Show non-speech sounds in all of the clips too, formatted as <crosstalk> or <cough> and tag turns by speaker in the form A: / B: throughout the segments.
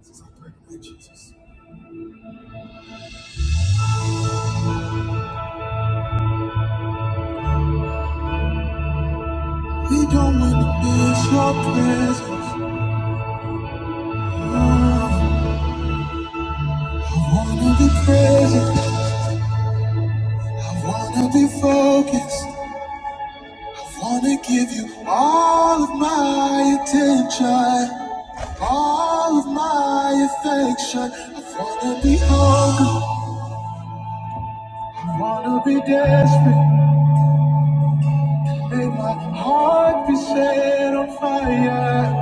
A: We don't want to miss your presence. Oh, I wanna be present. I wanna be focused. I wanna give you all of my attention, all of my affection. I wanna be hungry. I wanna be desperate. May my heart be set on fire.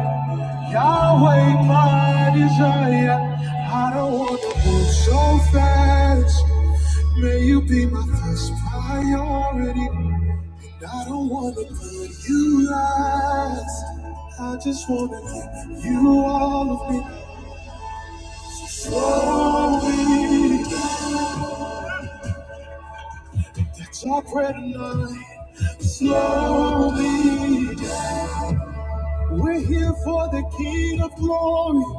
A: Yahweh, my desire. I don't want to move so fast. May you be my first priority. I don't want to put you last. I just want to give you all of me. Slowly, that's our prayer tonight. Slowly, we're here for the King of Glory.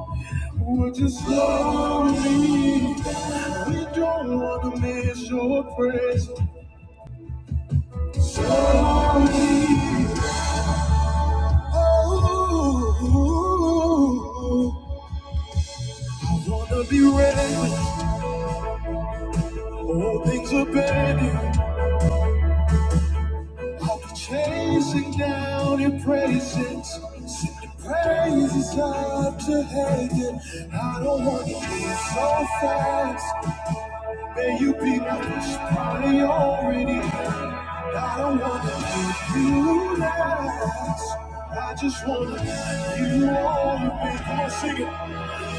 A: Would you slow me? down? We don't want to miss your praise. Slow me. down. Oh, I wanna be ready. when All things are better. I'll be chasing down your praises. Sending praises up to heaven. I don't wanna be so fast. May you be my priority. I don't wanna make you last. I just wanna make you all the way. Come on, sing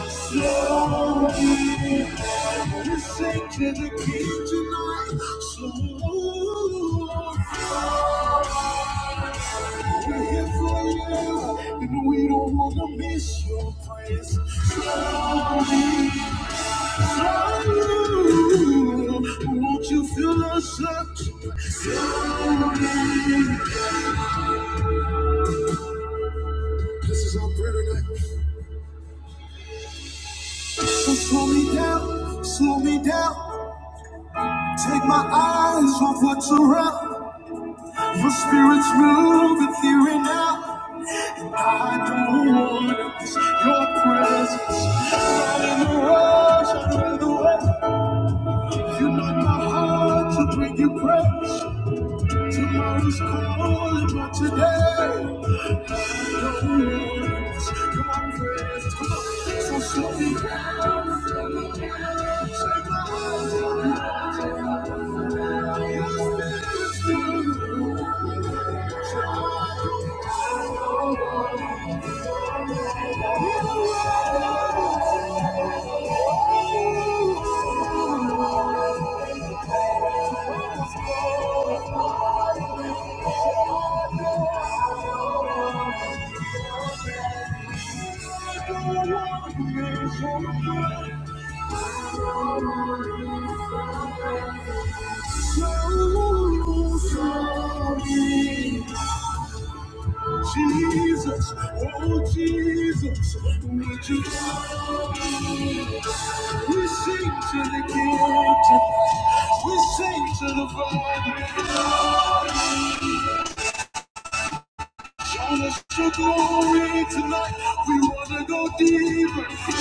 A: it. Slowly, this ain't Kendrick King tonight. Slowly, we're here for you, and we don't wanna miss your prayers. Slowly, slowly, won't you feel us up? Slowly, this is our prayer tonight. do slow me down, slow me down. Take my eyes off what's around. Your spirit's moving here and now. I don't want to miss your presence. Not in the rush, out of the way. You know my heart to bring you praise. Tomorrow's calling, but today I don't want to miss your presence. Come on, so slow me down. slow me down. Take my eyes off you. Thank you. Jesus, oh Jesus, we just we sing to the King, we sing to the Father. Show us your glory tonight. We wanna go deeper.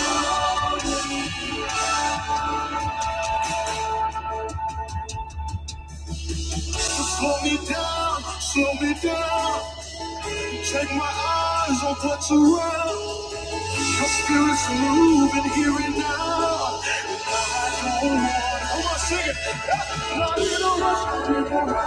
A: Slow me down, slow me down. Check my eyes on what's around. Your spirit's moving here and now. Come on, come on, sing it. Not in a rush, not in a rush.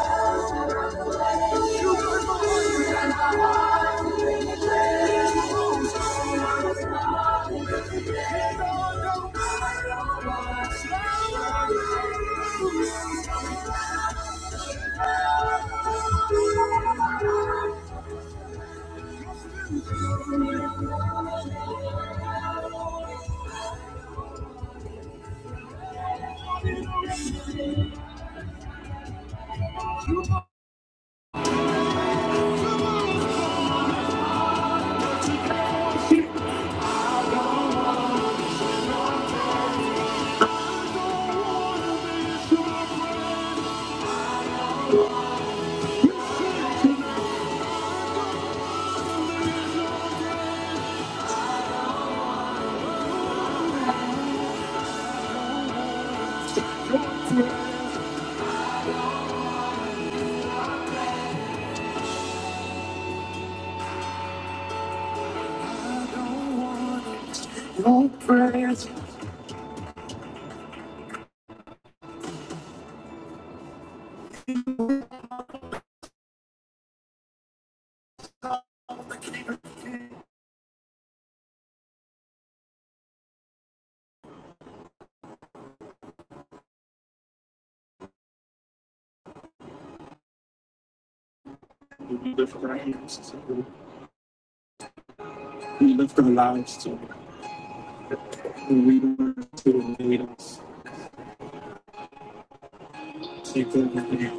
A: We live our lives to the us to the leaders. Take over.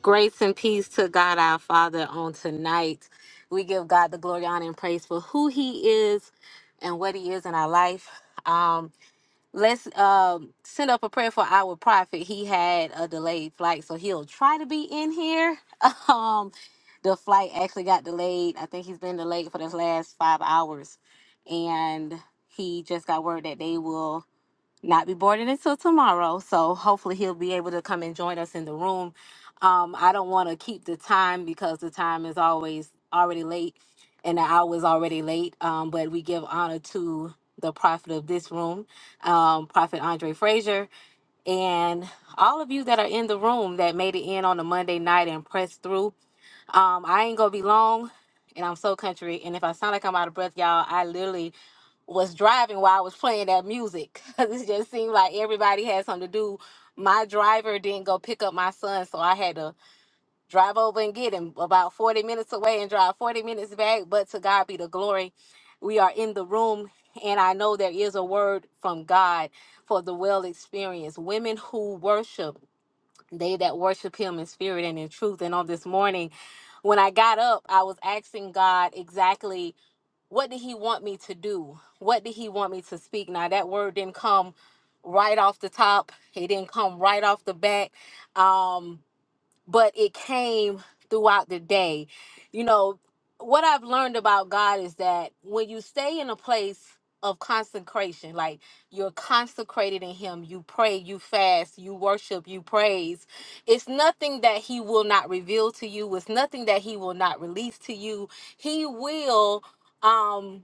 A: Grace and peace to God our Father on tonight. We give God the glory, honor, and praise for who He is and what He is in our life. Um, let's um send up a prayer for our prophet. He had a delayed flight, so he'll try to be in here. <laughs> Um, the flight actually got delayed. I think he's been delayed for the last five hours, and he just got word that they will not be boarding until tomorrow. So hopefully he'll be able to come and join us in the room. Um, I don't want to keep the time because the time is always already late and the hour is already late. Um, but we give honor to the prophet of this room, um, Prophet Andre Frazier, and all of you that are in the room that made it in on a Monday night and pressed through. Um, I ain't gonna be long, and I'm so country. And if I sound like I'm out of breath, y'all, I literally was driving while I was playing that music. <laughs> 'Cause it just seemed like everybody had something to do. My driver didn't go pick up my son, so I had to drive over and get him about 40 minutes away and drive 40 minutes back. But to God be the glory. We are in the room, and I know there is a word from God for the well experienced women who worship, they that worship Him in spirit and in truth. And on this morning, when I got up, I was asking God exactly what did he want me to do? What did he want me to speak? Now that word didn't come right off the top. It didn't come right off the bat. Um, but it came throughout the day. You know, what I've learned about God is that when you stay in a place of consecration, like you're consecrated in Him, you pray, you fast, you worship, you praise, it's nothing that He will not reveal to you, it's nothing that He will not release to you. He will. Um,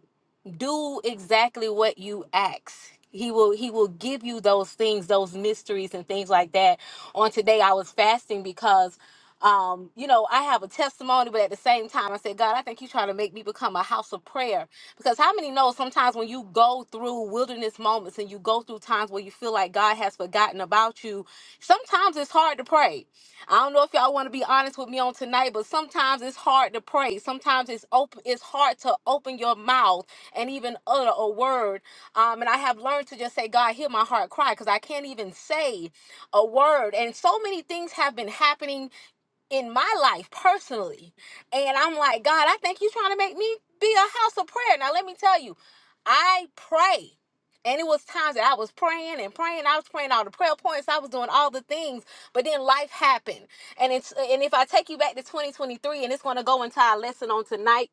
A: do exactly what you ask he will he will give you those things those mysteries and things like that on today i was fasting because um you know i have a testimony but at the same time i said god i think you're trying to make me become a house of prayer because how many know sometimes when you go through wilderness moments and you go through times where you feel like god has forgotten about you sometimes it's hard to pray I don't know if y'all want to be honest with me on tonight, but sometimes it's hard to pray. Sometimes it's open. It's hard to open your mouth and even utter a word. Um, and I have learned to just say, "God, hear my heart cry," because I can't even say a word. And so many things have been happening in my life personally. And I'm like, God, I think you're trying to make me be a house of prayer. Now, let me tell you, I pray. And it was times that I was praying and praying. I was praying all the prayer points. I was doing all the things, but then life happened. And it's and if I take you back to 2023, and it's going to go into our lesson on tonight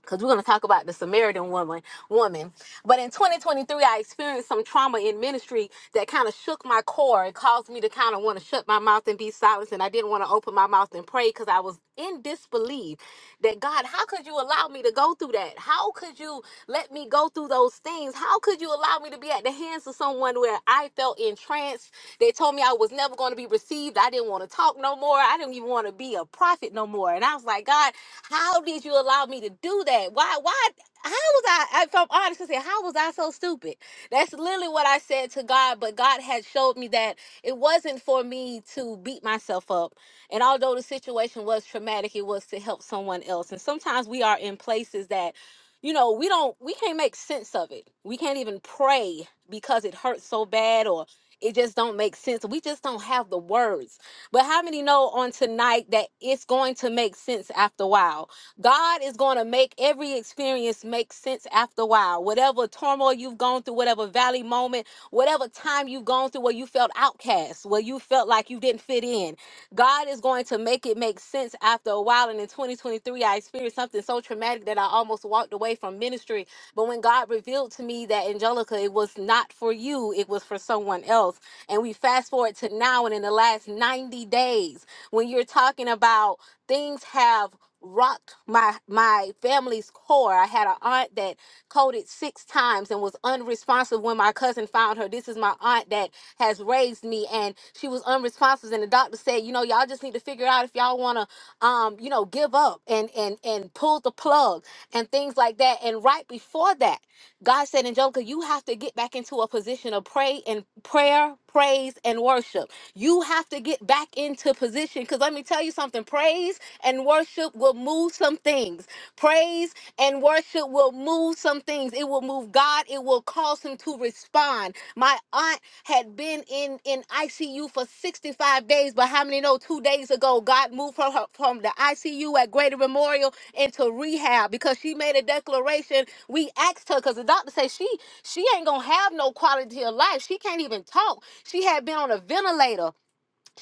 A: because we're going to talk about the Samaritan woman. Woman, but in 2023, I experienced some trauma in ministry that kind of shook my core. It caused me to kind of want to shut my mouth and be silent, and I didn't want to open my mouth and pray because I was in disbelief that God, how could you allow me to go through that? that? How could you let me go through those things? How could you allow me to be at the hands of someone where I felt entranced? They told me I was never going to be received. I didn't want to talk no more. I didn't even want to be a prophet no more. And I was like, God, how did you allow me to do that? Why, why, how was I, if I'm honest, I said, how was I so stupid? That's literally what I said to God, but God had showed me that it wasn't for me to beat myself up. And although the situation was traumatic, it was to help someone else. And sometimes we are in places that you know we don't we can't make sense of it we can't even pray because it hurts so bad or it just don't make sense we just don't have the words but how many know on tonight that it's going to make sense after a while? God is going to make every experience make sense after a while. Whatever turmoil you've gone through, whatever valley moment, whatever time you've gone through where you felt outcast, where you felt like you didn't fit in, God is going to make it make sense after a while. And in 2023, I experienced something so traumatic that I almost walked away from ministry. But when God revealed to me that, Angelica, it was not for you, it was for someone else. And we fast forward to now, and in the last nine. 90 days when you're talking about things have rocked my my family's core i had an aunt that coded six times and was unresponsive when my cousin found her this is my aunt that has raised me and she was unresponsive and the doctor said you know y'all just need to figure out if y'all want to um you know give up and and and pull the plug and things like that and right before that god said angelica you have to get back into a position of pray and prayer praise, and worship. You have to get back into position because let me tell you something praise and worship will move some things. Praise and worship will move some things. It will move God, it will cause him to respond. My aunt had been in, in ICU for 65 days, but how many know two days ago God moved her, her from the ICU at Greater Memorial into rehab because she made a declaration. We asked her because the doctor said she she ain't gonna have no quality of life. She can't even talk. She had been on a ventilator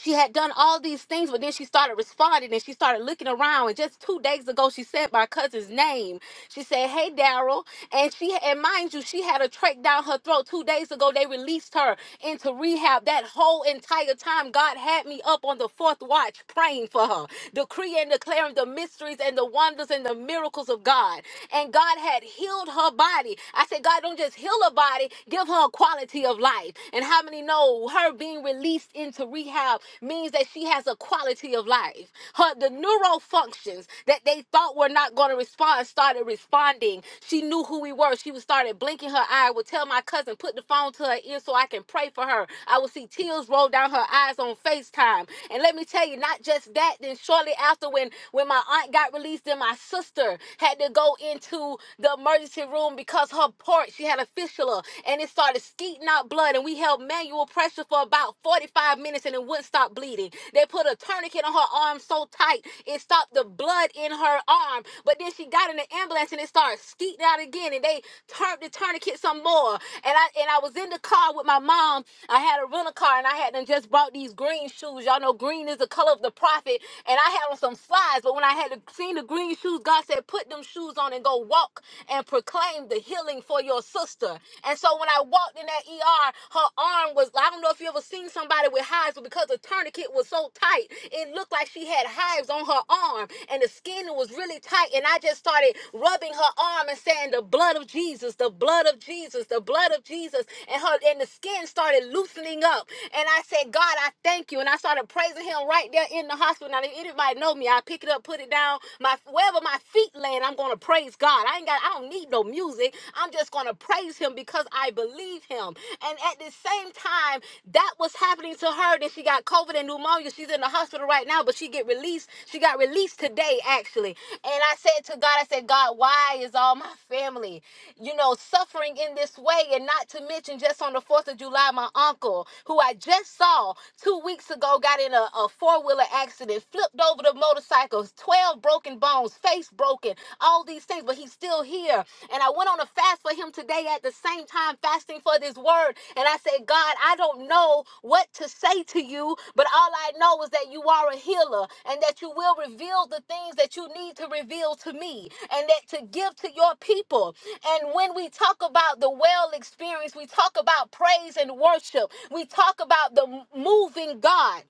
A: she had done all these things, but then she started responding and she started looking around. And just two days ago, she said my cousin's name. She said, "Hey, Daryl," and she and mind you, she had a trach down her throat. Two days ago, they released her into rehab. That whole entire time, God had me up on the fourth watch praying for her, decreeing, declaring the mysteries and the wonders and the miracles of God. And God had healed her body. I said, God, don't just heal her body, give her a quality of life. And how many? we know her being released into rehab means that she has a quality of life. Her the neural functions that they thought were not going to respond started responding. She knew who we were. She was started blinking her eye. I would tell my cousin put the phone to her ear so I can pray for her. I would see tears roll down her eyes on FaceTime. And let me tell you, not just that. Then shortly after, when when my aunt got released, then my sister had to go into the emergency room because her port she had a fistula pressure and it started skeeting out blood and we held manual pressure for about 45 minutes and it wouldn't stop bleeding. They put a tourniquet on her arm so tight it stopped the blood in her arm. But then she got in the ambulance and it started skeeting out again and they turned the tourniquet some more. And I and I was in the car with my mom. I had a rental car and I had done just bought these green shoes. Y'all know green is the color of the prophet. And I had on some slides, but when I had seen the green shoes, God said, put them shoes on and go walk and." proclaim the healing for your sister. And so when I walked in that ER, her arm was, I don't know if you ever seen somebody with hives, but because the tourniquet was so tight, it looked like she had hives on her arm and the skin was really tight. And I just started rubbing her arm and saying, The blood of Jesus, the blood of Jesus, the blood of Jesus. And her and the skin started loosening up. And I said, God, I thank you. And I started praising him right there in the hospital. Now, if anybody know me, I pick it up, put it down, my wherever my my feet land, I'm gonna praise God. I ain't got I don't need no music. I'm just gonna praise him because I believe him. And at the same time, that was happening to her. Then she got COVID and pneumonia. She's in the hospital right now, but she get released. She got released today, actually. And I said to God, I said, God, why is all my family, you know, suffering in this way? And not to mention just on the 4th of July, my uncle, who I just saw two weeks ago, got in a, a four-wheeler accident, flipped over the motorcycles, 12 broken bones, face broken, all these things, but he's still here. And I went on a fast for him today at the same time, fasting for this word. And I said, God, I don't know what to say to you, but all I know is that you are a healer and that you will reveal the things that you need to reveal to me and that to give to your people. And when we talk about the well experience, we talk about praise and worship, we talk about the moving God.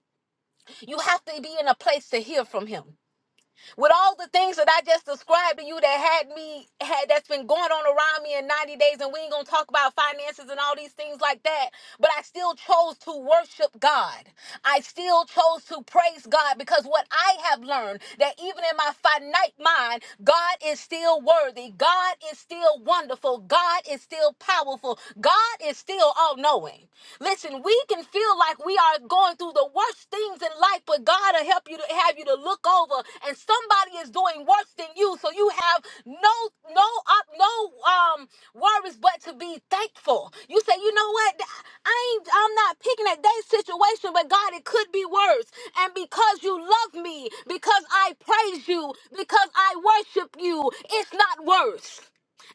A: You have to be in a place to hear from him with all the things that I just described to you that had me had that's been going on around me in 90 days and we ain't gonna talk about finances and all these things like that but I still chose to worship God I still chose to praise God because what I have learned that even in my finite mind God is still worthy God is still wonderful God is still powerful God is still all knowing listen we we can feel like we are going through the worst things in life, but God will help you to have you to look over, and somebody is doing worse than you, so you have no no up no um worries but to be thankful. You say, you know what? I ain't I'm not picking at that situation, but God, it could be worse. And because you love me, because I praise you, because I worship you, it's not worse.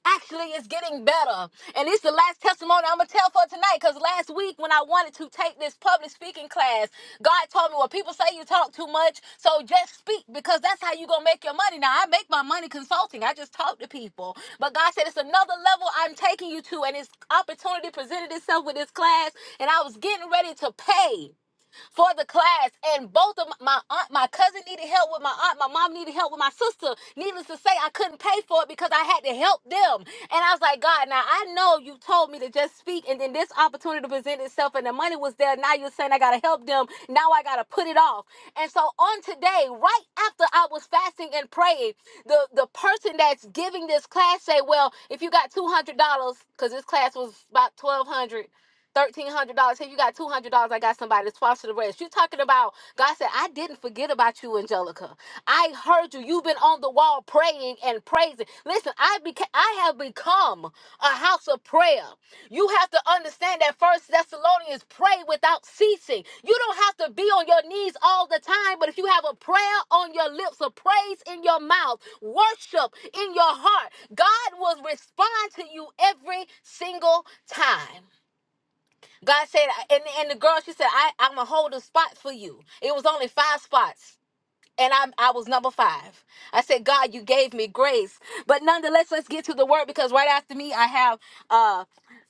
A: Actually, it's getting better. And it's the last testimony I'm going to tell for tonight because last week when I wanted to take this public speaking class, God told me, well, people say you talk too much, so just speak because that's how you going to make your money. Now, I make my money consulting. I just talk to people. But God said, it's another level I'm taking you to. And this opportunity presented itself with this class, and I was getting ready to pay for the class. And both of my aunt, my cousin needed help with my aunt, my mom needed help with my sister. Needless to say, I couldn't pay for it because I had to help them. And I was like, God, now I know you told me to just speak, and then this opportunity presented itself, and the money was there. Now you're saying I gotta help them. Now I gotta put it off. And so on today, right after I was fasting and praying, the the person that's giving this class say, well, if you got two hundred dollars, because this class was about twelve hundred. Thirteen hundred dollars. Hey, you got two hundred dollars. I got somebody to swap to the rest. You talking about God said, I didn't forget about you, Angelica. I heard you. You've been on the wall praying and praising. Listen, I became I have become a house of prayer. You have to understand that First Thessalonians pray without ceasing. You don't have to be on your knees all the time, but if you have a prayer on your lips, a praise in your mouth, worship in your heart, God will respond to you every single time. God said, and, and the girl, she said, I, I'm going to hold a spot for you. It was only five spots and I, I was number five. I said, God, you gave me grace. But nonetheless, let's get to the word because right after me, I have uh,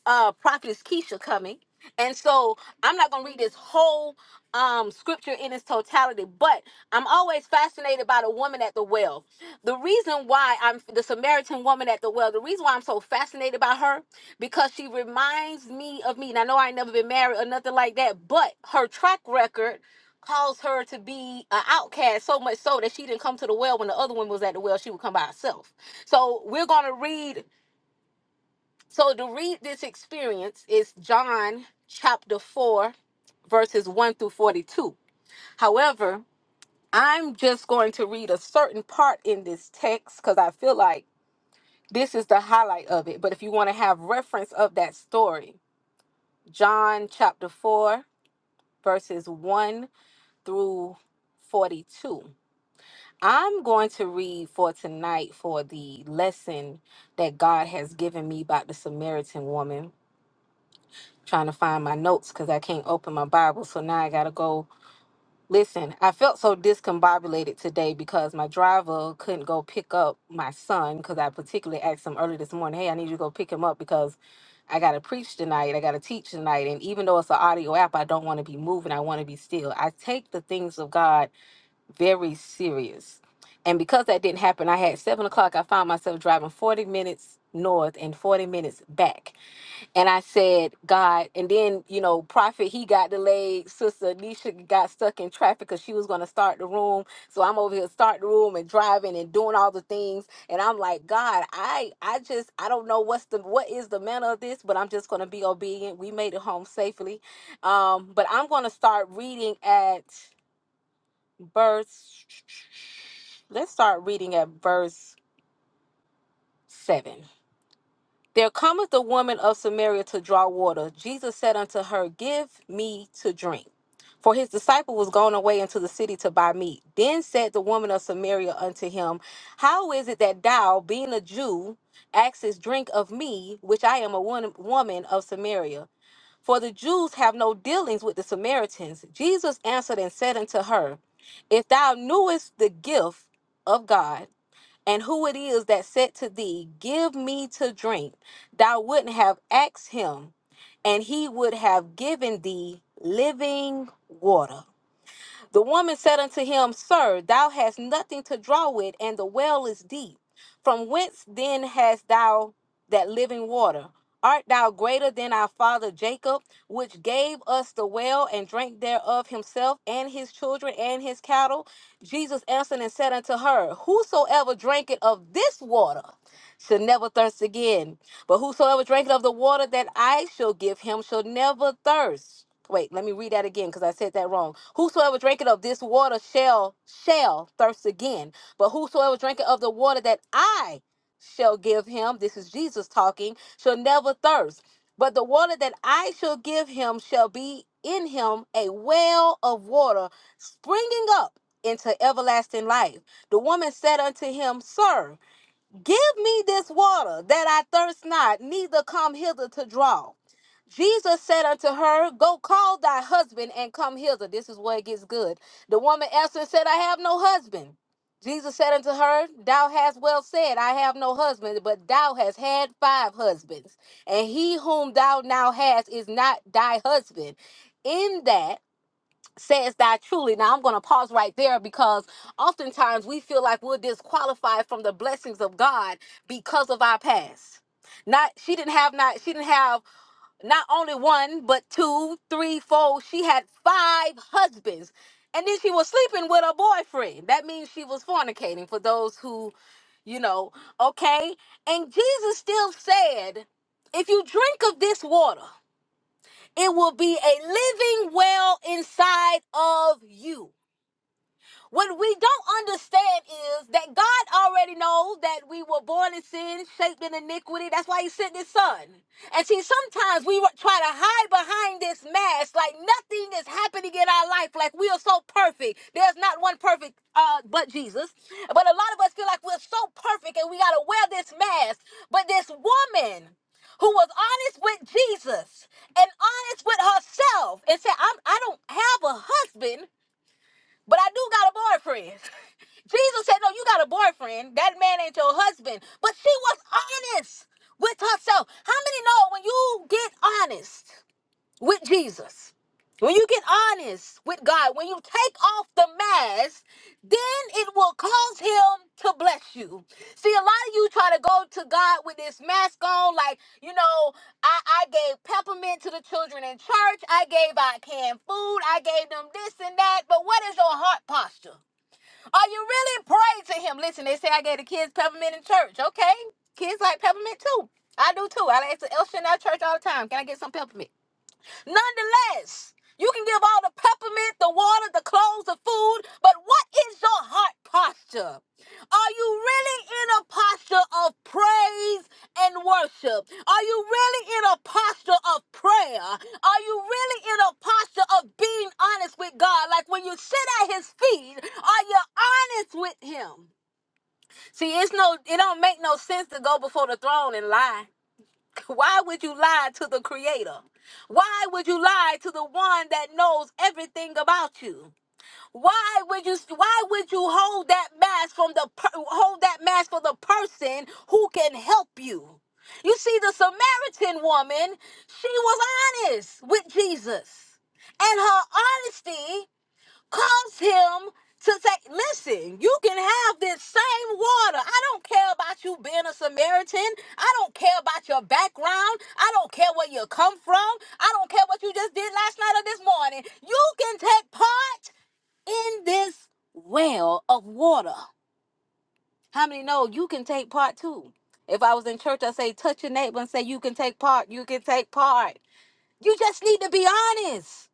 A: uh, Prophetess Keisha coming. And so I'm not going to read this whole um, scripture in its totality, but I'm always fascinated by the woman at the well. The reason why I'm the Samaritan woman at the well, the reason why I'm so fascinated by her, because she reminds me of me. And I know I ain't never been married or nothing like that, but her track record caused her to be an outcast so much so that she didn't come to the well when the other one was at the well she would come by herself so we're going to read so to read this experience is john chapter 4 verses 1 through 42 however i'm just going to read a certain part in this text because i feel like this is the highlight of it but if you want to have reference of that story john chapter 4 verses 1 through 42 I'm going to read for tonight for the lesson that God has given me about the Samaritan woman. Trying to find my notes because I can't open my Bible. So now I got to go. Listen, I felt so discombobulated today because my driver couldn't go pick up my son because I particularly asked him early this morning, hey, I need you to go pick him up because I got to preach tonight. I got to teach tonight. And even though it's an audio app, I don't want to be moving. I want to be still. I take the things of God very serious. And because that didn't happen, I had seven o'clock. I found myself driving 40 minutes north and 40 minutes back. And I said, God, and then, you know, Prophet, he got delayed. Sister Anisha got stuck in traffic because she was going to start the room. So I'm over here starting the room and driving and doing all the things. And I'm like, God, I I just I don't know what's the what is the manner of this, but I'm just gonna be obedient. We made it home safely. Um, but I'm gonna start reading at verse let's start reading at verse 7 there cometh the woman of samaria to draw water jesus said unto her give me to drink for his disciple was gone away into the city to buy meat then said the woman of samaria unto him how is it that thou being a jew askest drink of me which i am a won- woman of samaria for the Jews have no dealings with the Samaritans. Jesus answered and said unto her, If thou knewest the gift of God, and who it is that said to thee, Give me to drink, thou wouldn't have asked him, and he would have given thee living water. The woman said unto him, Sir, thou hast nothing to draw with, and the well is deep. From whence then hast thou that living water? Art thou greater than our father Jacob, which gave us the well and drank thereof himself and his children and his cattle? Jesus answered and said unto her, Whosoever drinketh of this water, shall never thirst again. But whosoever drinketh of the water that I shall give him shall never thirst. Wait, let me read that again because I said that wrong. Whosoever drinketh of this water shall shall thirst again. But whosoever drinketh of the water that I shall give him, this is Jesus talking, shall never thirst. But the water that I shall give him shall be in him a well of water springing up into everlasting life. The woman said unto him, Sir, Give me this water that I thirst not, neither come hither to draw. Jesus said unto her, Go call thy husband and come hither. This is where it gets good. The woman answered and said, I have no husband. Jesus said unto her, Thou hast well said, I have no husband, but thou hast had five husbands, and he whom thou now hast is not thy husband. In that says that truly. Now I'm going to pause right there because oftentimes we feel like we're disqualified from the blessings of God because of our past. Not she didn't have not she didn't have not only one but two, three, four. She had five husbands. And then she was sleeping with her boyfriend. That means she was fornicating for those who, you know, okay? And Jesus still said, if you drink of this water, it will be a living well inside of you. What we don't understand is that God already knows that we were born in sin, shaped in iniquity. That's why He sent His Son. And see, sometimes we try to hide behind this mask, like nothing is happening in our life, like we are so perfect. There's not one perfect, uh, but Jesus. But a lot of us feel like we're so perfect, and we gotta wear this mask. But this woman who was honest with Jesus and honest with herself and said, I'm, I don't have a husband. But I do got a boyfriend. <laughs> Jesus said, No, you got a boyfriend. That man ain't your husband. But she was honest with herself. How many know when you get honest? with Jesus, when you get honest with God, when you take off the mask, then it will cause Him to bless you. See, a lot of you try to go to God with this mask on, like, you know, I, I gave peppermint to the children in church, I gave out canned food, I gave them this and that, but what is your heart posture? Are you really praying to Him? Listen, they say I gave the kids peppermint in church, okay? Kids like peppermint too. I do too. I ask the to in our church all the time. Can I get some peppermint? Nonetheless, you can give all the peppermint, the water, the clothes, the food, but what is your heart posture? Are you really in a posture of praise and worship? Are you really in a posture of prayer? Are you really in a posture of being honest with God? Like when you sit at his feet, are you honest with him? See, it's no it don't make no sense to go before the throne and lie. Why would you lie to the creator? Why would you lie to the one that knows everything about you? Why would you why would you hold that mask from the per, hold that mask for the person who can help you? You see the Samaritan woman, she was honest with Jesus. And her honesty cause him to say, listen, you can have this same water. I don't care about you being a Samaritan. I don't care about your background. I don't care where you come from. I don't care what you just did last night or this morning. You can take part in this well of water. How many know you can take part too? If I was in church, I say, touch your neighbor and say, you can take part. You can take part. You just need to be honest.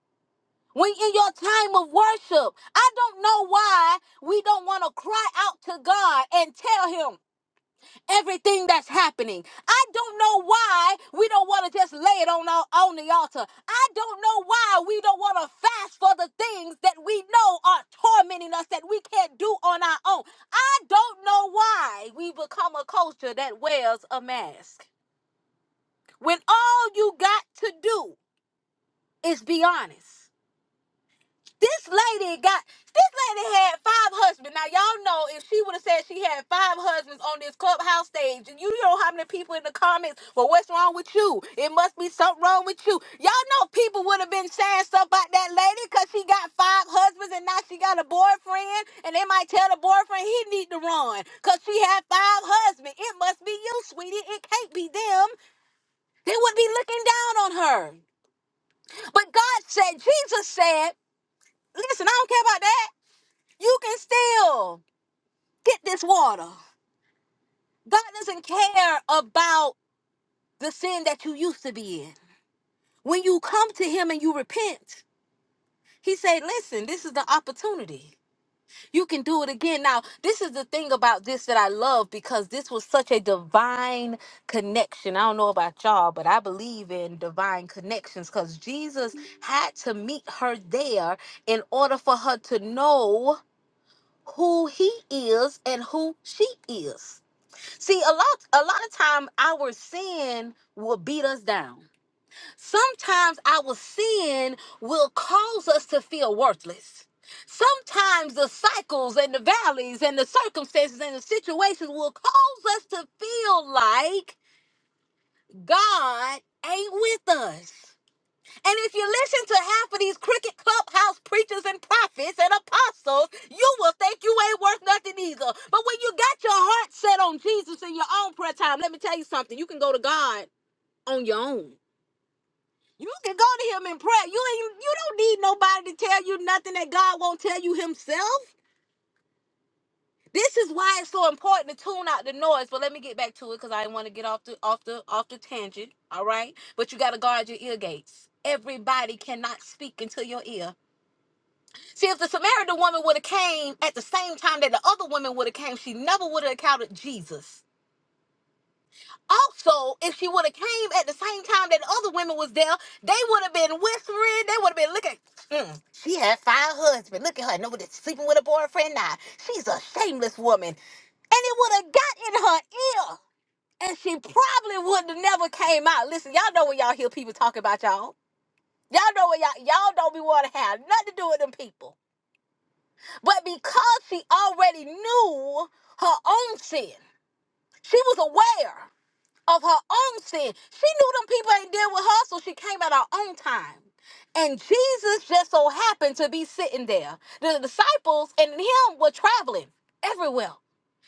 A: When in your time of worship, I don't know why we don't want to cry out to God and tell Him everything that's happening. I don't know why we don't want to just lay it on our, on the altar. I don't know why we don't want to fast for the things that we know are tormenting us that we can't do on our own. I don't know why we become a culture that wears a mask. When all you got to do is be honest. This lady got this lady had five husbands. Now y'all know if she would have said she had five husbands on this clubhouse stage, and you know how many people in the comments, well, what's wrong with you? It must be something wrong with you. Y'all know people would have been saying stuff about that lady because she got five husbands and now she got a boyfriend, and they might tell the boyfriend he need to run because she had five husbands. It must be you, sweetie. It can't be them. They would be looking down on her. But God said, Jesus said, listen, I don't care about that you can still get this water. God doesn't care about the sin that you used to be in. When you come to Him and you repent, He said, Listen, this is the opportunity. You can do it again. Now, this is the thing about this that I love because this was such a divine connection. I don't know about y'all, but I believe in divine connections because Jesus had to meet her there in order for her to know who He is and who she is. See, a lot a lot of time our sin will beat us down. Sometimes our sin will cause us to feel worthless. Sometimes the cycles and the valleys and the circumstances and the situations will cause us to feel like God ain't with us. And if you listen to half of these cricket clubhouse preachers and prophets and apostles, you will think you ain't worth nothing either. But when you got your heart set on Jesus in your own prayer time, let me tell you something. You can go to God on your own. You can go to him in prayer. You ain't you don't need nobody to tell you nothing that God won't tell you himself. This is why it's so important to tune out the noise. But let me get back to it because I want to get off the off the off the tangent. All right. But you gotta guard your ear gates. Everybody cannot speak into your ear. See, if the Samaritan woman would have came at the same time that the other woman would have came, she never would have encountered Jesus. Also, if she would have came at the same time that the other women was there, they would have been whispering. They would have been looking. Mm, she had five husbands. Look at her. Nobody sleeping with a boyfriend now. She's a shameless woman. And it would have got in her ear. And she probably would have never came out. Listen, y'all know when y'all hear people talk about y'all. Y'all know what y'all y'all don't be want to have nothing to do with them people. But because she already knew her own sin, she was aware of her own sin. She knew them people ain't deal with her, so she came at her own time. And Jesus just so happened to be sitting there. The disciples and him were traveling everywhere.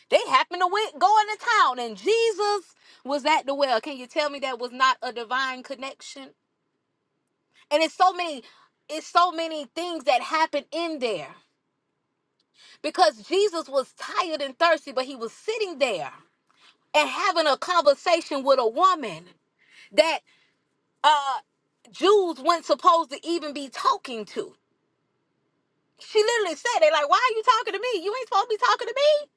A: They happened to went, go into town, and Jesus was at the well. Can you tell me that was not a divine connection? And it's so many, it's so many things that happen in there because Jesus was tired and thirsty, but he was sitting there and having a conversation with a woman that uh Jews weren't supposed to even be talking to. She literally said, "They like, why are you talking to me? You ain't supposed to be talking to me."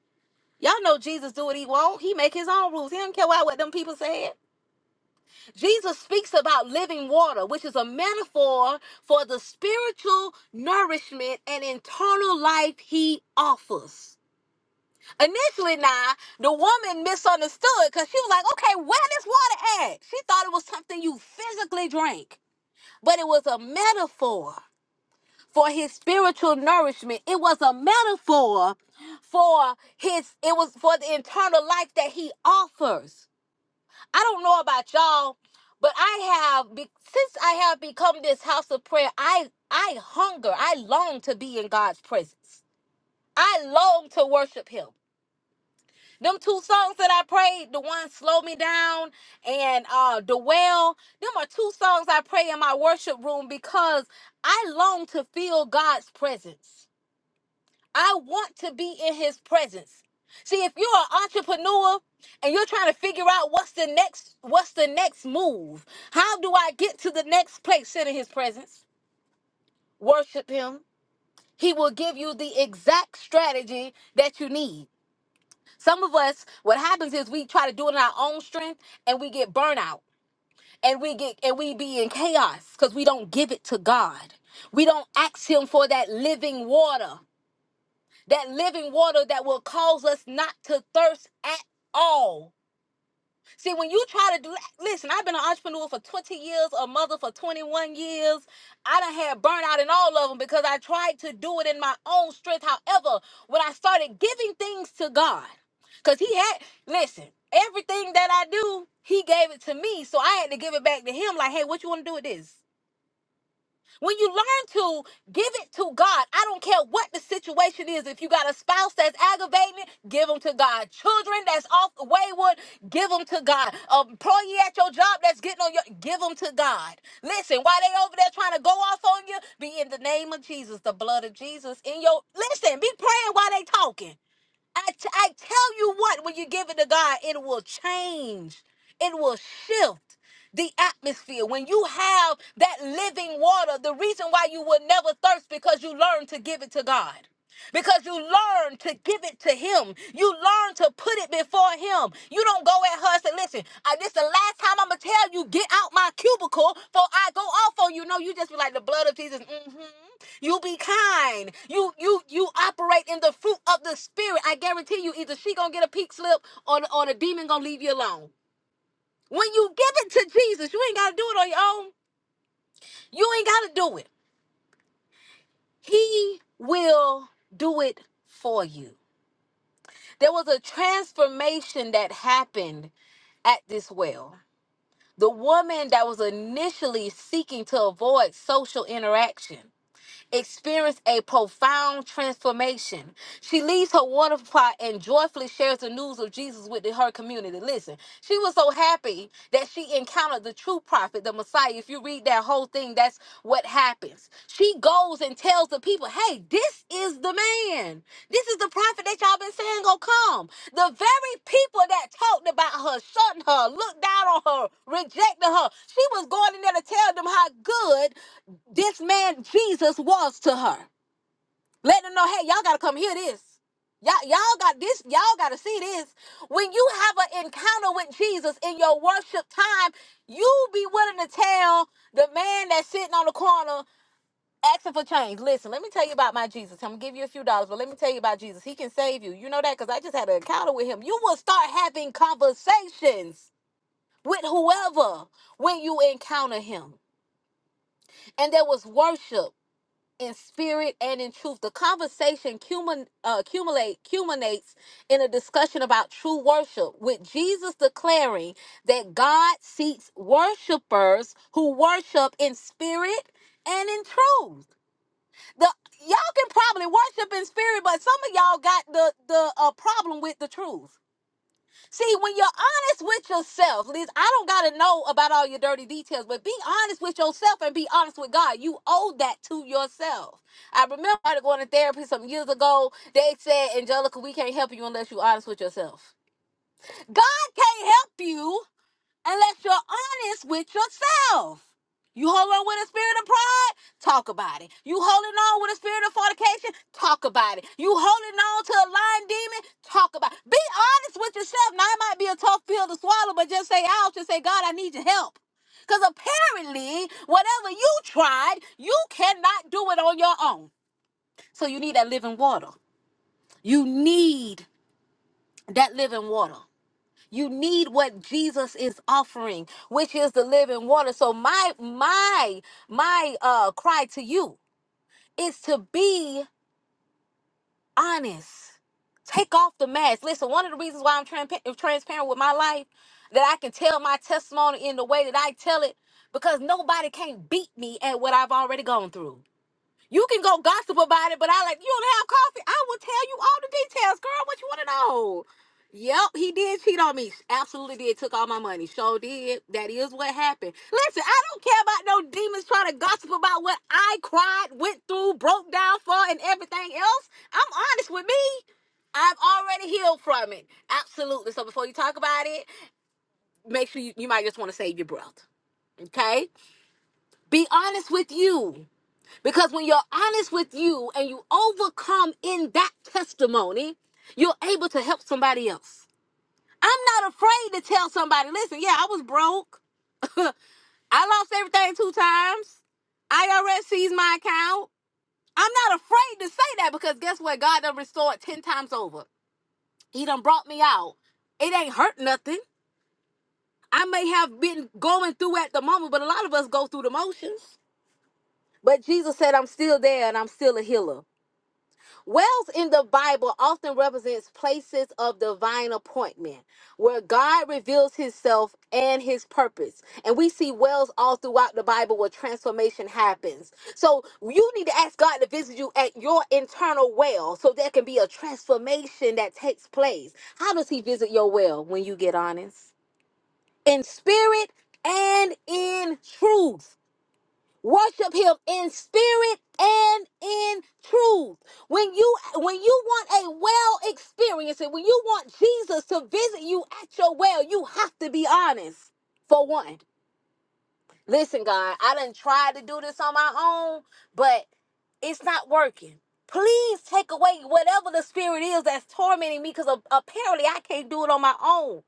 A: Y'all know Jesus do what he want. He make his own rules. He don't care about what them people said. Jesus speaks about living water, which is a metaphor for the spiritual nourishment and internal life he offers. Initially, now the woman misunderstood because she was like, "Okay, where this water at?" She thought it was something you physically drank, but it was a metaphor for his spiritual nourishment. It was a metaphor for his. It was for the internal life that he offers. I don't know about y'all, but I have be- since I have become this house of prayer. I I hunger. I long to be in God's presence. I long to worship Him. Them two songs that I prayed, the one Slow Me Down and uh The Well, them are two songs I pray in my worship room because I long to feel God's presence. I want to be in his presence. See, if you're an entrepreneur and you're trying to figure out what's the next what's the next move, how do I get to the next place? Sit in his presence. Worship him. He will give you the exact strategy that you need. Some of us, what happens is we try to do it in our own strength and we get burnout and we get and we be in chaos because we don't give it to God. We don't ask Him for that living water, that living water that will cause us not to thirst at all See, when you try to do that, listen, I've been an entrepreneur for 20 years, a mother for 21 years. I done had burnout in all of them because I tried to do it in my own strength. However, when I started giving things to God, because He had, listen, everything that I do, He gave it to me. So I had to give it back to Him, like, hey, what you want to do with this? When you learn to give it to God, I don't care what the situation is. If you got a spouse that's aggravating, it, give them to God. Children that's off wayward, give them to God. Employee at your job that's getting on your, give them to God. Listen, while they over there trying to go off on you, be in the name of Jesus, the blood of Jesus in your. Listen, be praying while they talking. I, t- I tell you what, when you give it to God, it will change. It will shift the atmosphere. When you have that living water, the reason why you will never thirst because you learn to give it to God. Because you learn to give it to him. You learn to put it before him. You don't go at her and say, listen, uh, this the last time I'm going to tell you, get out my cubicle for I go off on you. No, you just be like, the blood of Jesus. hmm you be kind. You you you operate in the fruit of the spirit. I guarantee you, either she gonna get a peak slip or or the demon gonna leave you alone. When you give it to Jesus, you ain't gotta do it on your own. You ain't gotta do it. He will do it for you. There was a transformation that happened at this well. The woman that was initially seeking to avoid social interaction experienced a profound transformation. She leaves her water plot and joyfully shares the news of Jesus with her community. Listen, she was so happy that she encountered the true prophet, the Messiah. If you read that whole thing, that's what happens. She goes and tells the people, hey, this is the man. This is the prophet that y'all been saying gonna come. The very people that talked about her, shutting her, looked down on her, rejected her. She was going in there to tell them how good this man Jesus was to her. Let them know, hey, y'all gotta come hear this. Y'all, y'all got this, y'all gotta see this. When you have an encounter with Jesus in your worship time, you be willing to tell the man that's sitting on the corner asking for change. Listen, let me tell you about my Jesus. I'm gonna give you a few dollars, but let me tell you about Jesus. He can save you. You know that because I just had an encounter with him. You will start having conversations with whoever when you encounter him. And there was worship in spirit and in truth. The conversation cumin, uh, accumulate culminates in a discussion about true worship, with Jesus declaring that God seeks worshipers who worship in spirit and in truth the y'all can probably worship in spirit, but some of y'all got the the uh, problem with the truth. See, when you're honest with yourself, Liz, I don't gotta know about all your dirty details, but be honest with yourself and be honest with God. You owe that to yourself. I remember I started going to therapy some years ago. They said, Angelica, we can't help you unless you're honest with yourself. God can't help you unless you're honest with yourself. You hold on with a spirit of pride? Talk about it. You holding on with a spirit of fornication? Talk about it. You holding on to a lying demon? Talk about it. Be honest with yourself. Now, it might be a tough pill to swallow, but just say out. Just say, God, I need your help. Because apparently, whatever you tried, you cannot do it on your own. So you need that living water. You need that living water. You need what Jesus is offering, which is the living water. So my my my uh cry to you is to be honest. Take off the mask. Listen, one of the reasons why I'm transpa- transparent with my life that I can tell my testimony in the way that I tell it because nobody can't beat me at what I've already gone through. You can go gossip about it, but I like, you don't have coffee. I will tell you all the details, girl. What you want to know? Yep, he did cheat on me. Absolutely did. Took all my money. Sure did. That is what happened. Listen, I don't care about no demons trying to gossip about what I cried, went through, broke down for, and everything else. I'm honest with me. I've already healed from it. Absolutely. So before you talk about it, make sure you, you might just want to save your breath. Okay? Be honest with you. Because when you're honest with you and you overcome in that testimony, you're able to help somebody else. I'm not afraid to tell somebody, listen, yeah, I was broke. <laughs> I lost everything two times. IRS seized my account. I'm not afraid to say that because guess what? God done restored 10 times over. He done brought me out. It ain't hurt nothing. I may have been going through at the moment, but a lot of us go through the motions. But Jesus said, I'm still there and I'm still a healer. Wells in the Bible often represents places of divine appointment where God reveals himself and his purpose. And we see wells all throughout the Bible where transformation happens. So you need to ask God to visit you at your internal well so there can be a transformation that takes place. How does he visit your well when you get honest? In spirit and in truth. Worship him in spirit and in truth. When you when you want a well experience and when you want Jesus to visit you at your well, you have to be honest. For one. Listen, God, I done tried to do this on my own, but it's not working. Please take away whatever the spirit is that's tormenting me because apparently I can't do it on my own.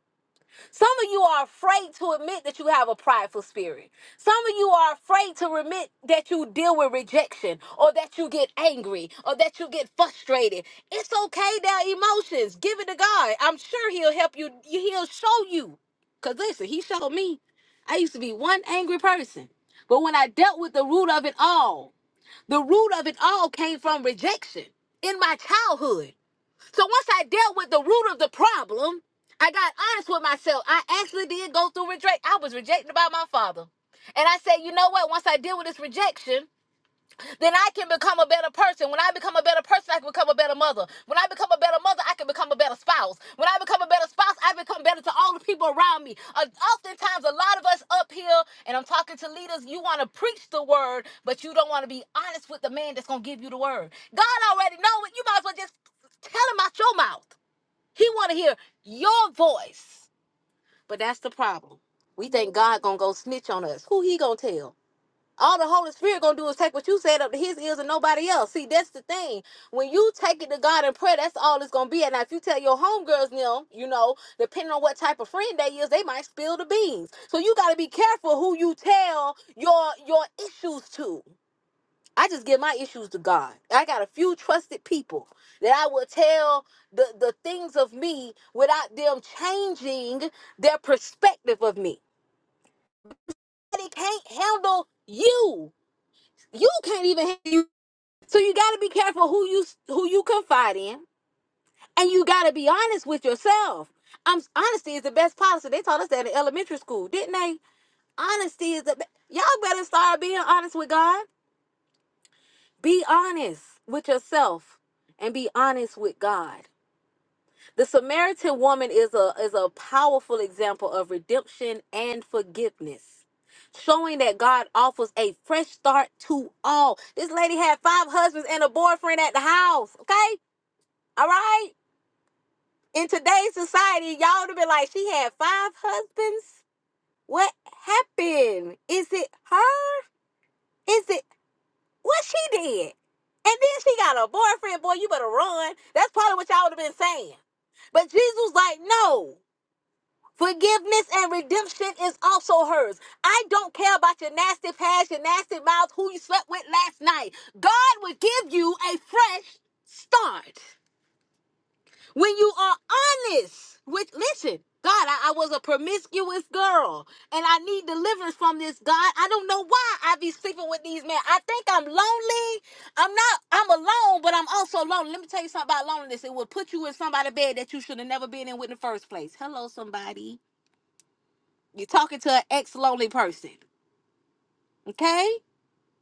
A: Some of you are afraid to admit that you have a prideful spirit. Some of you are afraid to admit that you deal with rejection or that you get angry or that you get frustrated. It's okay, their emotions. Give it to God. I'm sure He'll help you. He'll show you. Because listen, He showed me. I used to be one angry person. But when I dealt with the root of it all, the root of it all came from rejection in my childhood. So once I dealt with the root of the problem, I got honest with myself. I actually did go through reject. I was rejected by my father. And I said, you know what? Once I deal with this rejection, then I can become a better person. When I become a better person, I can become a better mother. When I become a better mother, I can become a better spouse. When I become a better spouse, I become better to all the people around me. Uh, oftentimes, a lot of us up here, and I'm talking to leaders, you want to preach the word, but you don't want to be honest with the man that's going to give you the word. God already know it. You might as well just tell him out your mouth. He want to hear your voice. But that's the problem. We think God going to go snitch on us. Who he going to tell? All the Holy Spirit gonna do is take what you said up to his ears and nobody else. See, that's the thing. When you take it to God in prayer, that's all it's gonna be. And now if you tell your homegirls now, you know, depending on what type of friend they is, they might spill the beans. So you gotta be careful who you tell your your issues to. I just give my issues to God. I got a few trusted people that I will tell the, the things of me without them changing their perspective of me. They can't handle you. You can't even handle you So you got to be careful who you who you confide in, and you got to be honest with yourself. I'm honesty is the best policy. They taught us that in elementary school, didn't they? Honesty is the be- y'all better start being honest with God. Be honest with yourself, and be honest with God. The Samaritan woman is a is a powerful example of redemption and forgiveness, showing that God offers a fresh start to all. This lady had five husbands and a boyfriend at the house. Okay, all right. in today's society, y'all would have been like, she had five husbands. What happened? Is it her? Is it what she did? And then she got a boyfriend. Boy, you better run. That's probably what y'all would have been saying. But Jesus was like, no. Forgiveness and redemption is also hers. I don't care about your nasty past, your nasty mouth, who you slept with last night. God will give you a fresh start. when you are honest with listen god I, I was a promiscuous girl and i need deliverance from this god i don't know why i be sleeping with these men i think i'm lonely i'm not i'm alone but i'm also lonely let me tell you something about loneliness it will put you in somebody's bed that you should have never been in with in the first place hello somebody you're talking to an ex-lonely person okay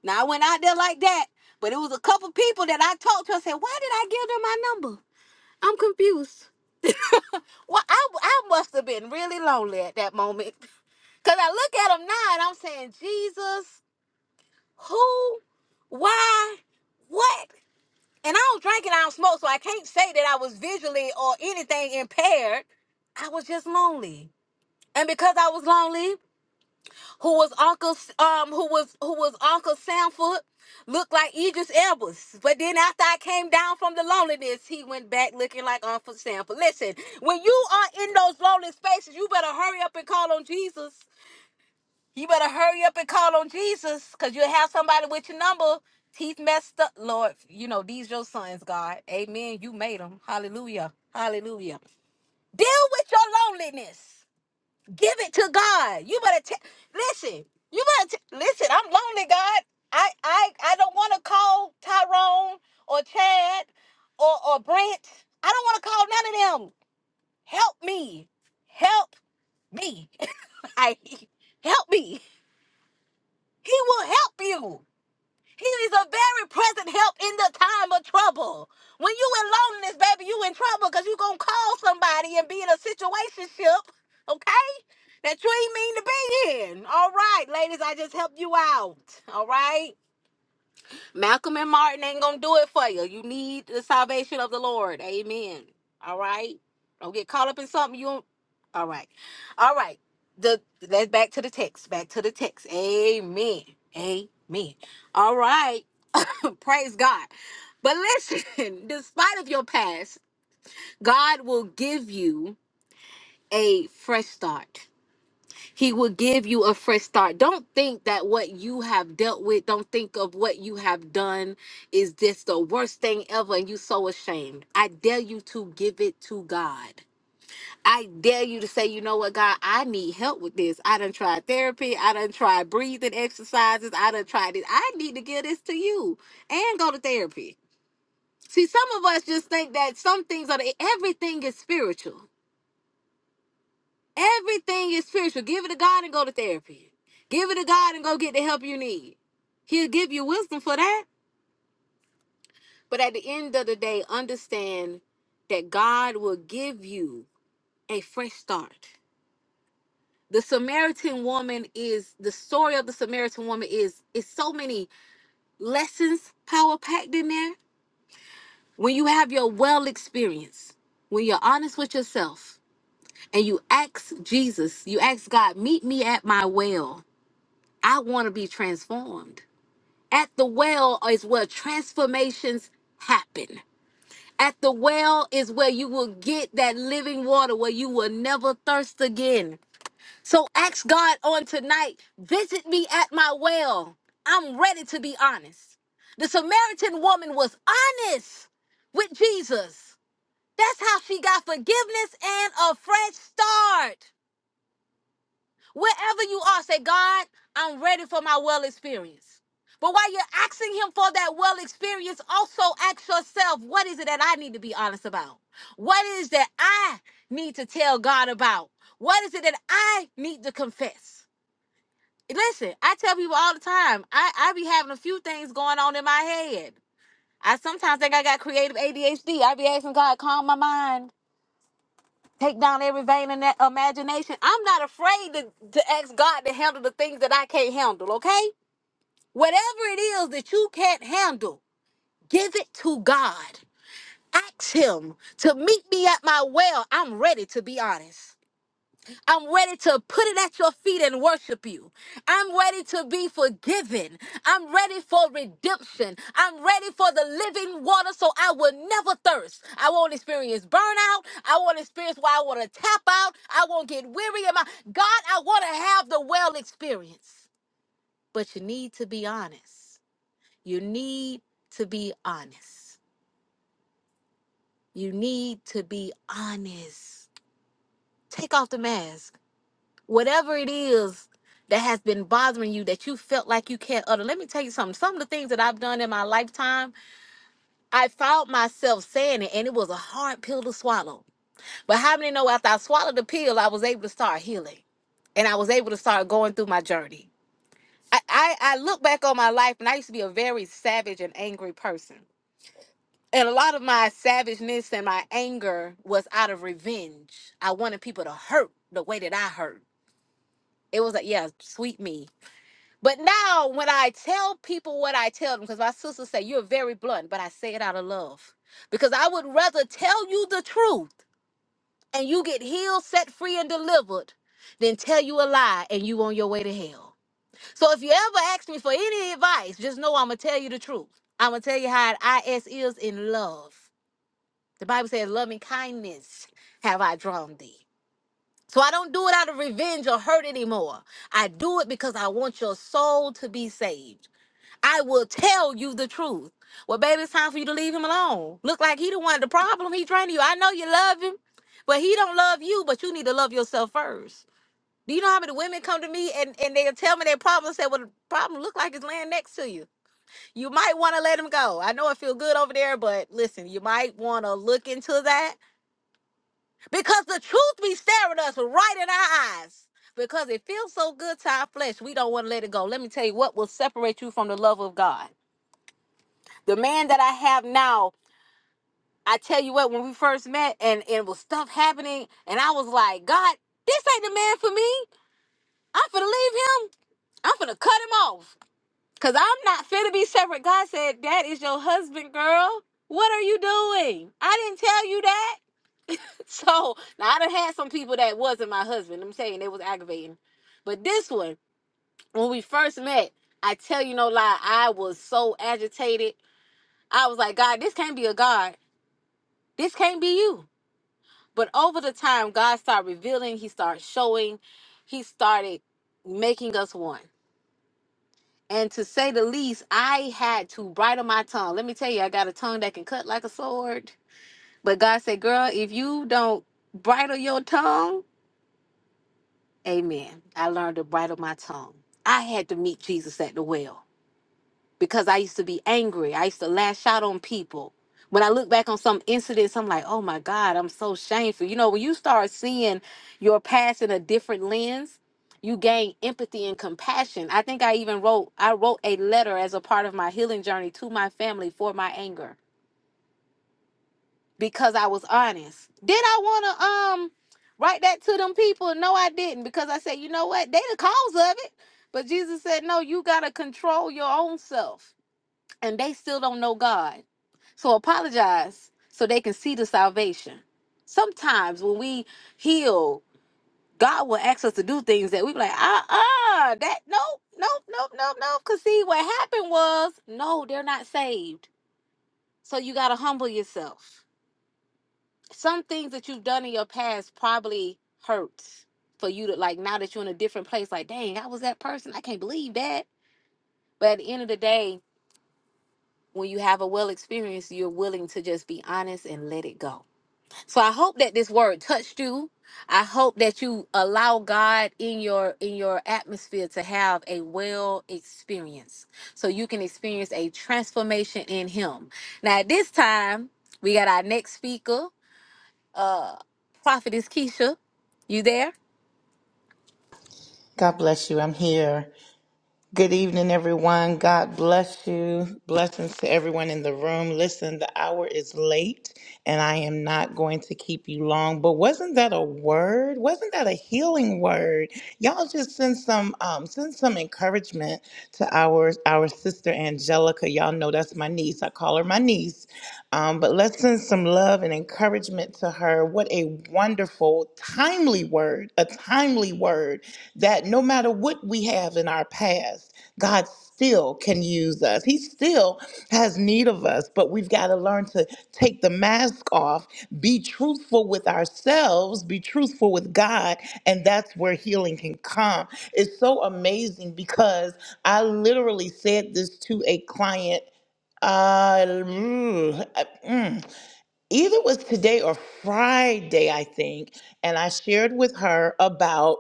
A: now i went out there like that but it was a couple people that i talked to i said why did i give them my number I'm confused. <laughs> Well, I, I must have been really lonely at that moment. Because I look at him now and I'm saying, Jesus, who, why, what? And I don't drink and I don't smoke, so I can't say that I was visually or anything impaired. I was just lonely. And because I was lonely, who was Uncle um who was who was Uncle Sanford looked like Idris Elba, But then after I came down from the loneliness, he went back looking like Uncle Sanford. Listen, when you are in those lonely spaces, you better hurry up and call on Jesus. You better hurry up and call on Jesus because you'll have somebody with your number. Teeth messed up. Lord, you know, these your sons, God. Amen. You made them. Hallelujah. Hallelujah. Deal with your loneliness. Give it to God. You better t- listen. You better t- listen. I'm lonely, God. I I I don't want to call Tyrone or Chad or or Brent. I don't want to call none of them. Help me. Help me. <laughs> I help me. He will help you. He is a very present help in the time of trouble. When you in loneliness, baby, you in trouble because you going to call somebody and be in a situationship, okay? That you ain't mean to be in. All right, ladies, I just helped you out. All right? Malcolm and Martin ain't gonna do it for you. You need the salvation of the Lord. Amen. All right. Don't get caught up in something you don't. All right. All right. The let's back to the text. Back to the text. Amen. Amen. All right. <laughs> Praise God. But listen, <laughs> despite of your past, God will give you a fresh start. He will give you a fresh start. Don't think that what you have dealt with, don't think of what you have done is just the worst thing ever and you so ashamed. I dare you to give it to God. I dare you to say, you know what, God, I need help with this. I done tried therapy. I done tried breathing exercises. I done tried this. I need to give this to you and go to therapy. See, some of us just think that some things are, everything is spiritual. Everything is spiritual. Give it to God and go to therapy. Give it to God and go get the help you need. He'll give you wisdom for that. But at the end of the day, understand that God will give you a fresh start. The Samaritan woman is the story of the Samaritan woman is is so many lessons power packed in there. When you have your well experience, when you're honest with yourself and you ask Jesus, you ask God, meet me at my well I want to be transformed. At the well is where transformations happen. At the well is where you will get that living water where you will never thirst again. So ask God on tonight, visit me at my well. I'm ready to be honest. The Samaritan woman was honest with Jesus. That's how she got forgiveness and a fresh start. Wherever you are, say, God, I'm ready for my well experience. But while you're asking him for that well experience, also ask yourself, what is it that I need to be honest about? What is that I need to tell God about? What is it that I need to confess? Listen, I tell people all the time, I, I be having a few things going on in my head. I sometimes think I got creative ADHD. I be asking God, calm my mind Take down every vein in that imagination. I'm not afraid to, to ask God to handle the things that I can't handle, okay? Whatever it is that you can't handle, give it to God. Ask Him to meet me at my well. I'm ready to be honest. I'm ready to put it at your feet and worship you. I'm ready to be forgiven. I'm ready for redemption. I'm ready for the living water so I will never thirst. I won't experience burnout. I won't experience why I want to tap out. I won't get weary. Am my God, I want to have the well experience. But you need to be honest. You need to be honest. You need to be honest. Take off the mask. whatever it is that has been bothering you that you felt like you can't utter. Let me tell you something. Some of the things that I've done in my lifetime, I found myself saying it, and it was a hard pill to swallow. But how many know after I swallowed the pill, I was able to start healing and I was able to start going through my journey. I, I, I look back on my life, and I used to be a very savage and angry person. And a lot of my savageness and my anger was out of revenge. I wanted people to hurt the way that I hurt. It was like, yeah, sweet me But now when I tell people what I tell them, because my sister say you're very blunt, but I say it out of love. Because I would rather tell you the truth and you get healed, set free, and delivered than tell you a lie and you on your way to hell. So if you ever ask me for any advice, just know I'm gonna tell you the truth. I'm gonna tell you how an IS is in love. The Bible says, loving kindness have I drawn thee. So I don't do it out of revenge or hurt anymore. I do it because I want your soul to be saved. I will tell you the truth. Well, baby, it's time for you to leave him alone. Look like he the one the problem. He training you. I know you love him, but he don't love you. But you need to love yourself first. Do you know how many women come to me and, and they'll tell me their problem? and Say, well, the problem look like it's laying next to you. You might want to let him go. I know it feel good over there, but listen, you might want to look into that because the truth be staring us right in our eyes. Because it feels so good to our flesh, we don't want to let it go. Let me tell you what will separate you from the love of God. the man that I have now, I tell you what, when we first met and and it was stuff happening, and I was like, God, this ain't the man for me. I'm finna leave him. I'm finna cut him off. Cause I'm not finna be separate. God said, That is your husband, girl. What are you doing? I didn't tell you that. <laughs> So now I done had some people that wasn't my husband. I'm saying it was aggravating. But this one, when we first met, I tell you no lie, I was so agitated. I was like, God, this can't be a God. This can't be you. But over the time, God started revealing, He started showing, He started making us one. And to say the least, I had to bridle my tongue. Let me tell you, I got a tongue that can cut like a sword. But God said, Girl, if you don't bridle your tongue, amen. I learned to bridle my tongue. I had to meet Jesus at the well. because I used to be angry. I used to lash out on people. When I look back on some incidents, I'm like, oh my God, I'm so shameful. You know, when you start seeing your past in a different lens, you gain empathy and compassion. I think I even wrote I wrote a letter as a part of my healing journey to my family for my anger because I was honest. Did I want to um write that to them people? No, I didn't because I said, you know what? They the cause of it. But Jesus said, no, you got to control your own self and they still don't know God. So apologize so they can see the salvation. Sometimes when we heal, God will ask us to do things that we be like, "Uh, uh, that nope, nope, nope, nope, nope. Cause see, what happened was, no, they're not saved. So you gotta humble yourself. Some things that you've done in your past probably hurts for you to like now that you're in a different place. Like, dang, I was that person. I can't believe that. But at the end of the day, when you have a well experience, you're willing to just be honest and let it go. So I hope that this word touched you. I hope that you allow God in your in your atmosphere to have a well experience so you can experience a transformation in him. Now at this time, we got our next speaker, Prophetess Keisha. You there?
B: God bless you. I'm here. Good evening, everyone. God bless you. Blessings to everyone in the room. Listen, the hour is late and I am not going to keep you long, but wasn't that a word? Wasn't that a healing word? Y'all just send some um send some encouragement to our our sister Angelica. Y'all know that's my niece. I call her my niece. Um, but let's send some love and encouragement to her. What a wonderful, timely word, a timely word that no matter what we have in our past, God still can use us. He still has need of us, but we've got to learn to take the mask off, be truthful with ourselves, be truthful with God, and that's where healing can come. It's so amazing because I literally said this to a client uh, mm, uh, mm, either it was today or Friday, I think, and I shared with her about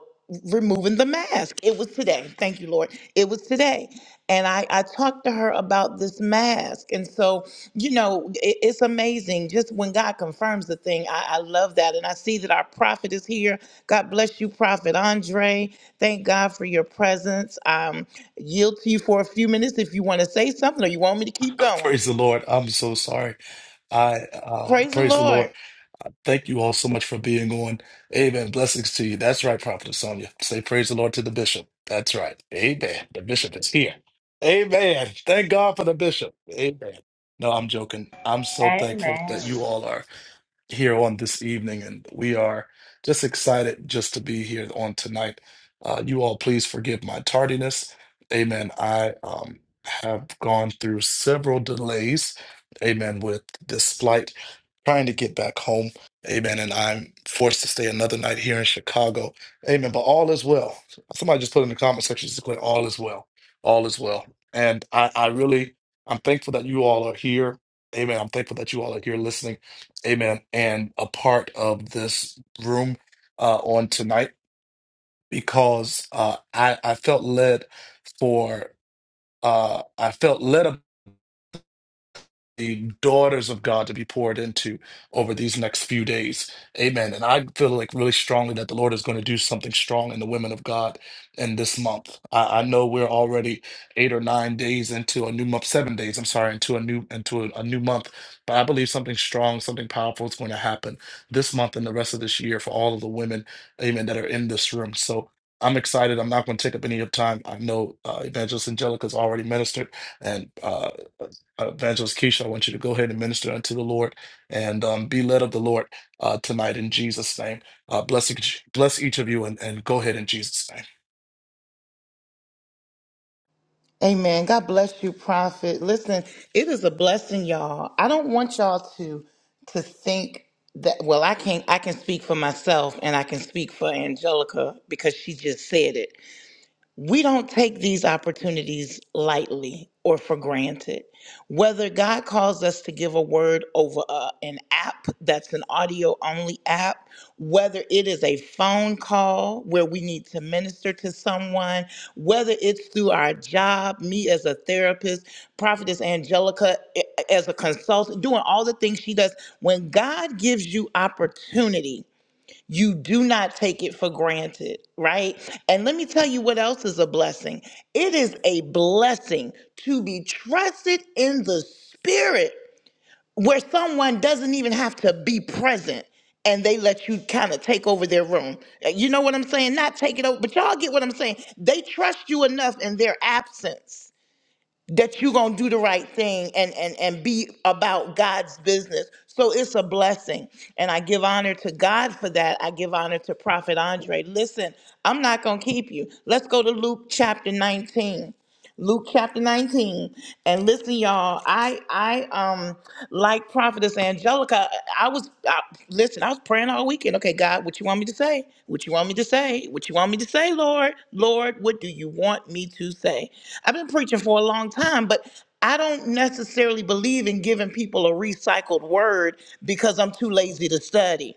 B: removing the mask. It was today. Thank you, Lord. It was today. And I, I talked to her about this mask. And so, you know, it, it's amazing just when God confirms the thing. I, I love that. And I see that our prophet is here. God bless you, Prophet Andre. Thank God for your presence. Um, yield to you for a few minutes if you want to say something or you want me to keep
C: <laughs>
B: going.
C: Praise the Lord. I'm so sorry. I uh
B: Praise the
C: praise the
B: Lord.
C: Lord. I Thank you all so much for being on. Amen. Blessings to you. That's right, Prophet Sonia. Say praise the Lord to the bishop. That's right. Amen. The bishop is here. Amen. Thank God for the bishop. Amen. No, I'm joking. I'm so thankful
D: Amen. I
C: that you
D: just
C: all are here on this evening, and we are just excited just to be here on tonight. Uh, you all, please forgive my tardiness. Amen. I um, have gone through several delays, amen, with this flight, trying to get back home, amen, and I'm forced to stay another night here in Chicago, amen, but all is well. Somebody just put in the comment section, just declare all is well, all is well. And I, I really, I'm thankful that you all are here, amen. I'm thankful that you all are here listening amen, and a part of this room uh, on tonight because uh, I I felt led for uh, I felt led the daughters of God to be poured into over these next few days. Amen. And I feel like really strongly that the Lord is going to do something strong in the women of God in this month. I, I know we're already eight or nine days into a new month, seven days, I'm sorry, into a new into a, a new month. But I believe something strong, something powerful is going to happen this month and the rest of this year for all of the women, amen, that are in this room. So I'm excited. I'm not going to take up any of time. I know uh, Evangelist Angelica's already ministered, and uh, uh, Evangelist Keisha, I want you to go ahead and minister unto the Lord and um, be led of the Lord uh, tonight in Jesus' name. Uh, bless, each, bless each of you and, and go ahead in Jesus' name.
B: Amen. God bless you, Prophet. Listen, it is a blessing, y'all. I don't want y'all to to think that well, I can't I can speak for myself and I can speak for Angelica because she just said it we don't take these opportunities lightly or for granted. Whether God calls us to give a word over a, an app that's an audio only app, whether it is a phone call where we need to minister to someone, whether it's through our job, me as a therapist, Prophetess Angelica eh, as a consultant, doing all the things she does, when God gives you opportunity, you do not take it for granted, right? And let me tell you what else is a blessing. It is a blessing to be trusted in the spirit where someone doesn't even have to be present and they let you kind of take over their room. Uh, You know what I'm saying? Not take it over, but y'all get what I'm saying. They trust you enough in their absence that you're going to do the right thing and, and, and be about God's business. So it's a blessing. And I give honor to God for that. I give honor to Prophet Andre. Listen, I'm not going to keep you. Let's go to Luke chapter 19. Luke chapter 19. And listen, y'all, I I um like prophetess Angelica. I was I, listen, I was praying all weekend. Okay, God, what you want me to say? What you want me to say? What you want me to say, Lord? Lord, what do you want me to say? I've been preaching for a long time, but I don't necessarily believe in giving people a recycled word because I'm too lazy to study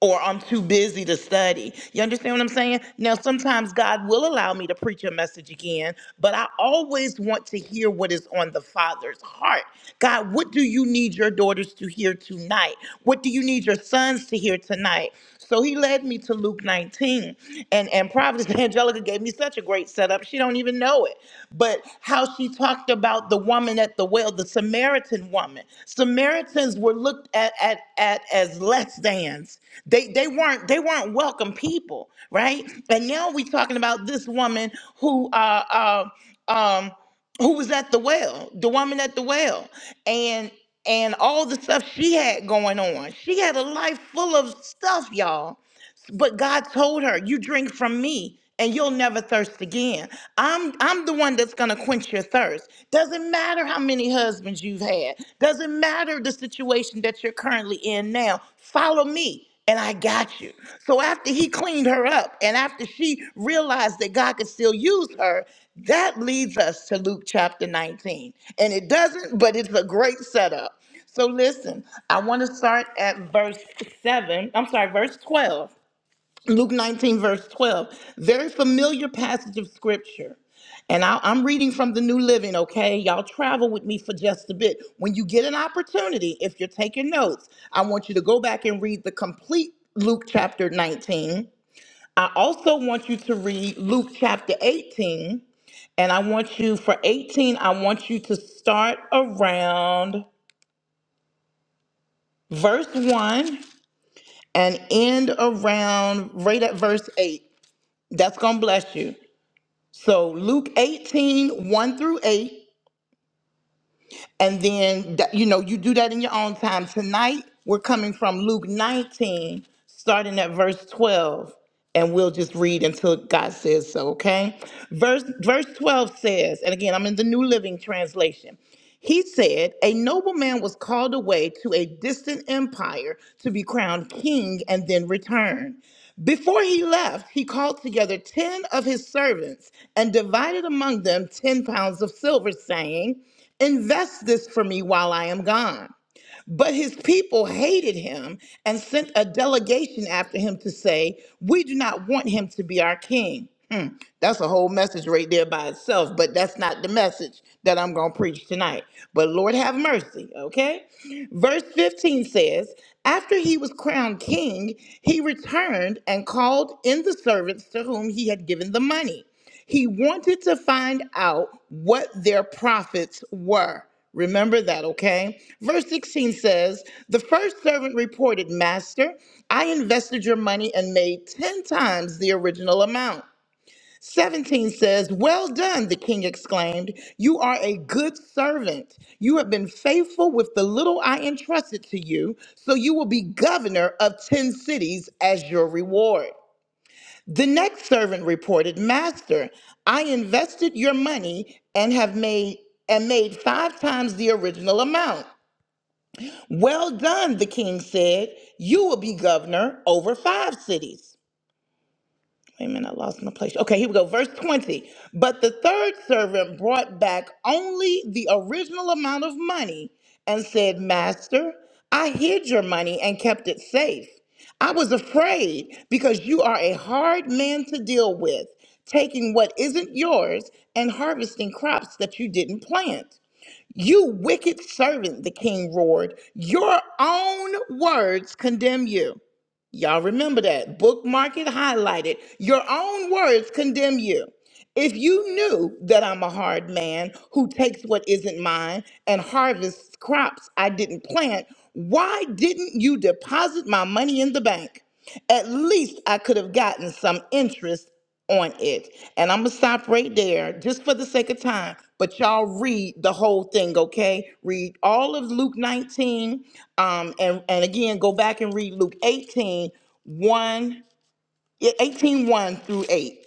B: or I'm too busy to study. You understand what I'm saying? Now, sometimes God will allow me to preach a message again, but I always want to hear what is on the Father's heart. God, what do you need your daughters to hear tonight? What do you need your sons to hear tonight? So he led me to Luke 19. And and Providence <laughs> Angelica gave me such a great setup. She don't even know it. But how she talked about the woman at the well, the Samaritan woman. Samaritans were looked at at, at as less than's. They they weren't they weren't welcome people, right? And now we're talking about this woman who uh uh um who was at the well, the woman at the well, and and all the stuff she had going on. She had a life full of stuff, y'all. But God told her, "You drink from me and you'll never thirst again. I'm I'm the one that's going to quench your thirst. Doesn't matter how many husbands you've had. Doesn't matter the situation that you're currently in now. Follow me." And I got you. So after he cleaned her up and after she realized that God could still use her, that leads us to Luke chapter 19. And it doesn't, but it's a great setup. So listen, I want to start at verse 7. I'm sorry, verse 12. Luke 19, verse 12, very familiar passage of scripture. And I, am reading from the New Living, okay? Y'all travel with me for just a bit. When you get an opportunity, if you're taking notes, I want you to go back and read the complete Luke chapter 19. I also want you to read Luke chapter 18. And I want you, for 18, I want you to start around verse 1 and end around right at verse 8. That's going to bless you. So Luke eighteen one through 8. And then, that- you know, you do that in your own time. Tonight, we're coming from Luke 19, starting at verse 12. And we'll just read until God says so, okay? Verse, verse 12 says, and again, I'm in the New Living Translation. He said, A nobleman was called away to a distant empire to be crowned king and then return. Before he left, he called together 10 of his servants and divided among them 10 pounds of silver, saying, 'Invest this for me while I am gone. But his people hated him and sent a delegation after him to say, 'We do not want him to be our king. That's a whole message right there by itself, but that's not the message that I'm going to preach tonight. But Lord have mercy, okay? Verse 15 says, After he was crowned king, he returned and called in the servants to whom he had given the money. He wanted to find out what their profits were. Remember that, okay? Verse 16 says, The first servant reported, Master, I invested your money and made 10 times the original amount. 17 says, Well done, the king exclaimed. You are a good servant. You have been faithful with the little I entrusted to you, so you will be governor of 10 cities as your reward. The next servant reported, Master, I invested your money and have made and made five times the original amount. Well done, the king said. You will be governor over five cities. Wait a minute, I lost my place. Okay, here we go. Verse 20. But the third servant brought back only the original amount of money and said, Master, I hid your money and kept it safe. I was afraid because you are a hard man to deal with, taking what isn't yours and harvesting crops that you didn't plant. You wicked servant, the king roared. Your own words condemn you. Y'all remember that. Bookmark it, highlight it. Your own words condemn you. If you knew that I'm a hard man who takes what isn't mine and harvests crops I didn't plant, why didn't you deposit my money in the bank? At least I could have gotten some interest on it. And I'm gonna stop right there just for the sake of time, but y'all read the whole thing, okay? Read all of Luke 19, um, and, and again, go back and read Luke 18, 1 yeah, eighteen one through 8.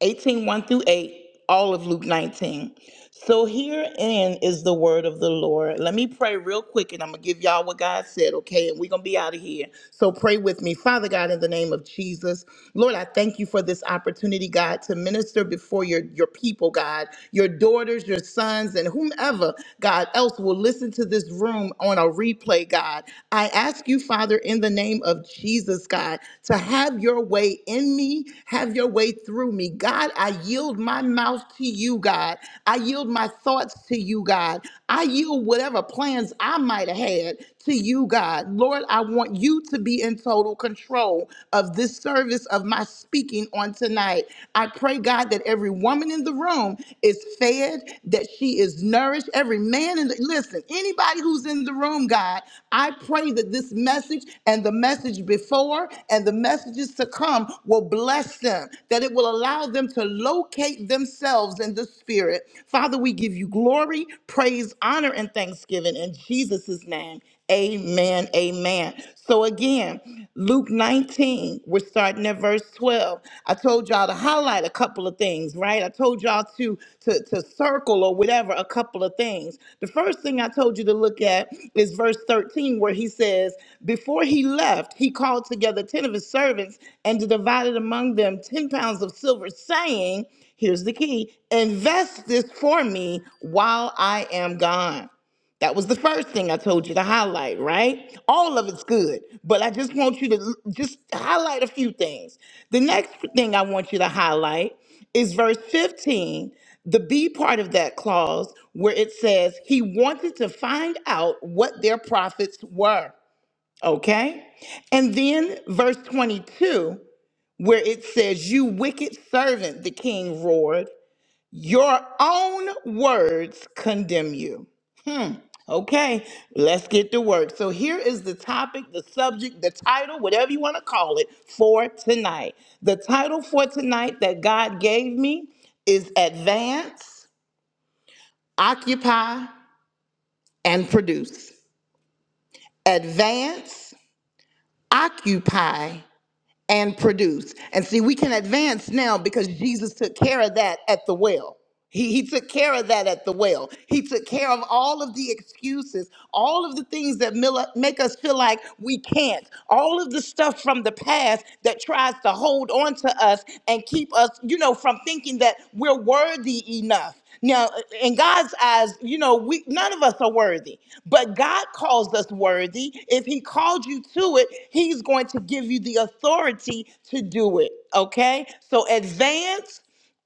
B: 18 one through 8, all of Luke 19. So herein is the word of the Lord. Let me pray real quick and I'm going to give y'all what God said, okay? And we're going to be out of here. So pray with me. Father God, in the name of Jesus, Lord, I thank you for this opportunity, God, to minister before your, your people, God, your daughters, your sons, and whomever, God, else will listen to this room on a replay, God. I ask ask you, Father, in the name of Jesus, God, to have your way in me, have your way through me. God, I yield my mouth to you, God. I yield my thoughts to you, God. I yield whatever plans I might have had to you, God. Lord, I want you to be in total control of this service of my speaking on tonight. I pray, God, that every woman in the room is fed fed, that she is nourished. Every man in the, listen, anybody who's in the room, God, I pray that this message and the message before and the messages to come will bless them, that it will allow them to locate themselves in the spirit. Father, we give you glory, praise, honor, and thanksgiving in Jesus' name. Amen. Amen. So again, Luke 19, we're starting at verse 12. I told y'all to highlight a couple of things, right? I told y'all to to to circle or whatever a couple of things. The first thing I told you to look at is verse 13 where he says, "Before he left, he called together 10 of his servants and divided among them 10 pounds of silver, saying, here's the key, invest this for me while I am gone." That was the first thing I told you to highlight, right? All of it's good, but I just want you to l- just highlight a few things. The next thing I want you to highlight is verse 15, the B part of that clause, where it says, He wanted to find out what their profits were, okay? And then verse 22, where it says, You wicked servant, the king roared, your own words condemn you. Okay, let's get to work. So, here is the topic, the subject, the title, whatever you want to call it, for tonight. The title for tonight that God gave me is Advance, Occupy, and Produce. Advance, Occupy, and produce. And see, we can advance now because Jesus took care of that at the well. He, he took care of that at the well. He took care of all of the excuses, all of the things that mil- make us feel like we can't, all of the stuff from the past that tries to hold on to us and keep us, you know, from thinking that we're worthy enough. Now, in God's eyes, you know, we none of us are worthy, but God calls us worthy. If He called you to it, He's going to give you the authority to do it. Okay? So advance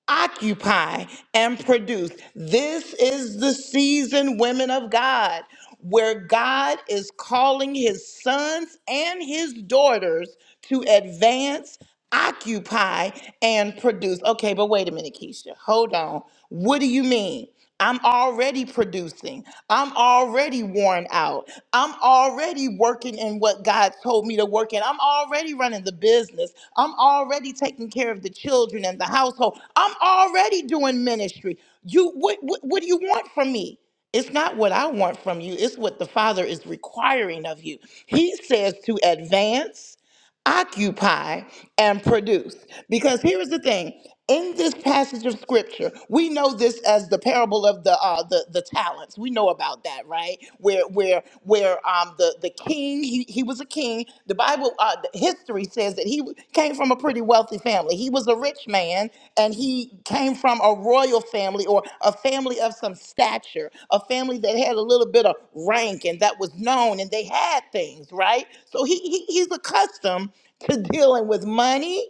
B: occupy and produce. This is the season, women of God, where God is calling his sons and his daughters to advance, occupy, and produce. Okay, but wait a minute, Keisha. Hold on. What do you mean? I'm already producing. I'm already worn out. I'm already working in what God told me to work in. I'm already running the business. I'm already taking care of the children and the household. I'm already doing ministry. You what what, what do you want from me? It's not what I want from you. It's what the Father is requiring of you. He says to advance occupy and produce. Because here is the thing: in this passage of scripture, we know this as the parable of the uh, the the talents. We know about that, right? Where where where um the the king he, he was a king. The Bible uh, the history says that he came from a pretty wealthy family. He was a rich man and he came from a royal family or a family of some stature, a family that had a little bit of rank and that was known and they had things, right? So he, he he's accustomed to dealing with money.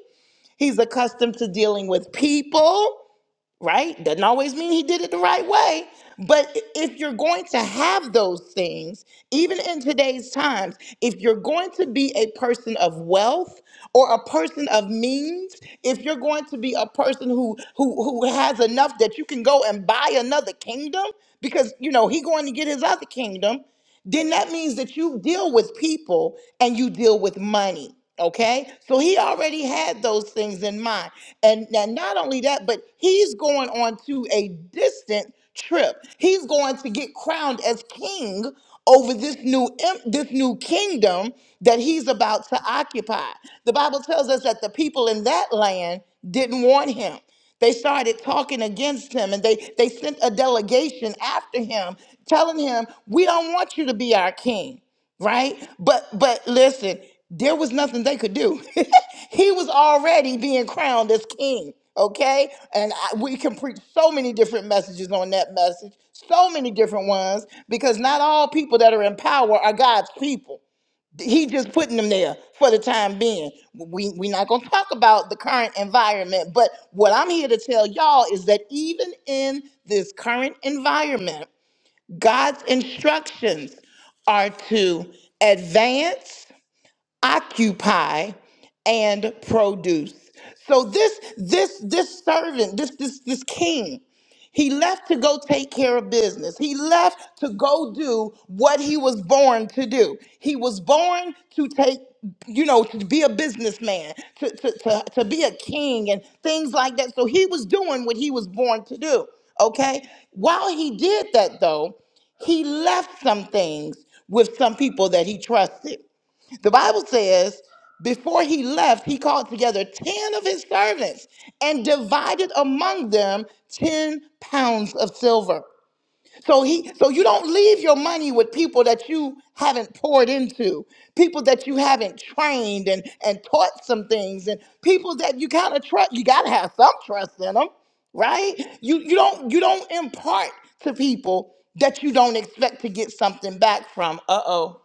B: He's accustomed to dealing with people right? Doesn't always mean he did it the right way. But i- if you're going to have those things, even in today's times, if you're going to be a person of wealth or a person of means, if you're going to be a person who who who has enough that you can go and buy another kingdom, because you know he going to get his other kingdom, then that means that you deal with people and you deal with money. Okay. So he already had those things in mind. And and not only that, but he's going on to a distant trip. He's going to get crowned as king over this new em- this new kingdom that he's about to occupy. The Bible tells us that the people in that land didn't want him. They started talking against him and they, they sent a delegation after him telling him, We don't want you to be our king, right? But but listen, there was nothing they could do. <laughs> he was already being crowned as king, okay? And I, we can preach so many different messages on that message, so many different ones, because not all people that are in power are God's people. He just putting them there for the time being. We we not gonna talk about the current environment, but what I'm here to tell y'all is that even in this current environment, God's instructions are to advance occupy and produce so this this this servant this this this king he left to go take care of business he left to go do what he was born to do he was born to take you know to be a businessman to, to, to, to be a king and things like that so he was doing what he was born to do okay while he did that though he left some things with some people that he trusted the Bible says, before he left, he called together 10 of his servants and divided among them 10 pounds of silver. So he so you don't leave your money with people that you haven't poured into, people that you haven't trained and and taught some things and people that you kind of trust, you got to have some trust in them, right? You you don't you don't impart to people that you don't expect to get something back from. Uh-oh.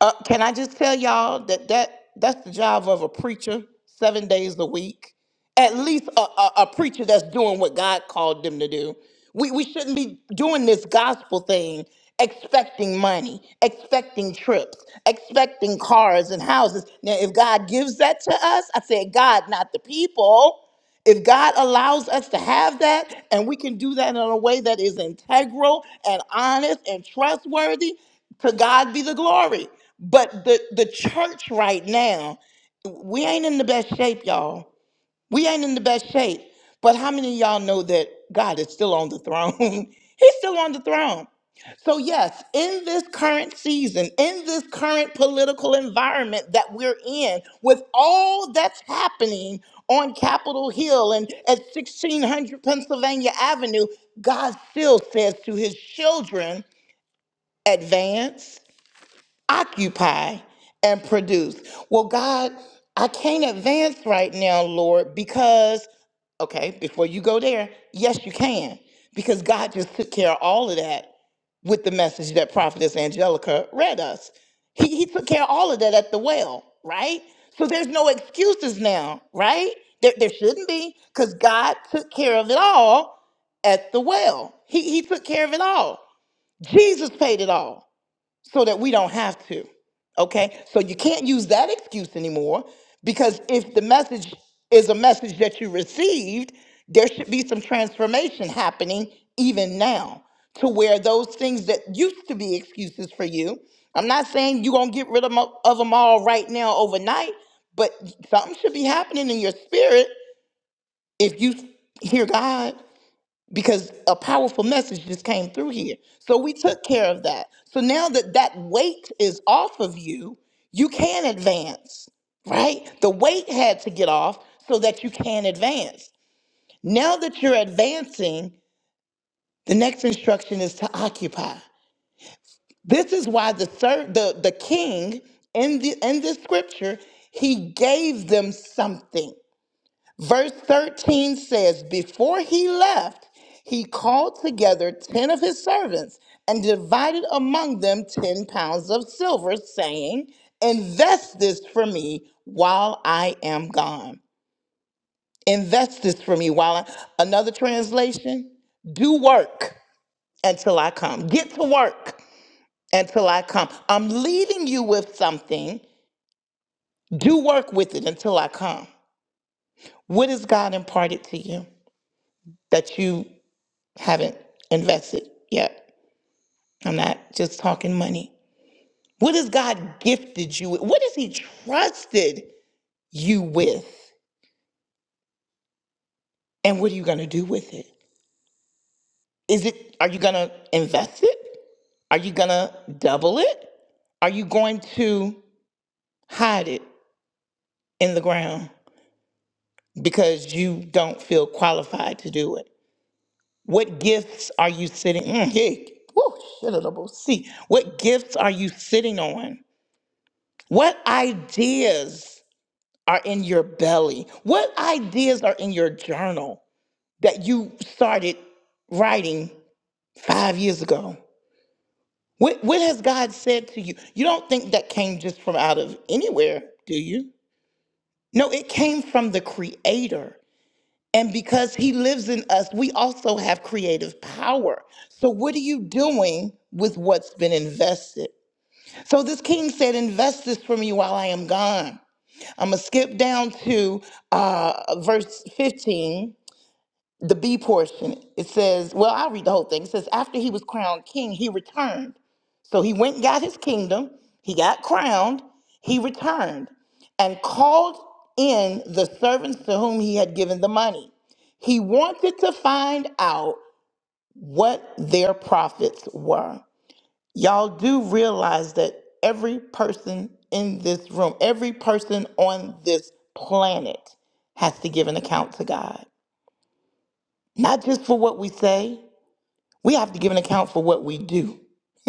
B: Uh, can I just tell y'all that, that that's the job of a preacher seven days a week? At least a, a, a preacher that's doing what God called them to do. We, we shouldn't be doing this gospel thing expecting money, expecting trips, expecting cars and houses. Now, if God gives that to us, I said, God, not the people. If God allows us to have that and we can do that in a way that is integral and honest and trustworthy, to God be the glory. But the, the church right now, we ain't in the best shape, y'all we ain't in the best shape. But how many of y'all know that God is still on the throne? <laughs> He's still on the throne. So, yes, in this current season, in this current political environment that we're in, with all that's happening on Capitol Hill and at 1600 Pennsylvania Avenue, God still says to his children, advance occupy and produce. Well, God, I can't advance right now, Lord, because, okay, before you go there, yes, you can, because God just took care of all of that with the message that Prophetess Angelica read us. He, he took care of all of that at the well, right? So there's no excuses now, right? There, there shouldn't be, because God took care of it all at the well. He, he took care of it all. Jesus paid it all so that we don't have to. Okay? So you can't use that excuse anymore because if the message is a message that you received, there should be some transformation happening even now to where those things that used to be excuses for you. I'm not saying you're going to get rid of, 'em- of them all right now overnight, but something should be happening in your spirit if you hear God because a powerful message just came through here. So we took care of that. So now that that weight is off of you, you can advance, right? The weight had to get off so that you can advance. Now that you're advancing, the next instruction is to occupy. This is why the ser- the the king in the in this scripture, he gave them something. Verse 13 says, Before he left, he called together 10 of his servants and divided among them 10 pounds of silver, saying, Invest this for me while I am gone. Invest this for me while I. Another translation, do work until I come. Get to work until I come. I'm leaving you with something. Do work with it until I come. What has God imparted to you that you? haven't invested yet. I'm not just talking money. What has God gifted you with? What has He trusted you with? And what are you going to do with it? Is it, are you going to invest it? Are you going to double it? Are you going to hide it in the ground because you don't feel qualified to do it? What gifts are you sitting? Mm, yeah. Woo, shit, a double C. What gifts are you sitting on? What ideas? are in your belly? What ideas are in your journal that you started writing five years ago? What, what has God said to you? You don't think that came just from out of anywhere, do you? No, it came from the Creator. And because He lives in us, we also have creative power. So, what are you doing with what's been invested? So, this king said, Invest this for me while I am gone. I'm going to skip down to uh, verse 15 the B portion, it says, well, I'll read the whole thing. It says, after he was crowned king, he returned. So he went and got his kingdom, he got crowned, he returned, and called in the servants to whom he had given the money. He wanted to find out what their profits were. Y'all do realize that every person in this room, every person on this planet has to give an account to God, not just for what we say We have to give an account for what we do,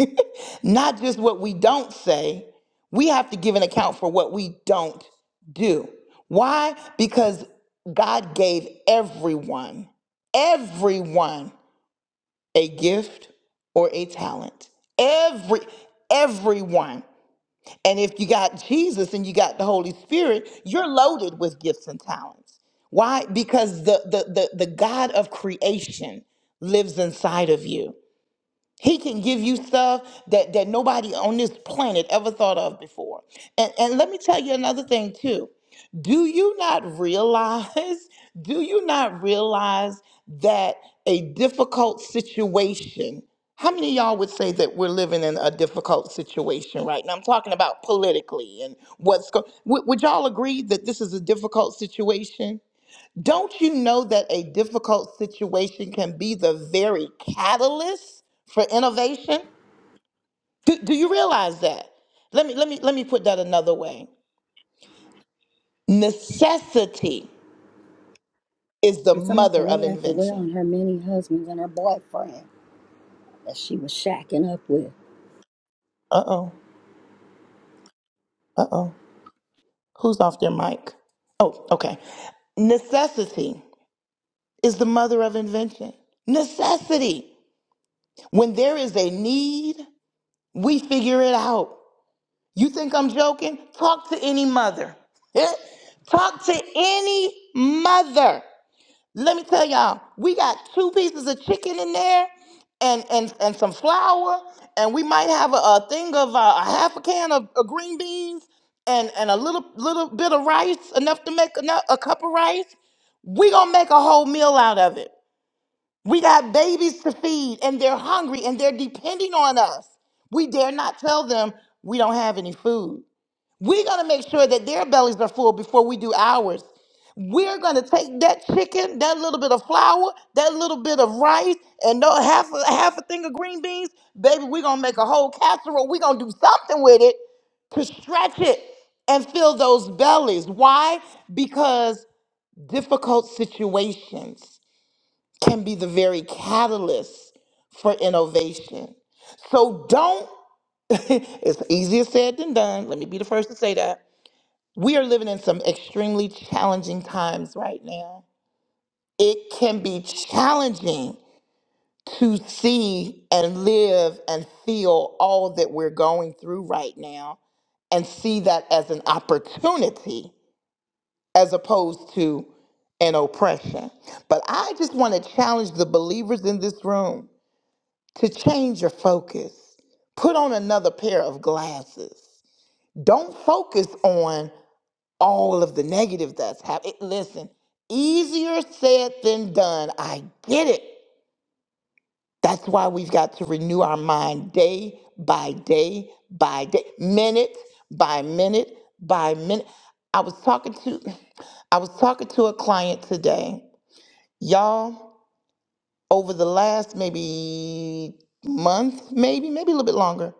B: <laughs> not just what we don't say. We have to give an account for what we don't do. Why? Because God gave everyone, everyone a gift or a talent. Every everyone. And if you got Jesus and you got the Holy Spirit, you're loaded with gifts and talents. Why? Because the the the, the God of creation lives inside of you. He can give you stuff that, that nobody on this planet ever thought of before. And, and let me tell you another thing, too. Do you not realize? <laughs> Do you not realize that a difficult situation? How many of y'all would say that we're living in a difficult situation right now? I'm talking about politically and what's going. Would, would y'all agree that this is a difficult situation? Don't you know that a difficult situation can be the very catalyst for innovation? Do, do you realize that? Let me let me let me put that another way. Necessity is the
E: And some of the
B: mother of
E: woman at the well
B: invention.
E: and her many husbands and her boyfriend that she was shacking up with.
B: Uh-oh. Uh-oh. Who's off their mic? Oh, okay. Necessity is the mother of invention. Necessity. When there is a need, we figure it out. You think I'm joking? Talk to any mother. <laughs> Eh? Talk to any mother. Let me tell y'all, we got two pieces of chicken in there and and, and some flour, and we might have a, a thing of uh, a half a can of, of green beans and, and a little little bit of rice, enough to make enough, a cup of rice. We gonna make a whole meal out of it. We got babies to feed, and they're hungry, and they're depending on us. We dare not tell them we don't have any food. We got to make sure that their bellies are full before we do ours. We're going to take that chicken, that little bit of flour, that little bit of rice, and no, half a, half a thing of green beans. Baby, we're going to make a whole casserole. We're going to do something with it to stretch it and fill those bellies. Why? Because difficult situations can be the very catalyst for innovation. So don't, <laughs> it's easier said than done. Let me be the first to say that we are living in some extremely challenging times right now. It can be challenging to see and live and feel all that we're going through right now and see that as an opportunity as opposed to an oppression. But I just want to challenge the believers in this room to change your focus, put on another pair of glasses. Don't focus on all of the negative that's happening. Listen, easier said than done. I get it. That's why we've got to renew our mind day by day by day, minute by minute by minute. I was talking to I was talking to a client today. Y'all, over the last maybe month, maybe, maybe a little bit longer,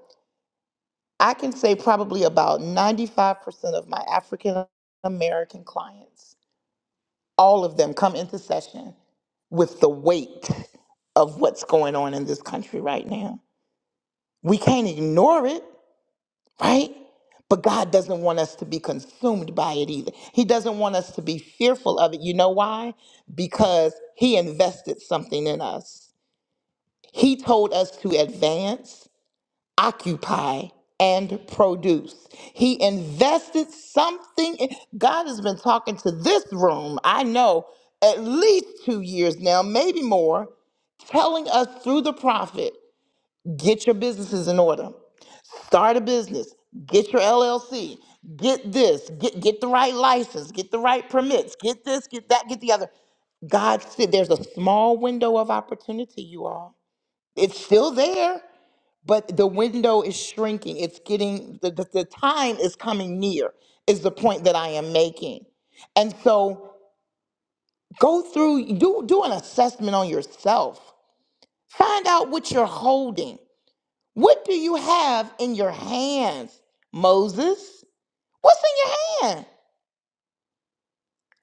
B: I can say probably about 95% of my African American clients all of them come into session with the weight of what's going on in this country right now. We can't ignore it, right? But God doesn't want us to be consumed by it either. He doesn't want us to be fearful of it. You know why? Because He invested something in us. He told us to advance occupy and produce. He invested something. in- God has been talking to this room, I know, at least two years now, maybe more, telling us through the prophet get your businesses in order, start a business, get your LLC, get this, get, get the right license, get the right permits, get this, get that, get the other. God said there's a small window of opportunity, you all. It's still there but the window is shrinking. It's getting, the, the, the time is coming near, is the point that I am making. And so go through, do, do an assessment on yourself. Find out what you're holding. What do you have in your hands, Moses? What's in your hand?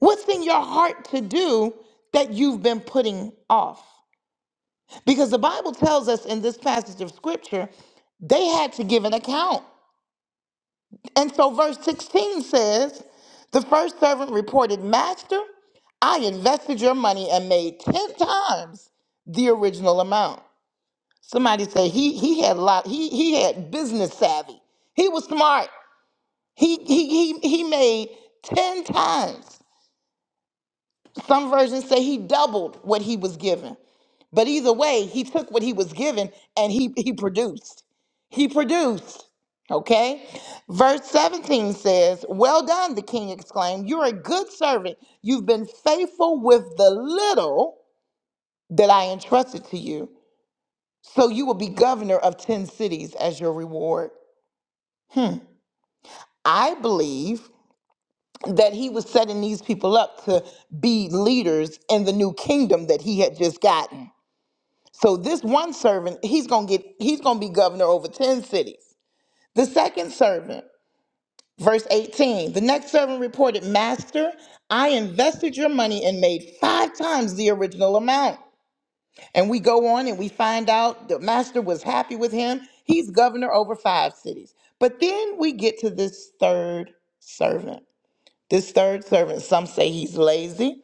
B: What's in your heart to do that you've been putting off? Because the Bible tells us in this passage of scripture, they had to give an account. And so verse 16 says, the first servant reported, Master, I invested your money and made 10 times the original amount. Somebody say he he had a lot, he he had business savvy. He was smart. He he he he made 10 times. Some versions say he doubled what he was given. But either way, he took what he was given and he, he produced. He produced. Okay? Verse 17 says, Well done, the king exclaimed. You're a good servant. You've been faithful with the little that I entrusted to you. So you will be governor of 10 cities as your reward. I believe that he was setting these people up to be leaders in the new kingdom that he had just gotten So this one servant, he's gonna get he's gonna be governor over 10 cities. The second servant, verse 18, the next servant reported, Master, I invested your money and made five times the original amount. And we go on and we find out the master was happy with him. He's governor over five cities. But then we get to this third servant. This third servant, some say he's lazy.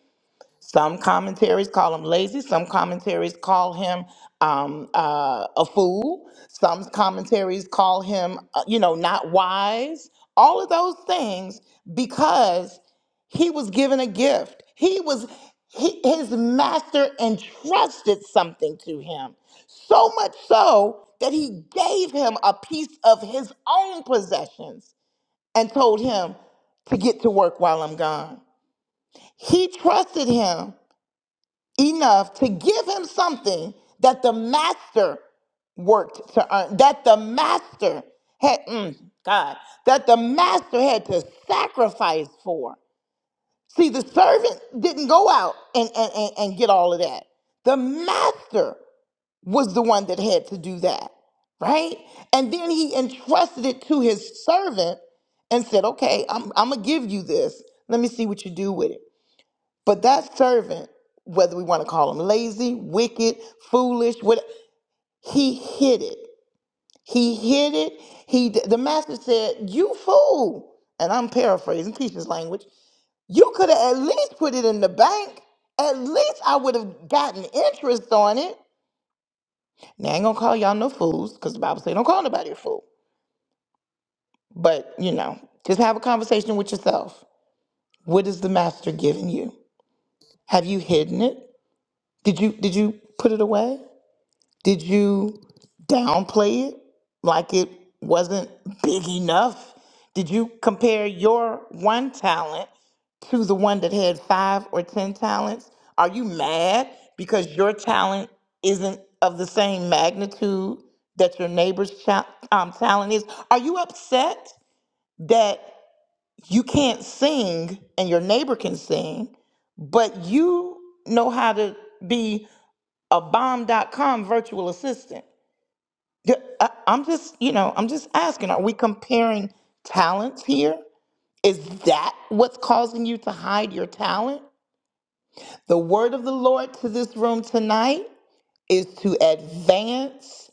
B: Some commentaries call him lazy. Some commentaries call him um, uh, a fool. Some commentaries call him, uh, you know, not wise. All of those things because he was given a gift. He was, he, his master entrusted something to him. So much so that he gave him a piece of his own possessions and told him to get to work while I'm gone. He trusted him enough to give him something that the master worked to earn, that the master had, mm, God, that the master had to sacrifice for. See, the servant didn't go out and, and, and, and get all of that. The master was the one that had to do that, right? And then he entrusted it to his servant and said, okay, I'm, I'm going to give you this. Let me see what you do with it. But that servant, whether we want to call him lazy, wicked, foolish, what he hid it. He hid it. He d- the master said, "You fool." And I'm paraphrasing teacher's language. You could have at least put it in the bank. At least I would have gotten interest on it. Now I ain't gonna call y'all no fools, because the Bible say don't call nobody a fool. But you know, just have a conversation with yourself. What is the master giving you? Have you hidden it? Did you did you put it away? Did you downplay it like it wasn't big enough? Did you compare your one talent to the one that had five or 10 talents? Are you mad because your talent isn't of the same magnitude that your neighbor's cha- um, talent is? Are you upset that you can't sing and your neighbor can sing, but you know how to be a bomb.com virtual assistant? Yeah, I, I'm just, you know, I'm just asking, are we comparing talents here? Is that what's causing you to hide your talent? The word of the Lord to this room tonight is to advance,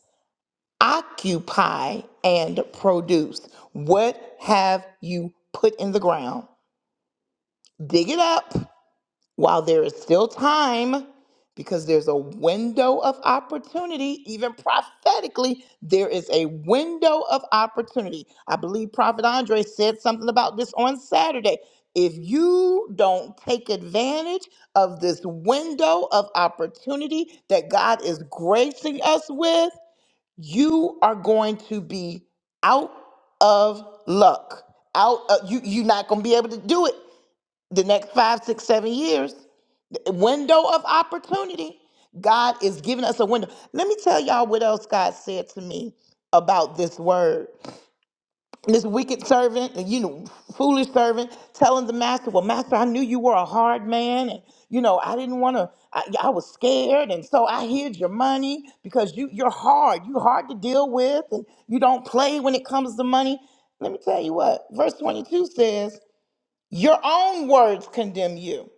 B: occupy, and produce. What have you put in the ground? Dig it up while there is still time, because there's a window of opportunity, even prophetically, there is a window of opportunity. I believe Prophet Andre said something about this on Saturday. If you don't take advantage of this window of opportunity that God is gracing us with, you are going to be out of luck. Out, of, you you're not going to be able to do it the next five, six, seven years window of opportunity. God is giving us a window. Let me tell y'all what else God said to me about this word. This wicked servant, you know, foolish servant, telling the master, Well, master, I knew you were a hard man. And, you know, I didn't want to, I, yeah, I was scared. And so I hid your money because you, you're hard. You're hard to deal with. And you don't play when it comes to money. Let me tell you what, verse 22 says, Your own words condemn you.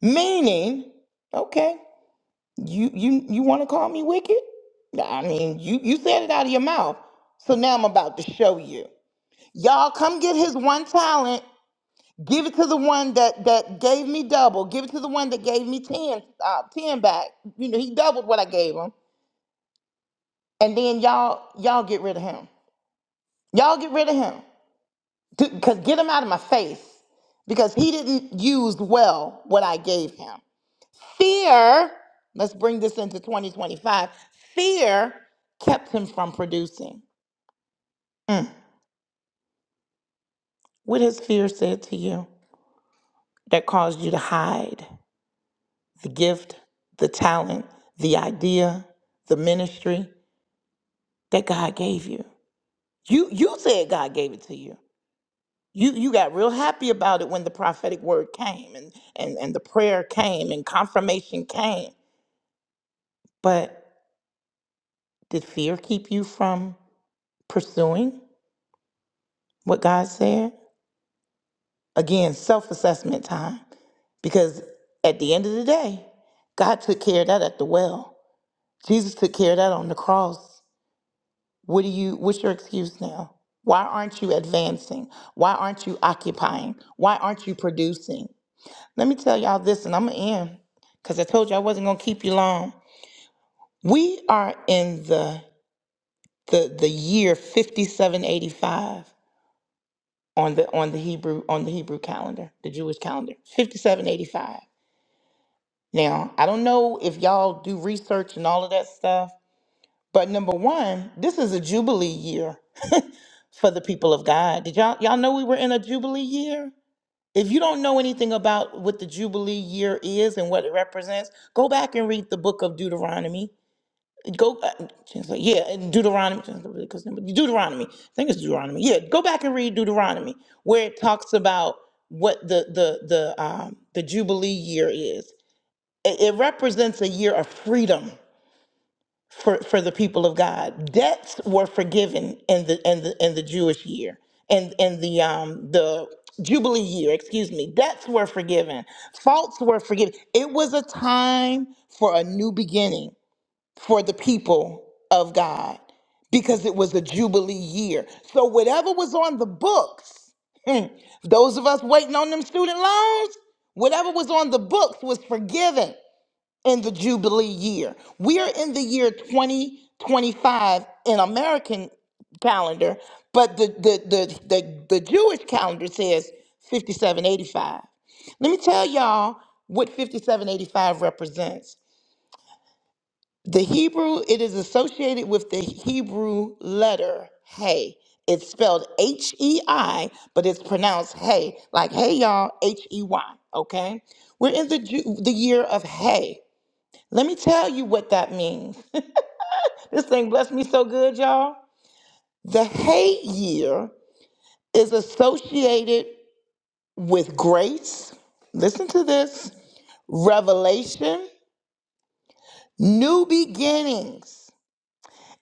B: Meaning, okay. You you you want to call me wicked? Nah, I mean, you you said it out of your mouth. So now I'm about to show you. Y'all come get his one talent. Give it to the one that that gave me double. Give it to the one that gave me 10 uh, 10 back. You know, he doubled what I gave him. And then y'all y'all get rid of him. Y'all get rid of him. Cuz get him out of my face because he didn't use well what I gave him. Fear, let's bring this into 2025. Fear kept him from producing. What has fear said to you that caused you to hide the gift, the talent, the idea, the ministry that God gave you? You you said God gave it to you. You you got real happy about it when the prophetic word came and and, and the prayer came and confirmation came. But did fear keep you from pursuing what God said? Again, self assessment time. Because at the end of the day, God took care of that at the well. Jesus took care of that on the cross. What do you what's your excuse now? Why aren't you advancing? Why aren't you occupying? Why aren't you producing? Let me tell y'all this and I'm gonna end because I told you I wasn't gonna keep you long. We are in the the the year fifty seven eighty five on the on the Hebrew on the Hebrew calendar, the Jewish calendar. Fifty seven eighty five. Now, I don't know if y'all do research and all of that stuff, but number one, this is a jubilee year <laughs> for the people of God. Did y'all y'all know we were in a jubilee year? If you don't know anything about what the jubilee year is and what it represents, go back and read the book of Deuteronomy. Go, uh, yeah, Deuteronomy, Deuteronomy. I think it's Deuteronomy. Yeah, go back and read Deuteronomy, where it talks about what the the the um the jubilee year is it it represents a year of freedom for, for the people of God. Debts were forgiven in the in the in the Jewish year and in, in the um the Jubilee year, excuse me. Debts were forgiven. Faults were forgiven. It was a time for a new beginning for the people of God because it was a Jubilee year. So whatever was on the books, Hmm. Those of us waiting on them student loans, whatever was on the books was forgiven in the Jubilee year. We're in the year 2025 in American calendar, but the the the the, the Jewish calendar says 5785. Let me tell y'all what 5785 represents. The Hebrew, it is associated with the Hebrew letter hey. It's spelled H E I, but it's pronounced hey, like hey y'all, H E Y, okay? We're in the Ju- the year of hey. Let me tell you what that means. <laughs> This thing blessed me so good, y'all. The hate year is associated with grace. Listen to this revelation, new beginnings.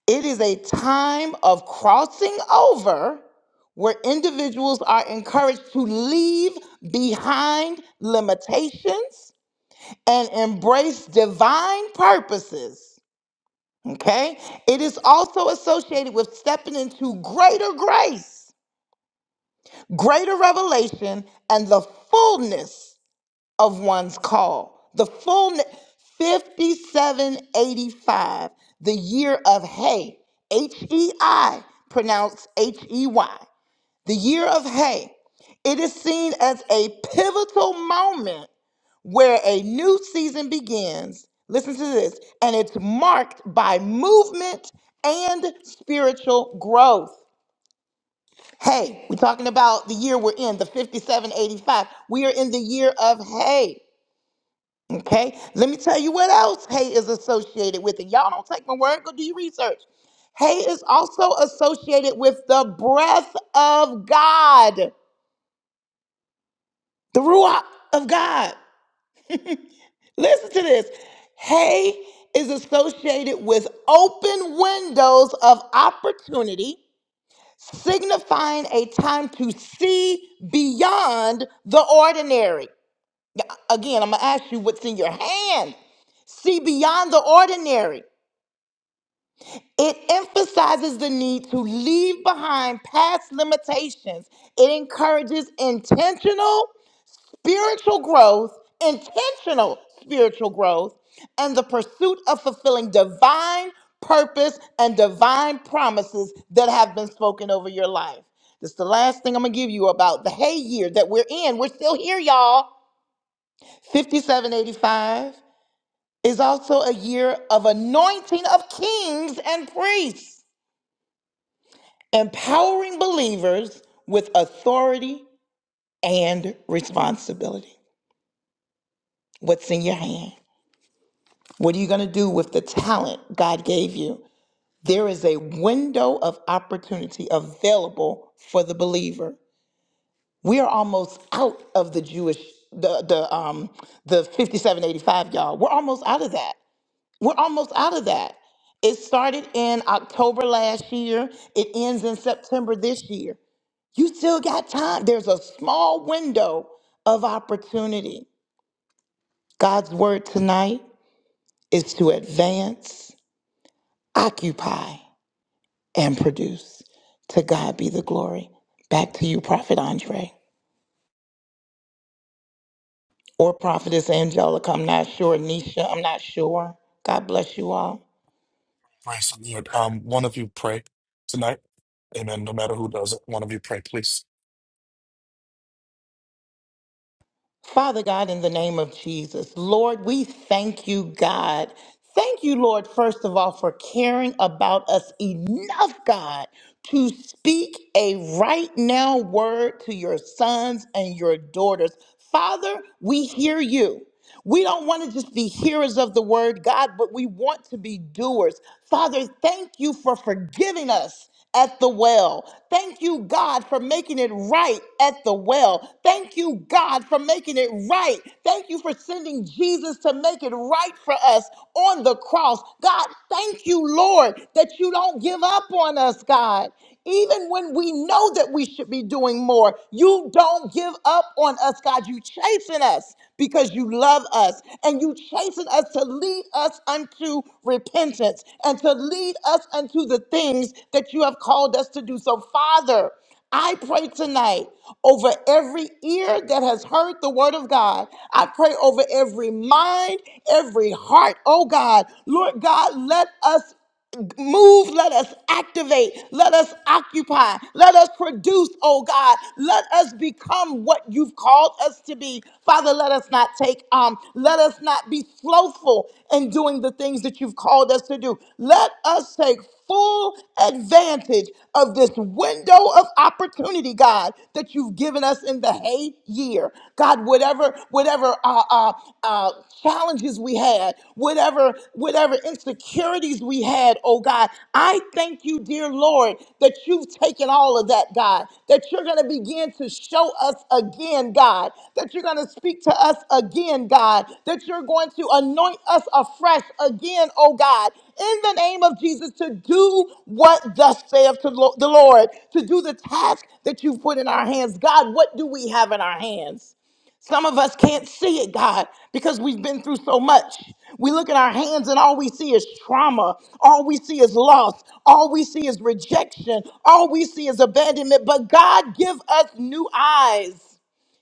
B: It is a time of crossing over where individuals are encouraged to leave behind limitations and embrace divine purposes. Okay? It is also associated with stepping into greater grace, greater revelation, and the fullness of one's call. The fullness 5785, the year of hey, H E I, pronounced H E Y. The year of hay. It is seen as a pivotal moment where a new season begins. Listen to this, and it's marked by movement and spiritual growth. Hey, we're talking about the year we're in, the 5785. We are in the year of hay. Okay, let me tell you what else hay is associated with. And y'all don't take my word, go do your research. Hay is also associated with the breath of God. the Ruach of God. Listen to this. Hay is associated with open windows of opportunity, signifying a time to see beyond the ordinary. Again, I'm going to ask you what's in your hand. See beyond the ordinary. It emphasizes the need to leave behind past limitations. It encourages intentional spiritual growth, intentional spiritual growth, and the pursuit of fulfilling divine purpose and divine promises that have been spoken over your life. This is the last thing I'm going to give you about the hay year that we're in. We're still here, y'all. 5785 is also a year of anointing of kings and priests, empowering believers with authority and responsibility. What's in your hand? What are you going to do with the talent God gave you? There is a window of opportunity available for the believer. We are almost out of the Jewish the the um the 5785 y'all. We're almost out of that. We're almost out of that. It started in October last year. It ends in September this year. You still got time. There's a small window of opportunity. God's word tonight is to advance, occupy and produce. To God be the glory. Back to you, Prophet Andre. Or Prophetess Angelica, I'm not sure. Nisha, I'm not sure. God bless you all.
C: Praise the Lord. Um, one of you pray tonight. Amen. No matter who does it, one of you pray, please.
B: Father God, in the name of Jesus, Lord, we thank you, God. Thank you, Lord, first of all, for caring about us enough, God, to speak a right now word to your sons and your daughters. Father, we hear you. We don't want to just be hearers of the word, God, but we want to be doers. Father, thank you for forgiving us at the well. Thank you, God, for making it right at the well. Thank you, God, for making it right. Thank you for sending Jesus to make it right for us on the cross. God, thank you, Lord, that you don't give up on us, God. Even when we know that we should be doing more, you don't give up on us, God. You chasing us because you love us and you chasing us to lead us unto repentance and to lead us unto the things that you have called us to do. So, Father, I pray tonight over every ear that has heard the word of God. I pray over every mind, every heart. Oh God, Lord God, let us move, let us activate, let us occupy, let us produce, oh God, let us become what you've called us to be. Father, let us not take um, let us not be slothful in doing the things that you've called us to do. Let us take full advantage of this window of opportunity, God, that you've given us in the hay year. God, whatever, whatever uh, uh, uh, challenges we had, whatever, whatever insecurities we had, oh God, I thank you, dear Lord, that you've taken all of that, God, that you're going to begin to show us again, God, that you're going to speak to us again, God, that you're going to anoint us afresh again, oh God, in the name of Jesus to do what thus saith to lo- the Lord, to do the task that you put in our hands. God, what do we have in our hands? Some of us can't see it, God, because we've been through so much. We look at our hands and all we see is trauma. All we see is loss. All we see is rejection. All we see is abandonment. But God, give us new eyes.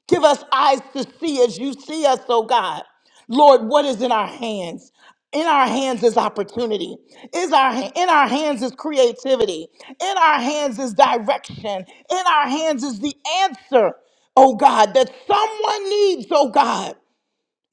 B: Give us eyes to see as you see us, oh God. Lord, what is in our hands? In our hands is opportunity. Is our in our hands is creativity. In our hands is direction. In our hands is the answer, oh God, that someone needs, oh God.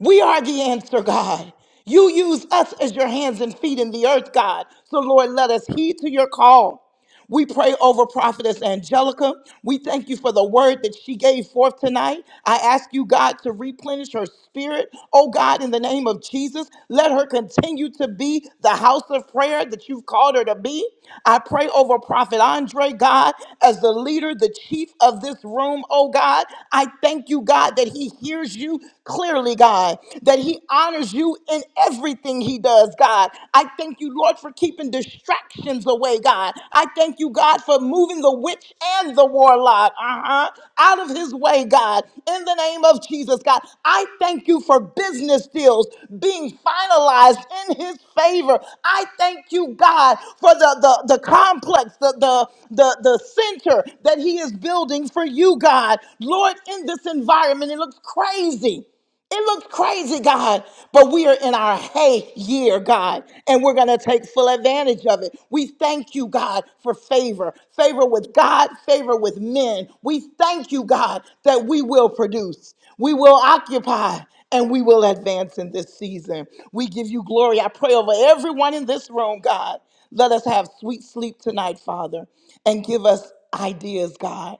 B: We are the answer, God. You use us as your hands and feet in the earth, God. So, Lord, let us heed to your call. We pray over Prophetess Angelica. We thank you for the word that she gave forth tonight. I ask you, God, to replenish her spirit. Oh, God, in the name of Jesus, let her continue to be the house of prayer that you've called her to be. I pray over Prophet Andre, God, as the leader, the chief of this room, oh, God. I thank you, God, that he hears you clearly, God, that He honors you in everything He does, God. I thank you, Lord, for keeping distractions away, God. I thank you, God, for moving the witch and the warlock uh-huh, out of His way, God, in the name of Jesus, God. I thank you for business deals being finalized in His favor. I thank you, God, for the, the, the complex, the, the, the, the center that He is building for you, God. Lord. Lord, in this environment. It looks crazy. It looks crazy, God, but we are in our hey year, God, and we're going to take full advantage of it. We thank you, God, for favor, favor with God, favor with men. We thank you, God, that we will produce, we will occupy, and we will advance in this season. We give you glory. I pray over everyone in this room, God. Let us have sweet sleep tonight, Father, and give us ideas, God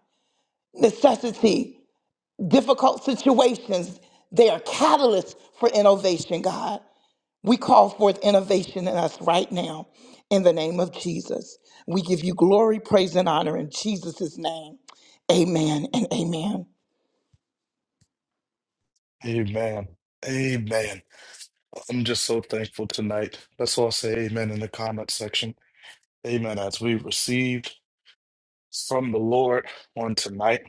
B: necessity difficult situations, they are catalysts for innovation, God. We call forth innovation in us right now in the name of Jesus. We give you glory, praise, and honor in Jesus' name. Amen and amen.
C: Amen. Amen. I'm just so thankful tonight. Let's all say amen in the comment section. Amen. As we received from the Lord on tonight.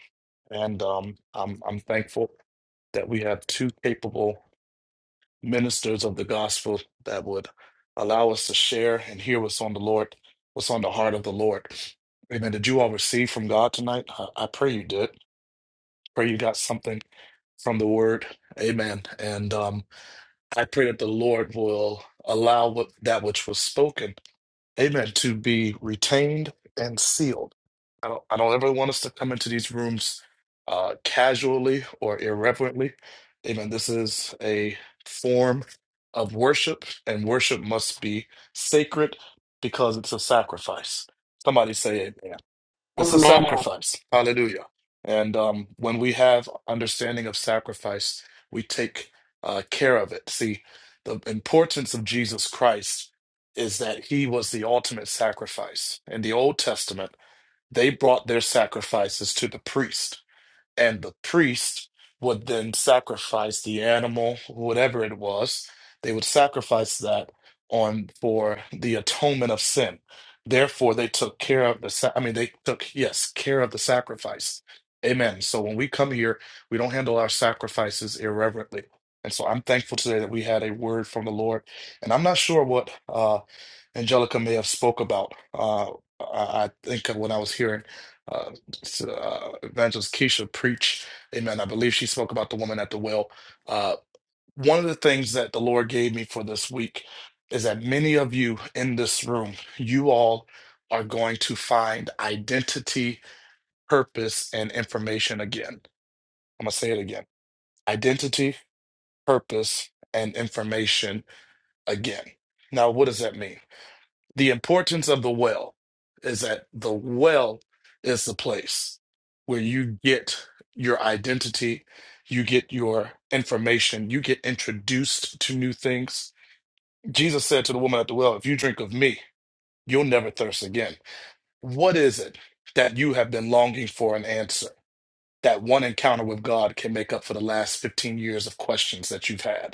C: And um, I'm, I'm thankful that we have two capable ministers of the gospel that would allow us to share and hear what's on the Lord, what's on the heart of the Lord. Amen. Did you all receive from God tonight? I, I pray you did. Pray you got something from the word. Amen. And um, I pray that the Lord will allow what, that which was spoken amen, to be retained and sealed. I don't, I don't ever want us to come into these rooms uh, casually or irreverently. Amen. This is a form of worship, and worship must be sacred because it's a sacrifice. Somebody say amen. It's a
F: Amen.
C: sacrifice. Hallelujah. And um, when we have understanding of sacrifice, we take uh, care of it. See, the importance of Jesus Christ is that he was the ultimate sacrifice. In the Old Testament, they brought their sacrifices to the priest and the priest would then sacrifice the animal, whatever it was. They would sacrifice that on for the atonement of sin. Therefore, they took care of the. sa- I mean, they took yes care of the sacrifice. Amen. So when we come here, we don't handle our sacrifices irreverently. And so I'm thankful today that we had a word from the Lord. And I'm not sure what uh, Angelica may have spoke about. Uh, I I think when I was hearing uh, s- uh, Evangelist Keisha preach, Amen. I believe she spoke about the woman at the well. Uh, one of the things that the Lord gave me for this week is that many of you in this room, you all are going to find identity, purpose, and information again. I'm gonna say it again: identity, purpose, and information again. Now, what does that mean? The importance of the well is that the well is the place where you get your identity, you get your information, you get introduced to new things. Jesus said to the woman at the well, If you drink of me, you'll never thirst again. What is it that you have been longing for an answer? That one encounter with God can make up for the last 15 years of questions that you've had.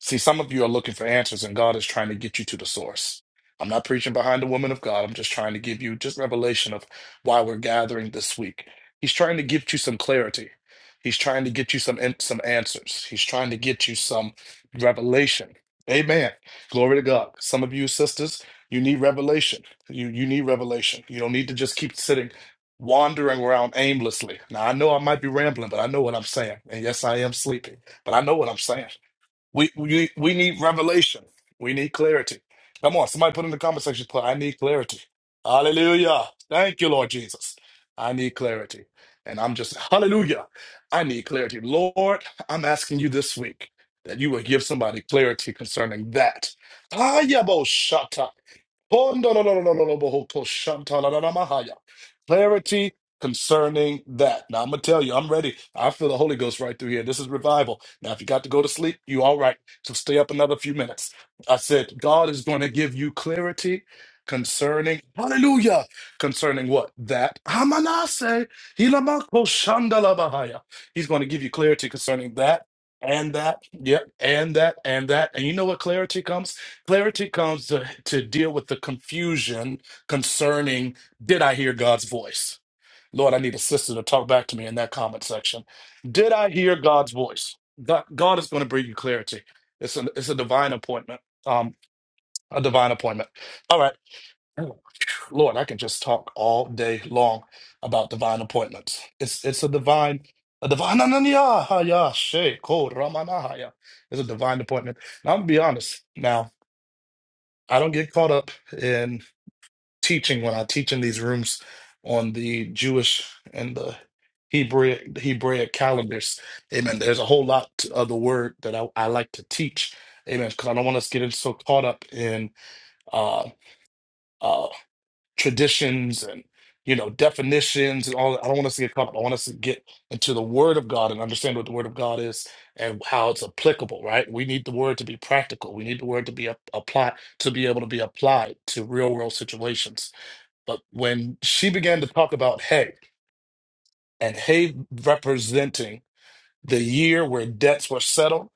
C: See, some of you are looking for answers, and God is trying to get you to the source. I'm not preaching behind the woman of God. I'm just trying to give you just revelation of why we're gathering this week. He's trying to give you some clarity. He's trying to get you some some answers. He's trying to get you some revelation. Amen. Glory to God. Some of you sisters, you need revelation. You you need revelation. You don't need to just keep sitting wandering around aimlessly. Now I know I might be rambling, but I know what I'm saying. And yes, I am sleepy, but I know what I'm saying. We we we need revelation. We need clarity. Come on, somebody put in the comment section, put, I need clarity. Hallelujah. Thank you, Lord Jesus. I need clarity. And I'm just, hallelujah. I need clarity. Lord, I'm asking you this week that you would give somebody clarity concerning that. Ayabo shata. Clarity concerning that. Now I'm gonna tell you, I'm ready. I feel the Holy Ghost right through here. This is revival. Now, if you got to go to sleep, you all right. So stay up another few minutes. I said, God is going to give you clarity concerning hallelujah concerning what that hamanase hilamako shandalabahaya he's going to give you clarity concerning that and that yep and that and that and you know what clarity comes clarity comes to, to deal with the confusion concerning did i hear god's voice Lord, I need a sister to talk back to me in that comment section. Did I hear God's voice? God, God is going to bring you clarity. It's a, it's a divine appointment. Um, a divine appointment. All right. <clears throat> Lord, I can just talk all day long about divine appointments. It's it's a divine, a divine, it's a divine appointment. Now, I'm gonna be honest. Now, I don't get caught up teaching when I teach in these rooms on the Jewish and the Hebrew the Hebraic calendars. Amen. There's a whole lot of the word that I, I like to teach. Amen. Because I don't want us getting so caught up in uh, uh, traditions and you know definitions and all. I don't want us to get caught up. I want us to get into the Word of God and understand what the Word of God is and how it's applicable. Right? We need the Word to be practical. We need the Word to be applied to be able to be applied to real world situations. But when she began to talk about hay and hay representing the year where debts were settled,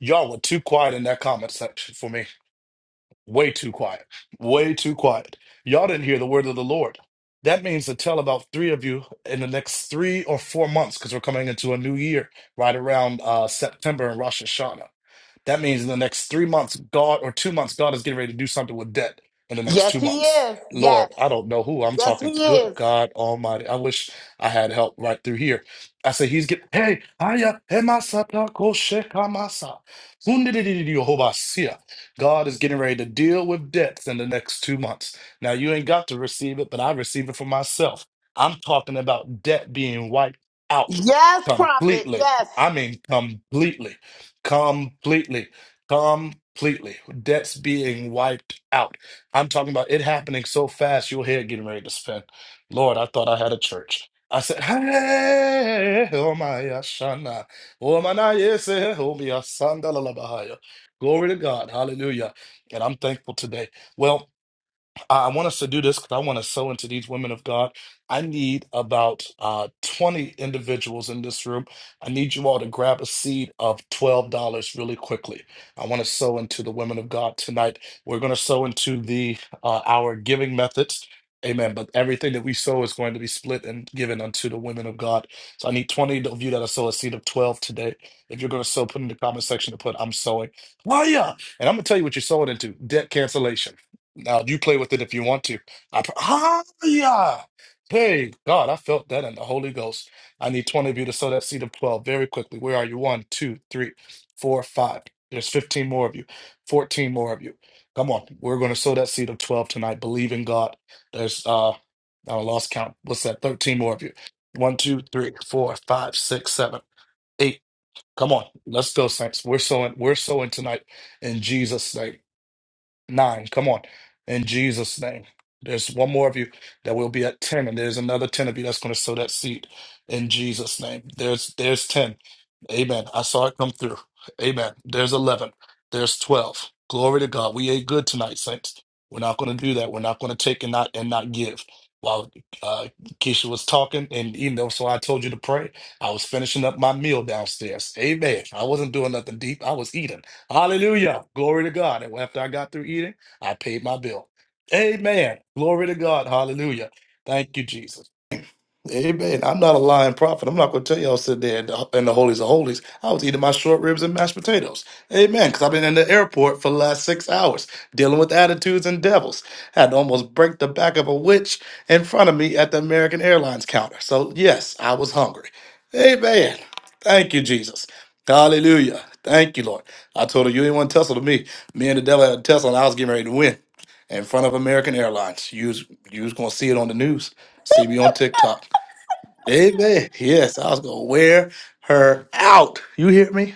C: y'all were too quiet in that comment section for me. Way too quiet. Way too quiet. Y'all didn't hear the word of the Lord. That means to tell about three of you in the next three or four months, because we're coming into a new year right around uh, September and Rosh Hashanah that means in the next three months, God, or two months, God is getting ready to do something with debt in the next
B: Yes,
C: two
B: he
C: months.
B: is. Yes.
C: Lord, I don't know who I'm
B: Yes, he
C: talking to. Good
B: is.
C: God Almighty. I wish I had help right through here. I say, He's getting, hey, hiya, hemasata, koshekamasa, hundididididiyohobasia. God is getting ready to deal with debts in the next two months. Now, you ain't got to receive it, but I receive it for myself. I'm talking about debt being wiped out
B: Yes, prophet.
C: completely.
B: Yes.
C: I mean, completely. Completely. Completely. Debts being wiped out. I'm talking about it happening so fast, your head getting ready to spin. Lord, I thought I had a church. I said, Hey, oh my Ashana. Oh my na- yes, eh, oh my Asanda la la bahaya." Glory to God. Hallelujah. And I'm thankful today. Well, I I want us to do this because I want to sow into these women of God. I need about uh, 20 individuals in this room. I need you all to grab a seed of $12 really quickly. I want to sow into the women of God tonight. We're going to sow into the uh, our giving methods. Amen. But everything that we sow is going to be split and given unto the women of God. So I need 20 of you that are sow a seed of 12 today. If you're going to sow, put in the comment section to put I'm sowing. Why yeah? And I'm gonna tell you what you're sowing into debt cancellation. Now you play with it if you want to. I pr- ah, yeah. Hey, God, I felt that in the Holy Ghost. I need 20 of you to sow that seed of 12 very quickly. Where are you? One, two, three, four, five. There's 15 more of you, 14 more of you. Come on. We're going to sow that seed of 12 tonight. Believe in God. There's, uh, I lost count. What's that? 13 more of you. One, two, three, four, five, six, seven, eight. Come on. Let's go, Saints. We're sowing, we're sowing tonight in Jesus' name. Nine, come on. In Jesus' name. There's one more of you that will be at 10, and there's another 10 of you that's going to sow that seed in Jesus' name. There's there's 10. Amen. I saw it come through. Amen. There's 11. There's 12. Glory to God. We ate good tonight, saints. We're not going to do that. We're not going to take and not and not give. While uh, Keisha was talking, and you know, so I told you to pray. I was finishing up my meal downstairs. Amen. I wasn't doing nothing deep. I was eating. Hallelujah. Glory to God. And after I got through eating, I paid my bill. Amen. Glory to God. Hallelujah. Thank you, Jesus. Amen. I'm not a lying prophet. I'm not going to tell y'all sit there in the, in the holies of holies. I was eating my short ribs and mashed potatoes. Amen. Because I've been in the airport for the last six hours dealing with attitudes and devils. Had to almost break the back of a witch in front of me at the American Airlines counter. So, yes, I was hungry. Amen. Thank you, Jesus. Hallelujah. Thank you, Lord. I told her, you ain't want to tussle to me. Me and the devil had a tussle, and I was getting ready to win in front of American Airlines. You was, you was going to see it on the news. See me on TikTok. Amen. Yes, I was going to wear her out. You hear me?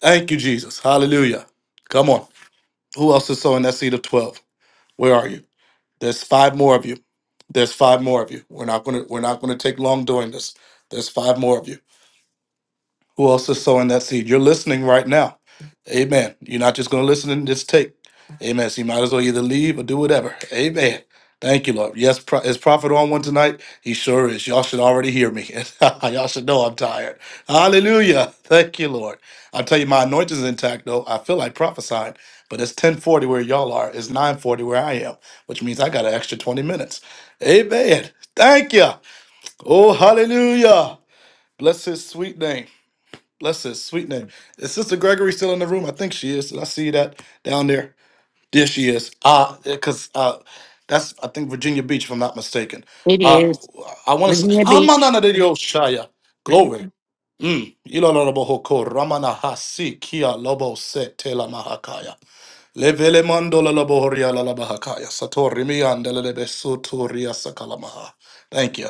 C: Thank you, Jesus. Hallelujah. Come on. Who else is sowing that seed of 12? Where are you? There's five more of you. There's five more of you. We're not going to we're not going to take long doing this. There's five more of you. Who else is sowing that seed? You're listening right now. Amen. You're not just going to listen and just take. Amen. So you might as well either leave or do whatever. Amen. Thank you, Lord. Yes, pro- is Prophet on one tonight? He sure is. Y'all should already hear me. <laughs> Y'all should know I'm tired. Hallelujah. Thank you, Lord. I tell you, my anointing's intact, though. I feel like prophesying, but it's 1040 where y'all are. It's 940 where I am, which means I got an extra 20 minutes. Amen. Thank you. Oh, hallelujah. Bless his sweet name. Bless his sweet name. Is Sister Gregory still in the room? I think she is. Did I see that down there? There she is. Uh because uh that's I think Virginia Beach, if I'm not mistaken.
F: It
C: Uh
F: is.
C: I want to say
F: Virginia Beach.
C: Hamanana de Dios Shaya. Glory. Mm. Ilolorobohoko, Ramana Hasi Kia Lobo Se Tela Mahakaya. Levele mandola la bohoria la la bahakaya. Satori mi andele le besuturia sakalamaha. Thank you.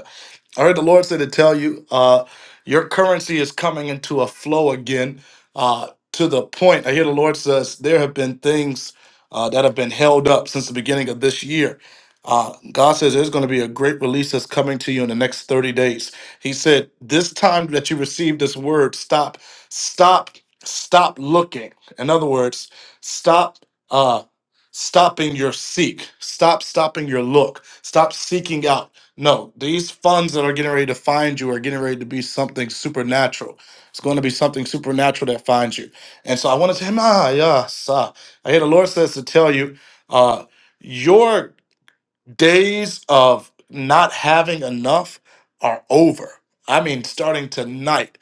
C: I heard the Lord say to tell you, uh, your currency is coming into a flow again. Uh, to the point, I hear the Lord says there have been things uh, that have been held up since the beginning of this year. Uh, God says there's going to be a great release that's coming to you in the next 30 days. He said, This time that you receive this word, stop, stop, stop looking. In other words, stop uh, stopping your seek. Stop stopping your look. Stop seeking out. No, these funds that are getting ready to find you are getting ready to be something supernatural. It's going to be something supernatural that finds you. And so I want to say, ah, yes. Uh, I hear the Lord says to tell you, uh, your days of not having enough are over. I mean, starting tonight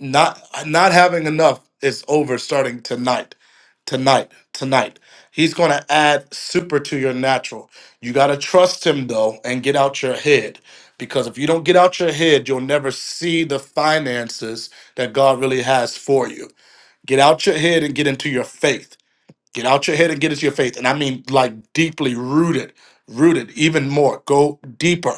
C: not not having enough is over starting tonight tonight tonight he's going to add super to your natural you got to trust him though and get out your head because if you don't get out your head you'll never see the finances that god really has for you get out your head and get into your faith Get out your head and get into your faith. And I mean like deeply rooted, rooted even more. Go deeper.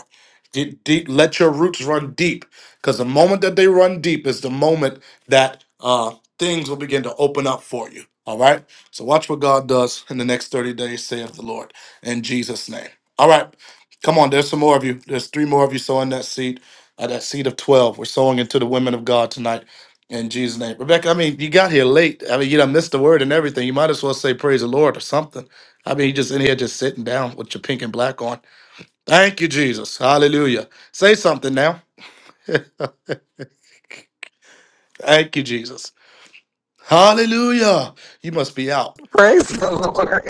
C: Deep, deep, let your roots run deep. Because the moment that they run deep is the moment that uh, things will begin to open up for you. All right? So watch what God does in the next 30 days, saith the Lord, in Jesus' name. All right. Come on, there's some more of you. There's three more of you sowing that seed, uh, that seed of 12. We're sowing into the women of God tonight. In Jesus' name. Rebecca, I mean, you got here late. I mean, you done missed the word and everything. You might as well say praise the Lord or something. I mean, you just in here just sitting down with your pink and black on. Thank you, Jesus. Hallelujah. Say something now. Thank you, Jesus. Hallelujah. You must be out.
G: Praise the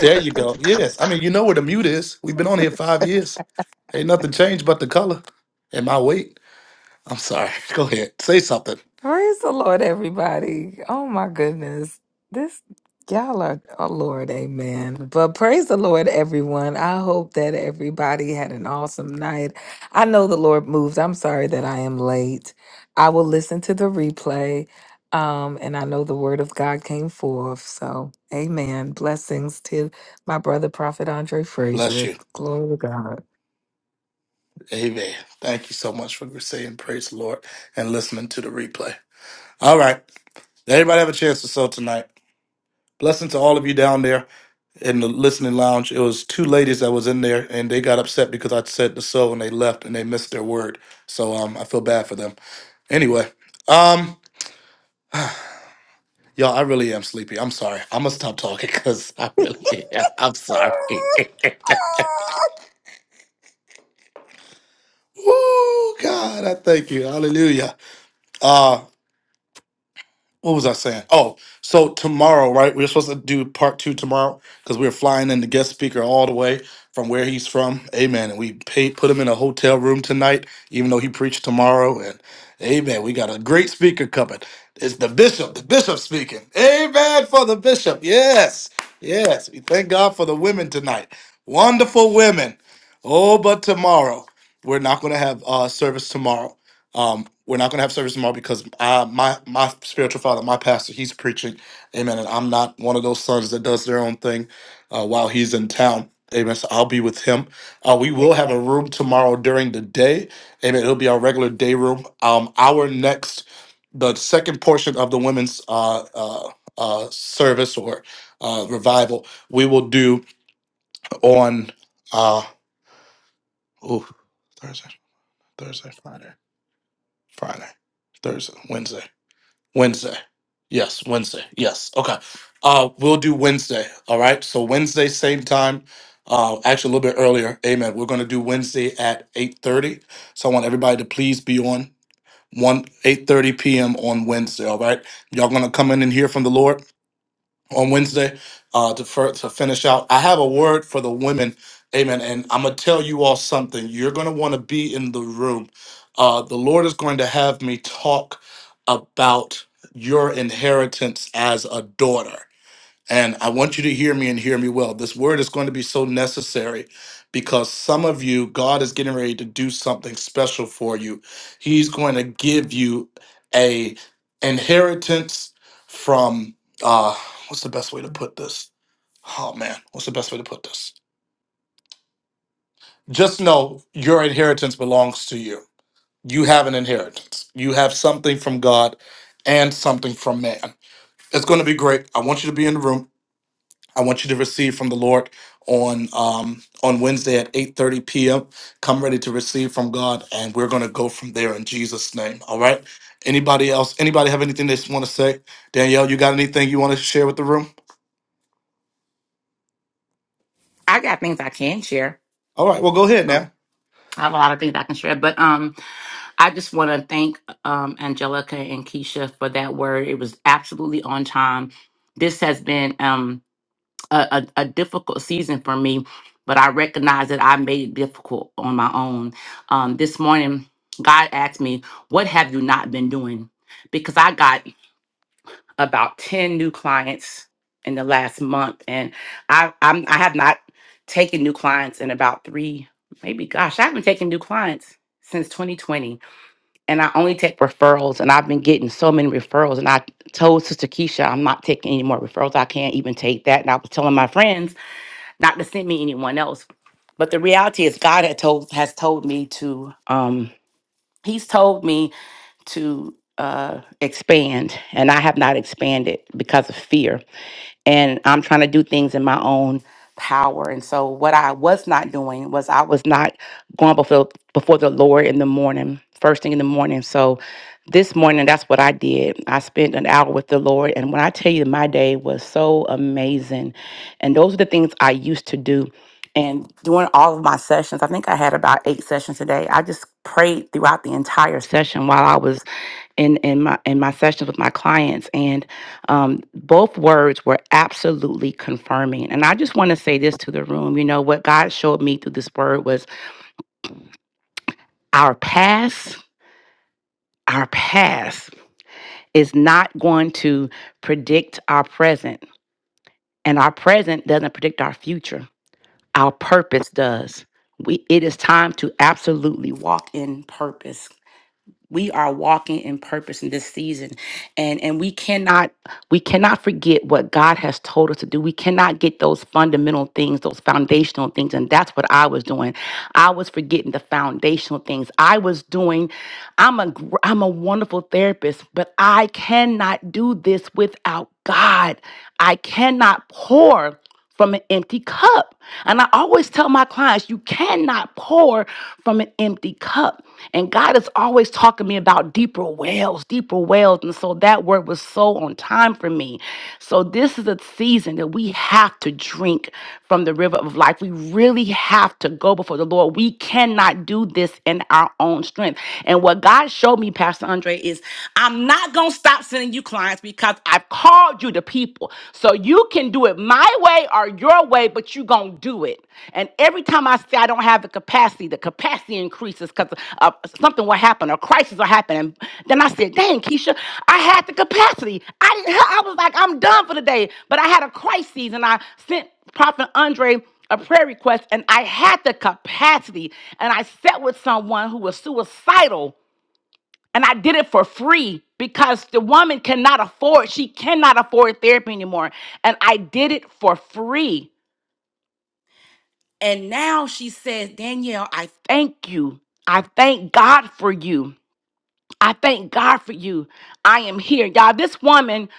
C: There you go. Yes. I mean, you know where the mute is. We've been on here five years. Ain't nothing changed but the color and my weight. I'm sorry. <laughs> Go ahead. Say something.
G: <laughs> Praise the Lord, everybody. Oh my goodness. This y'all are oh Lord, amen. But praise the Lord, everyone. I hope that everybody had an awesome night. I know the Lord moves. I'm sorry that I am late. I will listen to the replay. Um, and I know the word of God came forth. So amen. Blessings to my brother, Prophet Andre
C: Bless
G: Frazier.
C: you.
G: Glory to God.
C: Amen. Thank you so much for saying praise the Lord and listening to the replay. All right. Everybody have a chance to sell tonight. Blessing to all of you down there in the listening lounge. It was two ladies that was in there and they got upset because I said to sew and they left and they missed their word. So um I feel bad for them. Anyway, um y'all, I really am sleepy. I'm sorry. I'm gonna stop talking <laughs> because I really am. I'm sorry. <laughs> Woo
B: <laughs>
C: God, I thank you. Hallelujah. Uh, what was I saying? Oh, so tomorrow, right? We're supposed to do part two tomorrow because we're flying in the guest speaker all the way from where he's from. Amen. And we paid, put him in a hotel room tonight, even though he preached tomorrow. And amen. We got a great speaker coming. It's the bishop, the bishop speaking. Amen for the bishop. Yes. Yes. We thank God for the women tonight. Wonderful women. Oh, but tomorrow. We're not going to have uh, service tomorrow um, we're not going to have service tomorrow because I, my my spiritual father, my pastor, he's preaching. Amen. And I'm not one of those sons that does their own thing uh, while he's in town. Amen. So I'll be with him. Uh, we will have a room tomorrow during the day. Amen. It'll be our regular day room. Um, our next, the second portion of the women's uh, uh, uh, service or uh, revival, we will do on uh, ooh, Thursday, Thursday, Friday, Friday, Thursday, Wednesday. Wednesday. Yes, Wednesday. Yes. Okay. Uh we'll do Wednesday. All right. So Wednesday, same time. Uh actually a little bit earlier. Amen. We're gonna do Wednesday at 8:30. So I want everybody to please be on one 8:30 p.m. on Wednesday. All right. Y'all gonna come in and hear from the Lord on Wednesday uh, to for, to finish out. I have a word for the women, Amen. And I'm gonna tell you all something. You're gonna want to be in the room. Uh, the Lord is going to have me talk about your inheritance as a daughter. And I want you to hear me and hear me well. This word is going to be so necessary because some of you, God is getting ready to do something special for you. He's going to give you a inheritance from uh what's the best way to put this? Oh man, what's the best way to put this? Just know your inheritance belongs to you. You have an inheritance. You have something from God and something from man. It's going to be great. I want you to be in the room. I want you to receive from the Lord on um, on Wednesday at 8:30 p.m. Come ready to receive from God, and we're going to go from there in Jesus' name. All right. Anybody else? Anybody have anything they want to say? Danielle, you got anything you want to share with the room?
F: I got things I can share.
C: All right. Well, go ahead
F: Um,
C: now.
F: I have a lot of things I can share, but um, I just want to thank um, Angelica and Keisha for that word. It was absolutely on time. This has been um, a, a, a difficult season for me, but I recognize that I made it difficult on my own. Um, this morning, God asked me, What have you not been doing? Because I got about 10 new clients in the last month and I I'm, I have not taken new clients in about 3 maybe gosh I haven't taken new clients since 2020 and I only take referrals and I've been getting so many referrals and I told Sister Keisha I'm not taking any more referrals I can't even take that and I was telling my friends not to send me anyone else but the reality is God had told has told me to um he's told me to uh, expand, and I have not expanded because of fear. And I'm trying to do things in my own power. And so, what I was not doing was I was not going before before the Lord in the morning, first thing in the morning. So, this morning, that's what I did. I spent an hour with the Lord, and when I tell you, my day was so amazing. And those are the things I used to do. And during all of my sessions, I think I had about eight sessions a day. I just prayed throughout the entire session while I was in in my in my sessions with my clients and um, both words were absolutely confirming and i just want to say this to the room you know what god showed me through this word was our past our past is not going to predict our present and our present doesn't predict our future our purpose does we it is time to absolutely walk in purpose we are walking in purpose in this season and and we cannot we cannot forget what god has told us to do we cannot get those fundamental things those foundational things and that's what i was doing i was forgetting the foundational things i was doing i'm a gr- i'm a wonderful therapist but i cannot do this without god I cannot pour from an empty cup. And I always tell my clients, you cannot pour from an empty cup. And God is always talking to me about deeper wells, deeper wells. And so that word was so on time for me. So this is a season that we have to drink from the river of life. We really have to go before the Lord. We cannot do this in our own strength. And what God showed me, Pastor Andre, is I'm not going to stop stop sending you clients because I've called you to people. So you can do it my way or your way, but you gonna do it. And every time I say I don't have the capacity, the capacity increases because uh, something will happen, a crisis will happen. And then I said, "Dang, Keisha, I had the capacity. I didn't. I was like, I'm done for the day, but I had a crisis, and I sent Prophet Andre." a prayer request and I had the capacity and I sat with someone who was suicidal and I did it for free because the woman cannot afford, she cannot afford therapy anymore. And I did it for free. And now she says, Danielle, I thank you. I thank God for you. I thank God for you. I am here. Y'all, this woman,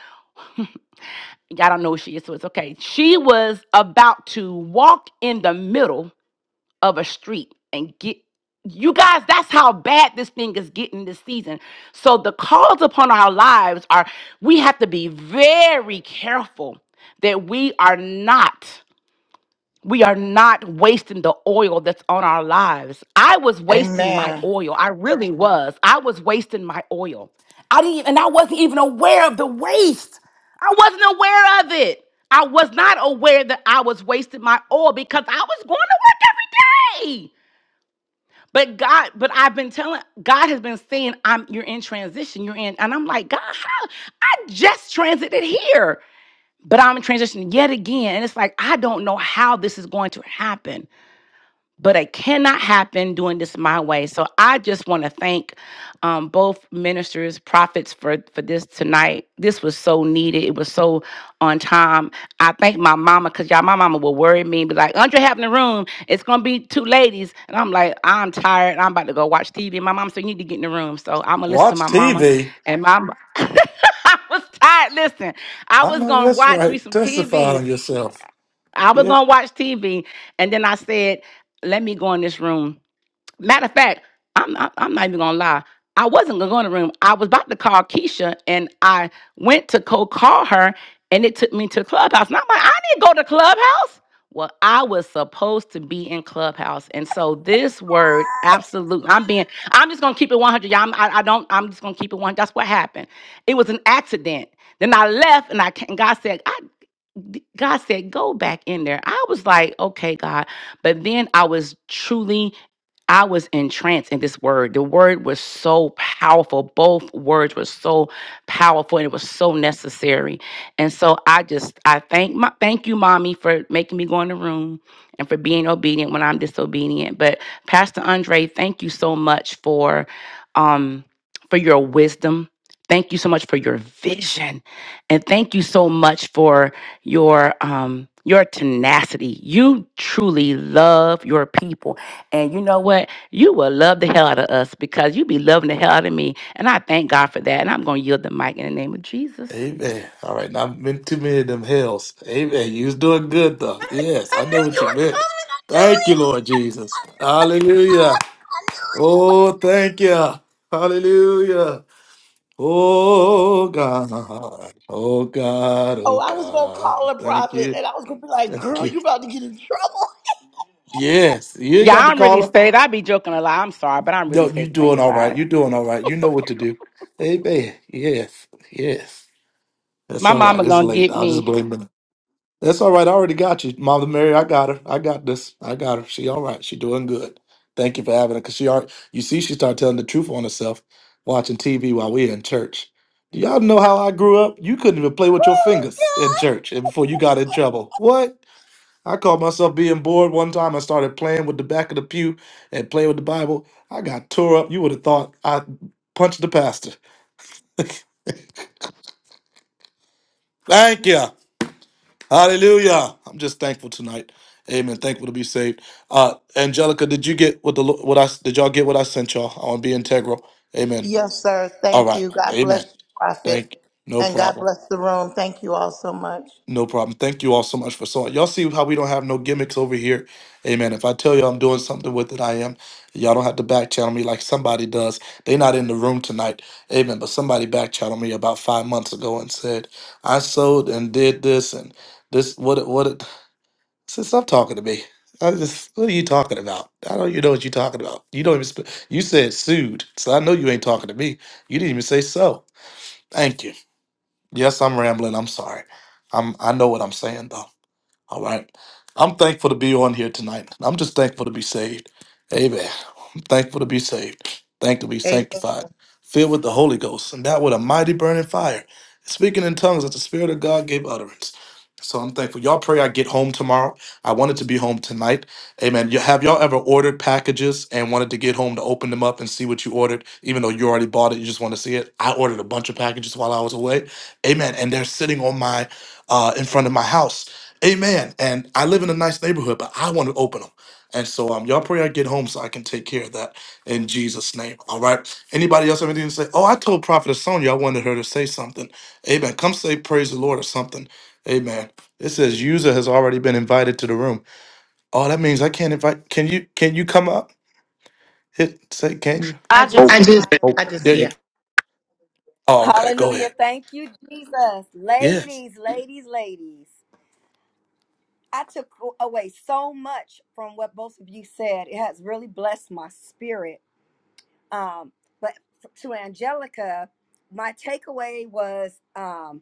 F: y'all don't know who she is, so it's okay. She was about to walk in the middle of a street and get you guys that's how bad this thing is getting this season so the calls upon our lives are we have to be very careful that we are not we are not wasting the oil that's on our lives i was wasting my
B: Amen.
F: oil i really was i was wasting my oil i didn't even, and i wasn't even aware of the waste I wasn't aware of it. I was not aware that I was wasting my oil because I was going to work every day. But God, but I've been telling God has been saying, I'm you're in transition. You're in, and I'm like, God, how I just transited here. But I'm in transition yet again. And it's like, I don't know how this is going to happen but it cannot happen doing this my way. So I just want to thank um, both ministers, prophets for for this tonight. This was so needed. It was so on time. I thank my mama because y'all, my mama will worry me and be like, "Andre, have in the room. It's gonna be two ladies," and I'm like, "I'm tired. I'm about to go watch TV." My mom said, "You need to get in the room." So I'm gonna listen to
C: Watch
F: my mama
C: TV.
F: and my. <laughs> I was tired. Listen, I
C: I
F: was
C: know
F: gonna
C: that's
F: watch me
C: right.
F: some
C: Testify
F: TV.
C: on yourself.
F: I was
C: Yeah.
F: gonna watch TV, and then I said, "Let me go in this room." Matter of fact, I'm I'm, I'm not even gonna lie. I wasn't gonna go in the room. I was about to call Keisha, and I went to go call her, and it took me to Clubhouse. And I'm like, I didn't go to Clubhouse. Well, I was supposed to be in Clubhouse, and so this word, absolutely, I'm being, I'm just gonna keep it 100. Y'all, I'm, I, I don't, I'm just gonna keep it one. That's what happened. It was an accident. Then I left, and I ca- and God said, I th- God said, go back in there. I was like, okay, God. But then I was truly, I was entranced in this word. The word was so powerful. Both words were so powerful and it was so necessary. And so I just, I thank my, thank you, mommy, for making me go in the room and for being obedient when I'm disobedient. But Pastor Andre, thank you so much for, um, for your wisdom. Thank you so much for your vision. And thank you so much for your um your tenacity. You truly love your people. And you know what? You will love the hell out of us because you be loving the hell out of me. And I thank God for that. And I'm gonna yield the mic in the name of Jesus.
C: Amen. All right. Not been too many of them hells. Amen. You was doing good though. Yes,
B: I
C: I
B: knew
C: know what
B: you
C: you
B: were coming.
C: meant.
B: I knew
C: Thank you,
B: it.
C: Lord Jesus. Hallelujah. Oh, thank you. Hallelujah. Oh, God. Oh, God. Oh,
B: Oh, I was going to
C: God.
B: call a
C: Thank
B: prophet
C: you.
B: and I was going to be like,
C: Thank
B: girl,
C: you.
B: you about to get in trouble.
C: Yes, you
F: Yeah,
C: got the
F: I'm really
C: caller.
F: saved. I be joking a lot. I'm sorry, but I'm really
C: No, you
F: saved and
C: doing all right.
F: sanctified.
C: You're doing all right. You know what to do. Amen. Yes. Yes. That's
F: My
C: all right.
F: mama
C: It's
F: gonna
C: late.
F: get
C: I'll
F: me.
C: just blame the That's all right. I already got you, Mother Mary. I got her. I got this. I got her. She all right. She doing good. Thank you for having her. Cause she already, you see, she started telling the truth on herself, watching TV while we in church. Do y'all know how I grew up? You couldn't even play with your fingers in church and before you got in trouble. What? I caught myself being bored one time. I started playing with the back of the pew and playing with the Bible. I got tore up. You would have thought I punched the pastor. Thank you. Hallelujah. I'm just thankful tonight. Amen. Thankful to be saved. Uh, Angelica, did you get what the Lo- what I s- did y'all get what I sent y'all? I want to be integral. Amen.
B: Yes, sir.
C: All
B: Thank
C: right.
B: you. God bless
C: Amen.
B: you, Prophet.
C: Thank you. No
B: And God
C: problem.
B: bless the room. Thank you all so much.
C: No problem. Thank you all so much for so y'all see how we don't have no gimmicks over here. Amen. If I tell you I'm doing something with it, I am. Y'all don't have to back channel me like somebody does. They not in the room tonight. Amen. But somebody back channeled me about five months ago and said, I sold and did this and this what it- what it <laughs> So stop talking to me. I just, what are you talking about? I don't even know what you're talking about. You don't even, sp- you said sued, so I know you ain't talking to me. You didn't even say so. Thank you. Yes, I'm rambling. I'm sorry. I'm, I know what I'm saying though. All right. I'm thankful to be on here tonight. I'm just thankful to be saved. Amen thankful to be saved, thankful to be
B: Amen.
C: sanctified, filled with the Holy Ghost, and that with a mighty burning fire, speaking in tongues that the Spirit of God gave utterance. So I'm thankful. Y'all pray I get home tomorrow. I wanted to be home tonight. Amen. Y- Have y'all ever ordered packages and wanted to get home to open them up and see what you ordered, even though you already bought it, you just want to see it? I ordered a bunch of packages while I was away. Amen. And they're sitting on my, uh, in front of my house. Amen. And I live in a nice neighborhood, but I want to open them. And so um, y'all pray I get home so I can take care of that in Jesus' name. All right. Anybody else have anything to say? Oh, I told Prophet Sonia I wanted her to say something. Amen. Come say praise the Lord or something. Amen. It says user has already been invited to the room. Oh, that means I can't invite. Can you can you come up? Hit say can you?
B: I
D: I just,
B: just, I just,
C: There you
B: yeah.
C: Oh, okay. Go
E: Hallelujah.
C: ahead.
E: Thank you, Jesus.
C: Yes.
E: Ladies, ladies, ladies. I took away so much from what both of you said. It has really blessed my spirit. Um, but to Angelica, my takeaway was um,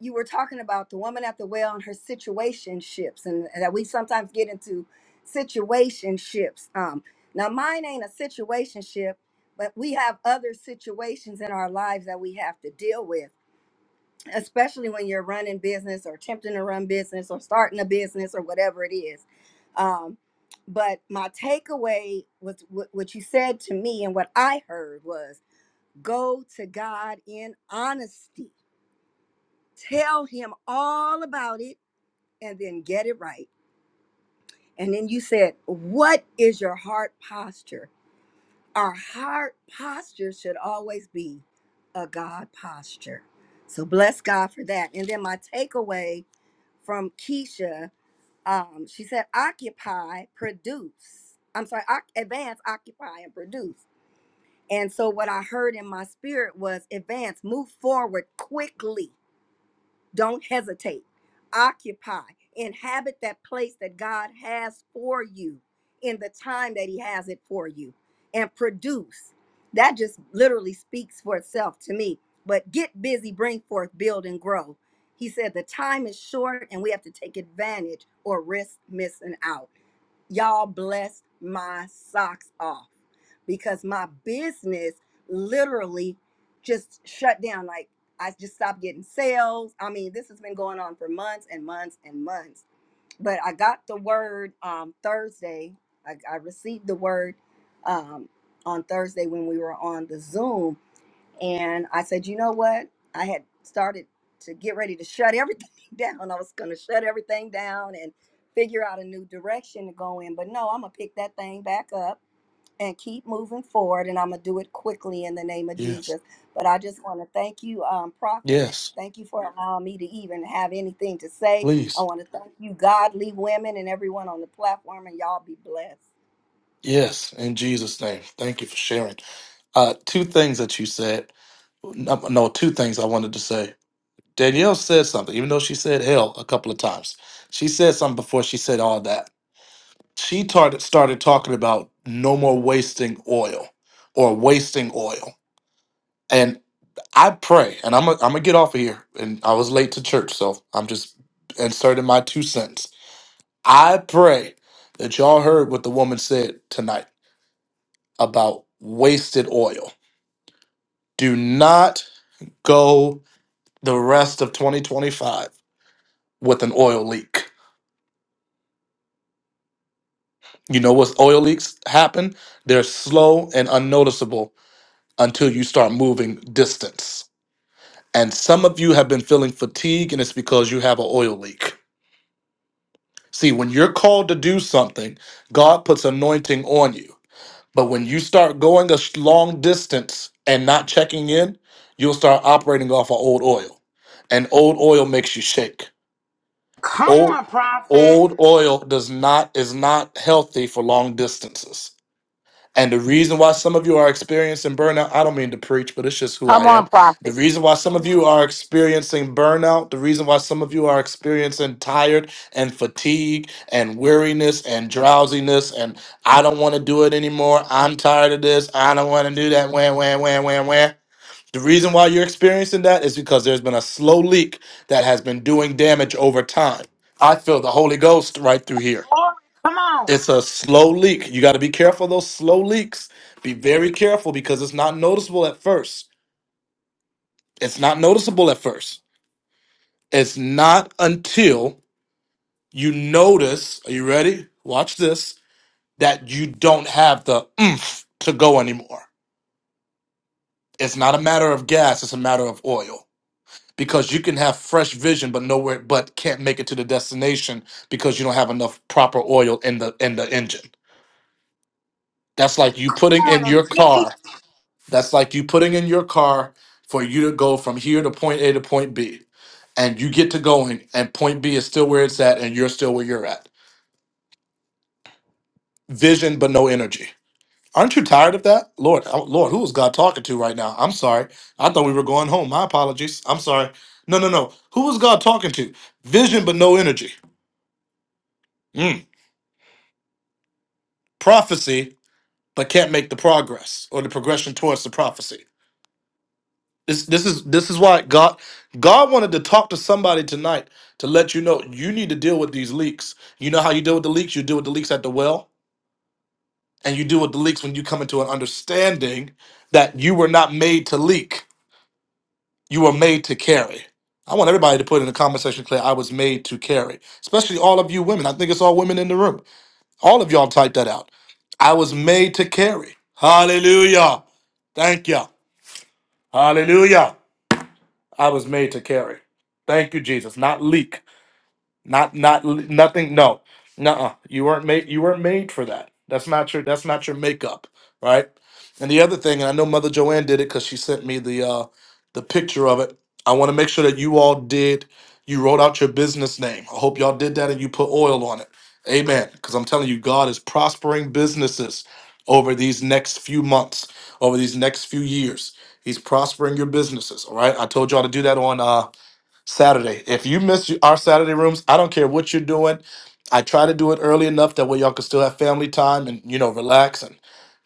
E: you were talking about the woman at the well and her situationships and, and that we sometimes get into situationships um now mine ain't a situationship but we have other situations in our lives that we have to deal with especially when you're running business or attempting to run business or starting a business or whatever it is um but my takeaway was what what you said to me and what i heard was go to god in honesty tell him all about it and then get it right. And then you said, What is your heart posture? Our heart posture should always be a God posture. So bless God for that. And then my takeaway from Keisha, um, she said, Occupy, produce. I'm sorry, oc- advance, occupy, and produce. And so what I heard in my spirit was advance, move forward quickly Don't hesitate. Occupy. Inhabit that place that God has for you in the time that He has it for you and produce. That just literally speaks for itself to me. But get busy, bring forth, build, and grow. He said the time is short and we have to take advantage or risk missing out y'all blessed my socks off because my business literally just shut down like i just stopped getting sales i mean this has been going on for months and months and months but i got the word um, thursday I, I received the word um, on thursday when we were on the zoom and I said, you know what? I had started to get ready to shut everything <laughs> down. I was going to shut everything down and figure out a new direction to go in. But no, I'm going to pick that thing back up and keep moving forward. And I'm going to do it quickly in the name of
C: Yes.
E: Jesus. But I just want to thank you, um, Prophet.
C: Yes.
E: Thank you for allowing me to even have anything to say. I
C: Please.
E: want to thank you, godly women, and everyone on the platform. And y'all be blessed.
C: Yes. In Jesus' name. Thank you for sharing. Uh two things that you said. No, no, two things I wanted to say. Danielle said something, even though she said hell a couple of times. She said something before she said all that. She tarted, started talking about no more wasting oil or wasting oil. And I pray, and I'm going I'm to get off of here. And I was late to church, so I'm just inserting my two cents. I pray that y'all heard what the woman said tonight about wasted oil. Do not go the rest of 2025 with an oil leak You know what's oil leaks happen? They're slow and unnoticeable until you start moving distance. And some of you have been feeling fatigue, and it's because you have an oil leak. See, when you're called to do something, God puts anointing on you. But when you start going a sh- long distance and not checking in, you'll start operating off of old oil. And old oil makes you shake. Old old oil does not is not healthy for long distances. And the reason why some of you are experiencing burnout, I don't mean to preach, but it's just who
F: Come
C: I
F: on,
C: am. The
F: prophet.
C: reason why some of you are experiencing burnout, the reason why some of you are experiencing tired and fatigue and weariness and drowsiness and I don't want to do it anymore. I'm tired of this. I don't want to do that. Wham, wham, wham, wham, wham. The reason why you're experiencing that is because there's been a slow leak that has been doing damage over time. I feel the Holy Ghost right through here.
B: Glory. Come on.
C: It's a slow leak. You got to be careful of those slow leaks. Be very careful because it's not noticeable at first. It's not noticeable at first. It's not until you notice, are you ready? Watch this, that you don't have the oomph to go anymore. It's not a matter of gas, it's a matter of oil. Because you can have fresh vision but nowhere but can't make it to the destination because you don't have enough proper oil in the in the engine. That's like you putting in your car That's like you putting in your car for you to go from here to point A to point B. And you get to going, and point B is still where it's at, and you're still where you're at. Vision, but no energy. Aren't you tired of that? Lord, oh, Lord, who is God talking to right now? I'm sorry. I thought we were going home. My apologies. I'm sorry. No, no, no. Who is God talking to? Vision, but no energy. Mm. Prophecy, but can't make the progress or the progression towards the prophecy This this is this is why God God wanted to talk to somebody tonight to let you know you need to deal with these leaks. You know how you deal with the leaks? You deal with the leaks at the well, and you deal with the leaks when you come into an understanding that you were not made to leak. You were made to carry. I want everybody to put in the comment section, Claire, I was made to carry. Especially all of you women. I think it's all women in the room. All of y'all type that out. I was made to carry. Hallelujah. Thank you. Hallelujah. I was made to carry. Thank you, Jesus. Not leak, not not nothing. No, nuh You weren't made. You weren't made for that. That's not your. That's not your makeup, right? And the other thing, and I know Mother Joanne did it because she sent me the uh, the picture of it. I want to make sure that you all did. You wrote out your business name. I hope y'all did that and you put oil on it. Amen. Because I'm telling you, God is prospering businesses over these next few months, over these next few years. He's prospering your businesses. All right. I told y'all to do that on. Uh, Saturday. If you miss our Saturday rooms, I don't care what you're doing. I try to do it early enough that way y'all can still have family time and you know relax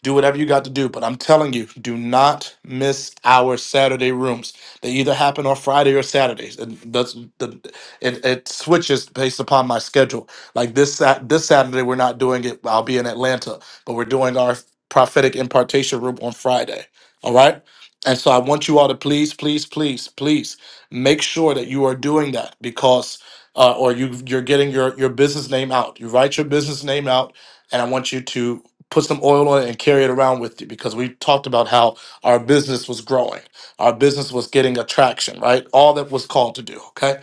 C: do whatever you got to do. But I'm telling you, do not miss our Saturday rooms. They either happen on Friday or Saturdays. And that's the it, it switches based upon my schedule. Like this Sat this Saturday, we're not doing it. I'll be in Atlanta, but we're doing our prophetic impartation room on Friday. All right. And so I want you all to please, please, please, please make sure that you are doing that because uh, or you you're getting your your business name out. You write your business name out, and I want you to put some oil on it and carry it around with you because we talked about how our business was growing. Our business was getting attraction, right? All that was called to do, okay?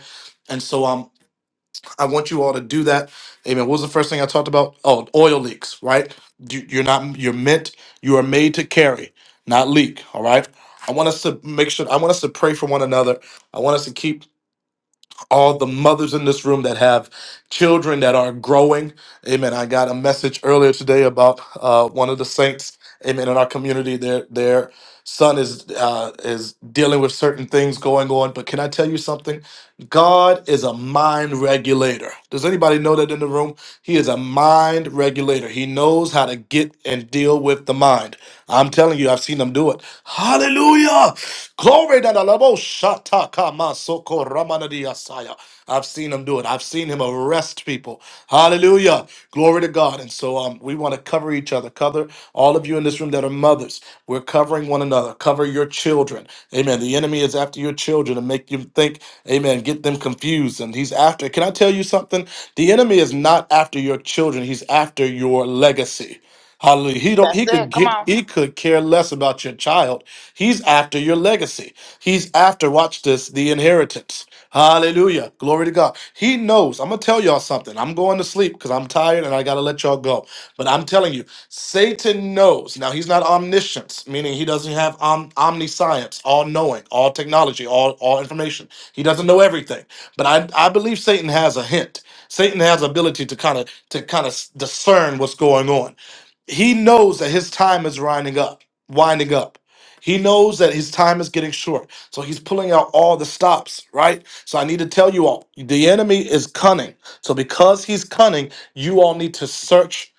C: And so um I want you all to do that. Amen. What was the first thing I talked about? Oh, oil leaks, right? You, you're not you're meant you are made to carry, not leak, all right? I want us to make sure I want us to pray for one another. I want us to keep all the mothers in this room that have children that are growing. Amen. I got a message earlier today about uh, one of the saints. Amen. In our community, their their son is uh, is dealing with certain things going on. But can I tell you something? God is a mind regulator. Does anybody know that in the room? He is a mind regulator. He knows how to get and deal with the mind. I'm telling you, I've seen them do it. Hallelujah. Glory to the Lord. Shata Shataka masoko ramana diasaya. I've seen him do it. I've seen him arrest people. Hallelujah. Glory to God. And so um, we want to cover each other. Cover all of you in this room that are mothers. We're covering one another. Cover your children. Amen. The enemy is after your children and make you think, amen, get them confused. And he's after. Can I tell you something? The enemy is not after your children, he's after your legacy. Hallelujah. He don't
B: That's,
C: he could get
B: on.
C: he could care less about your child. He's after your legacy. He's after, watch this, the inheritance. Hallelujah. Glory to God. He knows. I'm gonna tell y'all something. I'm going to sleep because I'm tired and I gotta let y'all go. But I'm telling you, Satan knows. Now he's not omniscience, meaning he doesn't have om- omniscience, all knowing, all technology, all all information. He doesn't know everything. But I I believe Satan has a hint. Satan has ability to kind of to kind of discern what's going on he knows that his time is winding up winding up he knows that his time is getting short so he's pulling out all the stops right so i need to tell you all the enemy is cunning so because he's cunning you all need to search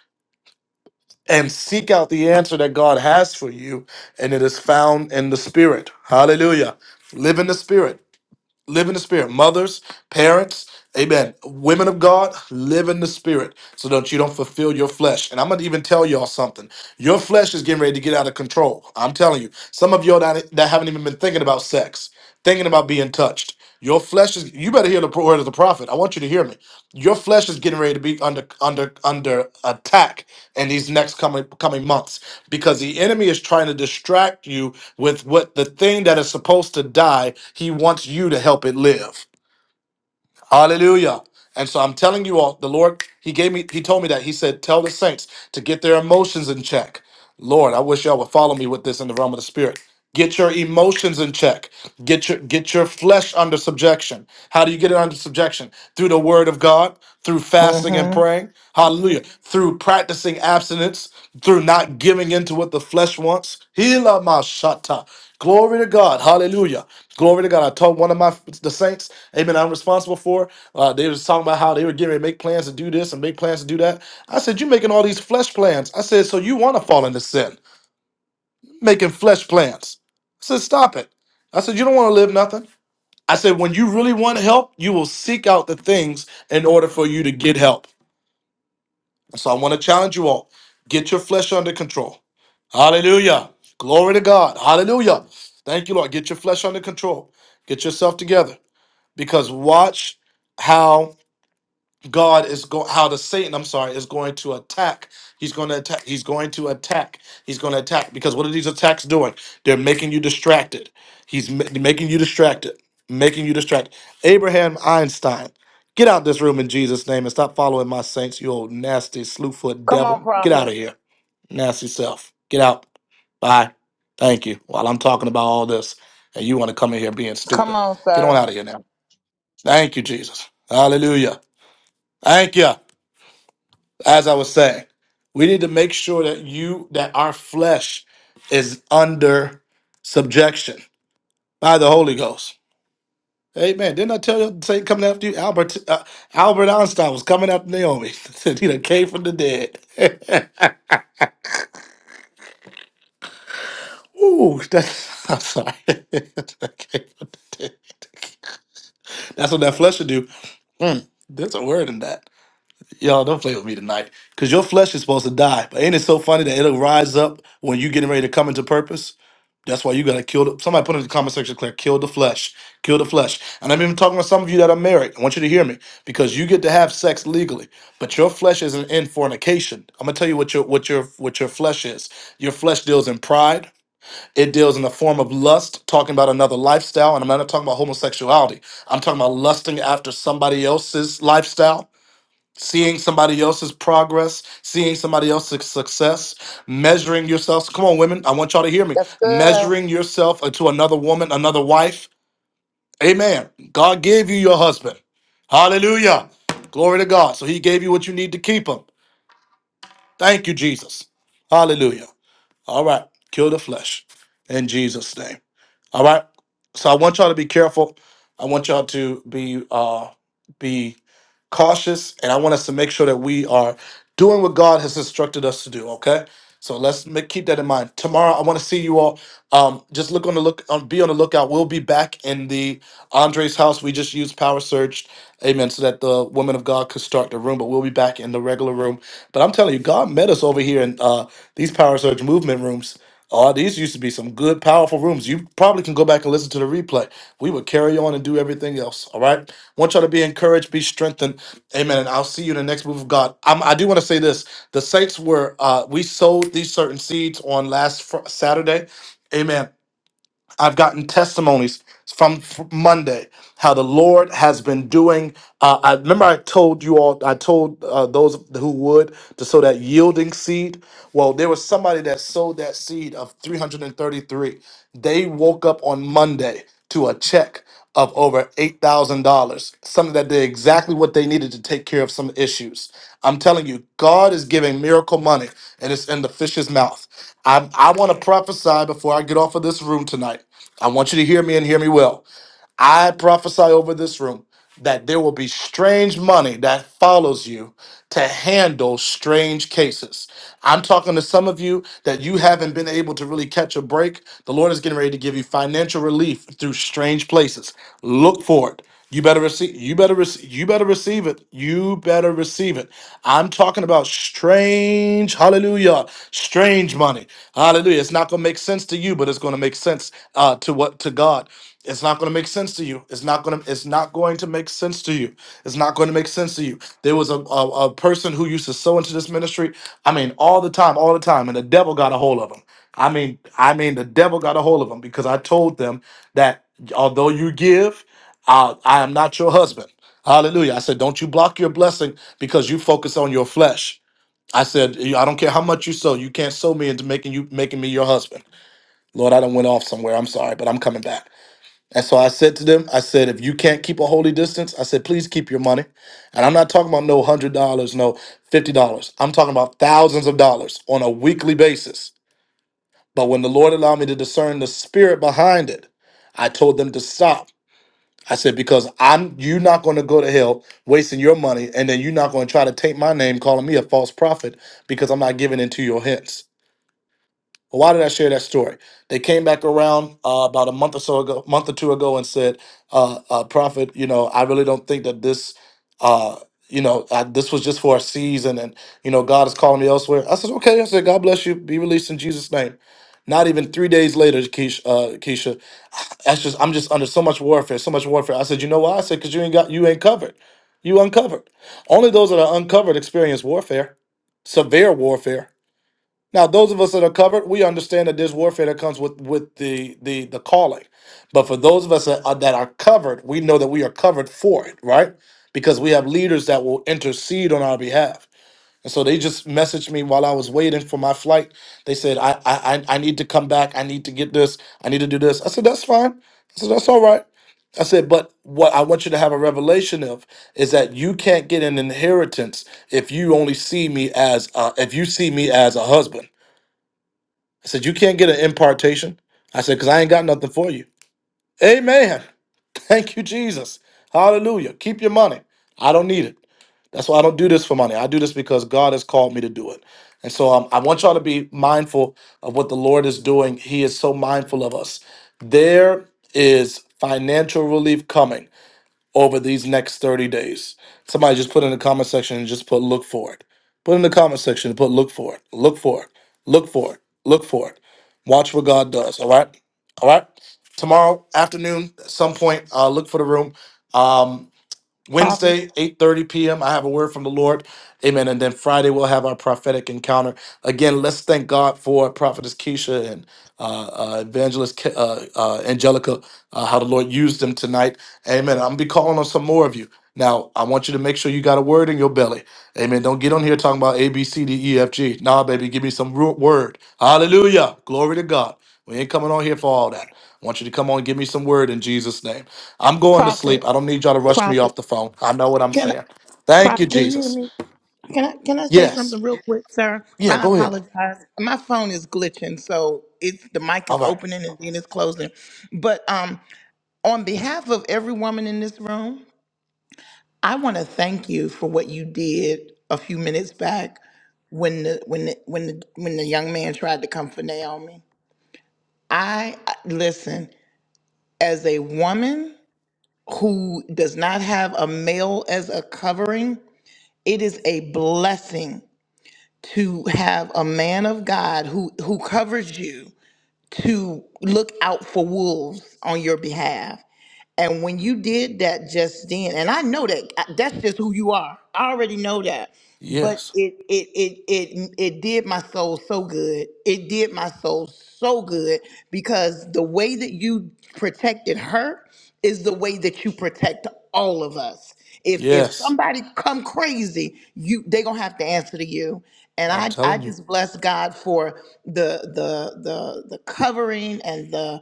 C: and seek out the answer that god has for you and it is found in the spirit hallelujah live in the spirit Live in the spirit. Mothers, parents, amen. Women of God, live in the spirit so that you don't fulfill your flesh. And I'm going to even tell y'all something. Your flesh is getting ready to get out of control. I'm telling you. Some of y'all that, that haven't even been thinking about sex, thinking about being touched. Your flesh is. You better hear the pro- word of the prophet. I want you to hear me. Your flesh is getting ready to be under under under attack in these next coming coming months because the enemy is trying to distract you with what the thing that is supposed to die. He wants you to help it live. Hallelujah. And so I'm telling you all, the Lord, He gave me, He told me that. He said, Tell the saints to get their emotions in check. Lord, I wish y'all would follow me with this in the realm of the spirit. Get your emotions in check. Get your get your flesh under subjection. How do you get it under subjection? Through the word of God, through fasting and
B: mm-hmm.
C: praying. Hallelujah. Through practicing abstinence, through not giving in to what the flesh wants. Hila mashata. Glory to God. Hallelujah. Glory to God. I told one of my the saints, Amen. I'm responsible for. Uh, they was talking about how they were getting ready to make plans to do this and make plans to do that. I said, "You making all these flesh plans." I said, "So you want to fall into sin, making flesh plans?" I said, "Stop it." I said, "You don't want to live nothing." I said, "When you really want help, you will seek out the things in order for you to get help." So I want to challenge you all. Get your flesh under control. Hallelujah. Glory to God. Hallelujah. Thank you, Lord. Get your flesh under control. Get yourself together. Because watch how God is go how the Satan, I'm sorry, is going to attack. He's going to attack. He's going to attack. He's going to attack because what are these attacks doing? They're making you distracted. He's ma- making you distracted, making you distracted. Abraham Einstein, get out this room in Jesus' name and stop following my saints. You old nasty slewfoot
B: Come on,
C: devil, get out
B: Prophet.
C: of here, nasty self. Get out. Bye. Thank you. While I'm talking about all this, and you want to come in here being
B: Come
C: stupid,
B: on,
C: get on
B: sir.
C: out of here now. Thank you, Jesus. Hallelujah. Thank you as I was saying, we need to make sure that you that our flesh is under subjection by the Holy Ghost. Amen. Didn't I tell you Satan coming after you? Albert uh, Albert Einstein was coming after Naomi. <laughs> Said he done came from the dead. <laughs> Ooh, that's I'm sorry. <laughs> Came from the dead. That's what that flesh should do. Mm, there's a word in that. Y'all don't play with me tonight. Cause your flesh is supposed to die. But ain't it so funny that it'll rise up when you getting ready to come into purpose? That's why you gotta kill. The, somebody put in the comment section, Claire, kill the flesh, kill the flesh. And I'm even talking to some of you that are married. I want you to hear me because you get to have sex legally, but your flesh isn't in fornication. I'm gonna tell you what your what your what your flesh is. Your flesh deals in pride. It deals in a form of lust, talking about another lifestyle. And I'm not talking about homosexuality. I'm talking about lusting after somebody else's lifestyle seeing somebody else's progress, seeing somebody else's success, measuring yourself. Come on, women, I want y'all to hear me.
B: That's good.
C: Measuring yourself to another woman, another wife. Amen. God gave you your husband. Hallelujah. Glory to God. So he gave you what you need to keep him. Thank you, Jesus. Hallelujah. All right. Kill the flesh in Jesus' name. All right. So I want y'all to be careful. I want y'all to be uh be cautious, and I want us to make sure that we are doing what God has instructed us to do. Okay, so let's make, keep that in mind. Tomorrow, I want to see you all. Um, just look on the look on, be on the lookout. We'll be back in the Andre's house. We just used Power Surge, Amen, so that the women of God could start the room. But we'll be back in the regular room. But I'm telling you, God met us over here in uh, these Power Surge movement rooms. Oh, these used to be some good, powerful rooms. You probably can go back and listen to the replay. We would carry on and do everything else. All right. Want y'all to be encouraged, be strengthened. Amen. And I'll see you in the next move of God. i I do want to say this: the saints were. Uh, we sowed these certain seeds on last fr- Saturday. Amen. I've gotten testimonies from fr- Monday how the Lord has been doing. Uh, I remember I told you all, I told uh, those who would to sow that yielding seed. Well, there was somebody that sowed that seed of 333. They woke up on Monday to a check of over $8,000, something that did exactly what they needed to take care of some issues. I'm telling you, God is giving miracle money and it's in the fish's mouth. I, I want to prophesy before I get off of this room tonight. I want you to hear me and hear me well. I prophesy over this room that there will be strange money that follows you to handle strange cases. I'm talking to some of you that you haven't been able to really catch a break. The Lord is getting ready to give you financial relief through strange places. Look for it. You better receive you better receive you better receive it. You better receive it. I'm talking about strange, hallelujah, strange money. Hallelujah. It's not gonna make sense to you, but it's gonna make sense uh, to what to God. It's not going to make sense to you. It's not going to. It's not going to make sense to you. It's not going to make sense to you. There was a, a a person who used to sow into this ministry. I mean, all the time, all the time, and the devil got a hold of him. I mean, I mean, the devil got a hold of him because I told them that although you give, uh, I am not your husband. Hallelujah. I said, don't you block your blessing because you focus on your flesh. I said, "You- I don't care how much you sow, you can't sow me into making you making me your husband. Lord, I don't went off somewhere. I'm sorry, but I'm coming back. And so I said to them, I said, if you can't keep a holy distance, I said, please keep your money. And I'm not talking about no $100, no $50. I'm talking about thousands of dollars on a weekly basis. But when the Lord allowed me to discern the spirit behind it, I told them to stop. I said, because I'm you're not going to go to hell wasting your money, and then you're not going to try to take my name calling me a false prophet because I'm not giving into your hints. Why did I share that story? They came back around uh, about a month or so ago, month or two ago, and said, uh, uh, "Prophet, you know, I really don't think that this, uh, you know, I, this was just for a season, and you know, God is calling me elsewhere." I said, "Okay." I said, "God bless you. Be released in Jesus' name." Not even three days later, Keisha, uh, Keisha, that's just I'm just under so much warfare, so much warfare. I said, "You know why?" I said, "Cause you ain't got you ain't covered. You uncovered. Only those that are uncovered experience warfare, severe warfare." Now, those of us that are covered, we understand that there's warfare that comes with with the the the calling. But for those of us that are, that are covered, we know that we are covered for it, right? Because we have leaders that will intercede on our behalf. And so they just messaged me while I was waiting for my flight. They said, I I I I need to come back. I need to get this. I need to do this. I said, that's fine. I said, that's all right. I said, but what I want you to have a revelation of is that you can't get an inheritance if you only see me as uh, if you see me as a husband. I said, You can't get an impartation. I said, Because I ain't got nothing for you. Amen. <laughs> Thank you, Jesus. Hallelujah. Keep your money. I don't need it. That's why I don't do this for money. I do this because God has called me to do it. And so um, I want y'all to be mindful of what the Lord is doing. He is so mindful of us. There is financial relief coming over these next 30 days. Somebody just put in the comment section and just put look for it. Put in the comment section and put look for it. Look for it. Look for it. Look for it. Watch what God does. All right. All right. Tomorrow afternoon, at some point, uh, look for the room. Um,
B: Prophet,
C: Wednesday, 8:30 p.m. I have a word from the Lord. Amen. And then Friday we'll have our prophetic encounter. Again, let's thank God for Prophetess Keisha and uh, uh, Evangelist Ke- uh, uh, Angelica, uh, how the Lord used them tonight. Amen. I'm gonna be calling on some more of you. Now, I want you to make sure you got a word in your belly. Amen. Don't get on here talking about A, B, C, D, E, F, G. Nah, baby, give me some ru- word. Hallelujah. Glory to God. We ain't coming on here for all that. I want you to come on and give me some word in Jesus' name. I'm going to
B: Prophet,
C: sleep. I don't need y'all to rush me
B: Prophet.
C: off the phone. I know what I'm
B: Can I,
C: saying. Thank you,
B: Prophet, can you hear
C: Jesus.
B: me? Can I, can I say
C: Yes.
B: something real quick, sir?
C: Yeah,
B: I
C: go ahead.
B: apologize. My phone is glitching, so it's the mic
C: All
B: is
C: right.
B: opening and then it's closing. But um, On behalf of every woman in this room, I want to thank you for what you did a few minutes back when the when the, when the, when the young man tried to come for Naomi. I I- listen as a woman who does not have a male as a covering. It is a blessing to have a man of God who who covers you to look out for wolves on your behalf. And when you did that just then, and I know that I- that's just who you are. I already know that. But
C: Yes.
B: it it it it it did my soul so good. It did my soul so good because the way that you protected her is the way that you protect all of us. If if Yeah.
C: Yes.
B: somebody come crazy, you they gonna have to answer to you. And
C: I'm
B: I I
C: telling you.
B: just bless God for the the the the covering and the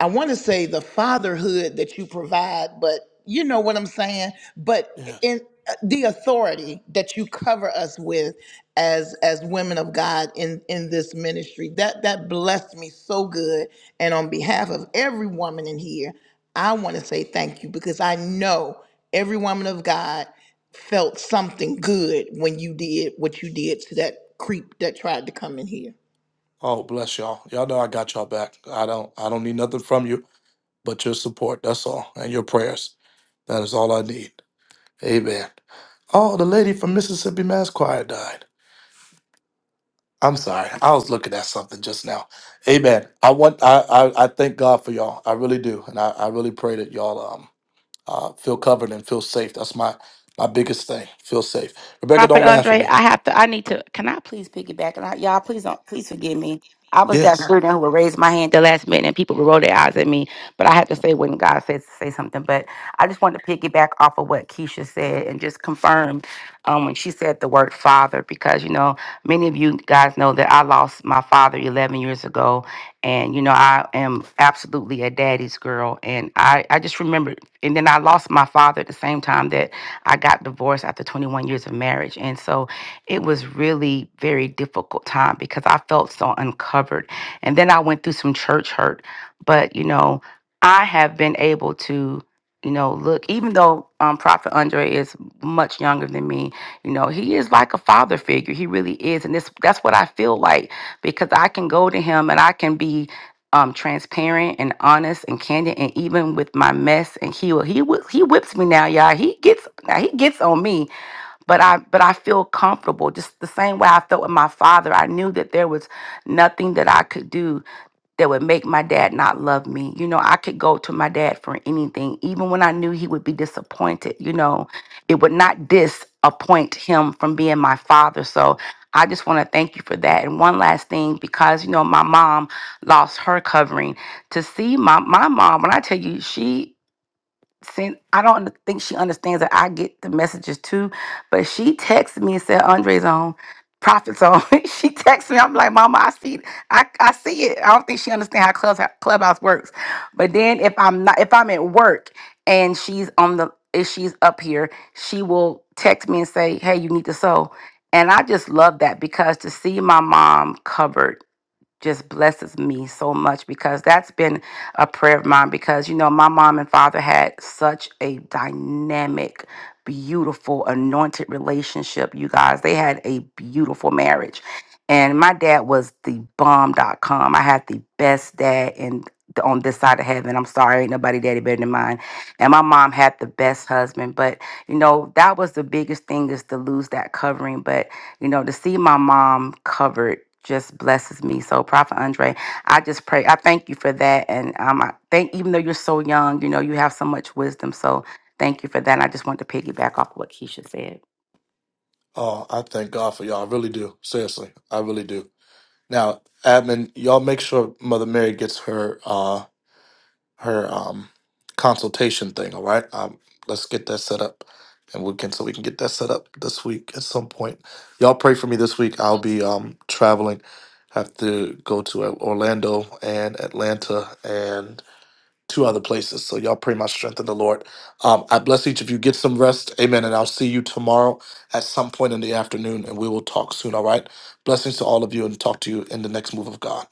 B: I want to say the fatherhood that you provide, but you know what I'm saying. But
C: Yes.
B: in uh, the authority that you cover us with as as women of God in in this ministry, that that blessed me so good. And on behalf of every woman in here, I want to say thank you because I know every woman of God felt something good when you did what you did to that creep that tried to come in here.
C: Oh, bless y'all. Y'all know I got y'all back. I don't I don't need nothing from you but your support. That's all. And your prayers. That is all I need. Amen. Oh, the lady from Mississippi Mass Choir died. I'm sorry. I was looking at something just now. Amen. I want I I, I thank God for y'all. I really do. And I, I really pray that y'all um Uh, feel covered and feel safe. That's my my biggest thing. Feel safe. Rebecca,
F: Prophet
C: don't laugh at
F: Andre,
C: me.
F: I have to. I need to. Can I please piggyback? And I, y'all, please don't. Please forgive me. I was that
C: Yes.
F: person who would raise my hand the last minute, and people would roll their eyes at me. But I had to say when God says say something. But I just wanted to piggyback off of what Keisha said and just confirm um, when she said the word father, because you know many of you guys know that I lost my father 11 years ago, and you know I am absolutely a daddy's girl, and I I just remembered, and then I lost my father at the same time that I got divorced after 21 years of marriage. And so it was really very difficult time because I felt so uncovered. And then I went through some church hurt, but you know, I have been able to you know, look, even though um, Prophet Andre is much younger than me, you know, he is like a father figure. He really is. And this, that's what I feel like because I can go to him and I can be um transparent and honest and candid and even with my mess and he will he whi- he whips me now y'all he gets now he gets on me but i but i feel comfortable just the same way i felt with my father i knew that there was nothing that i could do that would make my dad not love me. You know, I could go to my dad for anything, even when I knew he would be disappointed. You know, it would not disappoint him from being my father. So I just want to thank you for that. And one last thing, because, you know, my mom lost her covering. To see my, my mom, when I tell you, she since I don't think she understands that I get the messages too, but she texted me and said Andre's on, Prophet's on. <laughs> she texted me. I'm like, Mama, I see, I, I see it. I don't think she understands how clubhouse, clubhouse works. But then if I'm not, if I'm at work and she's on the, if she's up here, she will text me and say, Hey, you need to sew. And I just love that because to see my mom covered just blesses me so much because that's been a prayer of mine because you know my mom and father had such a dynamic beautiful anointed relationship you guys they had a beautiful marriage and my dad was the bomb. Dot com. i had the best dad in on this side of heaven i'm sorry ain't nobody daddy better than mine and my mom had the best husband but you know that was the biggest thing is to lose that covering but you know, to see my mom covered just blesses me. So, Prophet Andre, I just pray. I thank you for that. And um, I thank, even though you're so young, you know, you have so much wisdom. So, thank you for that. And I just want to piggyback off what Keisha said.
C: Oh, I thank God for y'all. I really do. Seriously, I really do. Now, admin, y'all make sure Mother Mary gets her uh her um consultation thing. All right. Um, let's get that set up, and we can so we can get that set up this week at some point. Y'all pray for me this week. I'll be um traveling have to go to uh, Orlando and Atlanta and. two other places. So y'all pray my strength in the Lord. Um, I bless each of you. Get some rest. Amen. And I'll see you tomorrow at some point in the afternoon and we will talk soon. All right. Blessings to all of you and talk to you in the next move of God.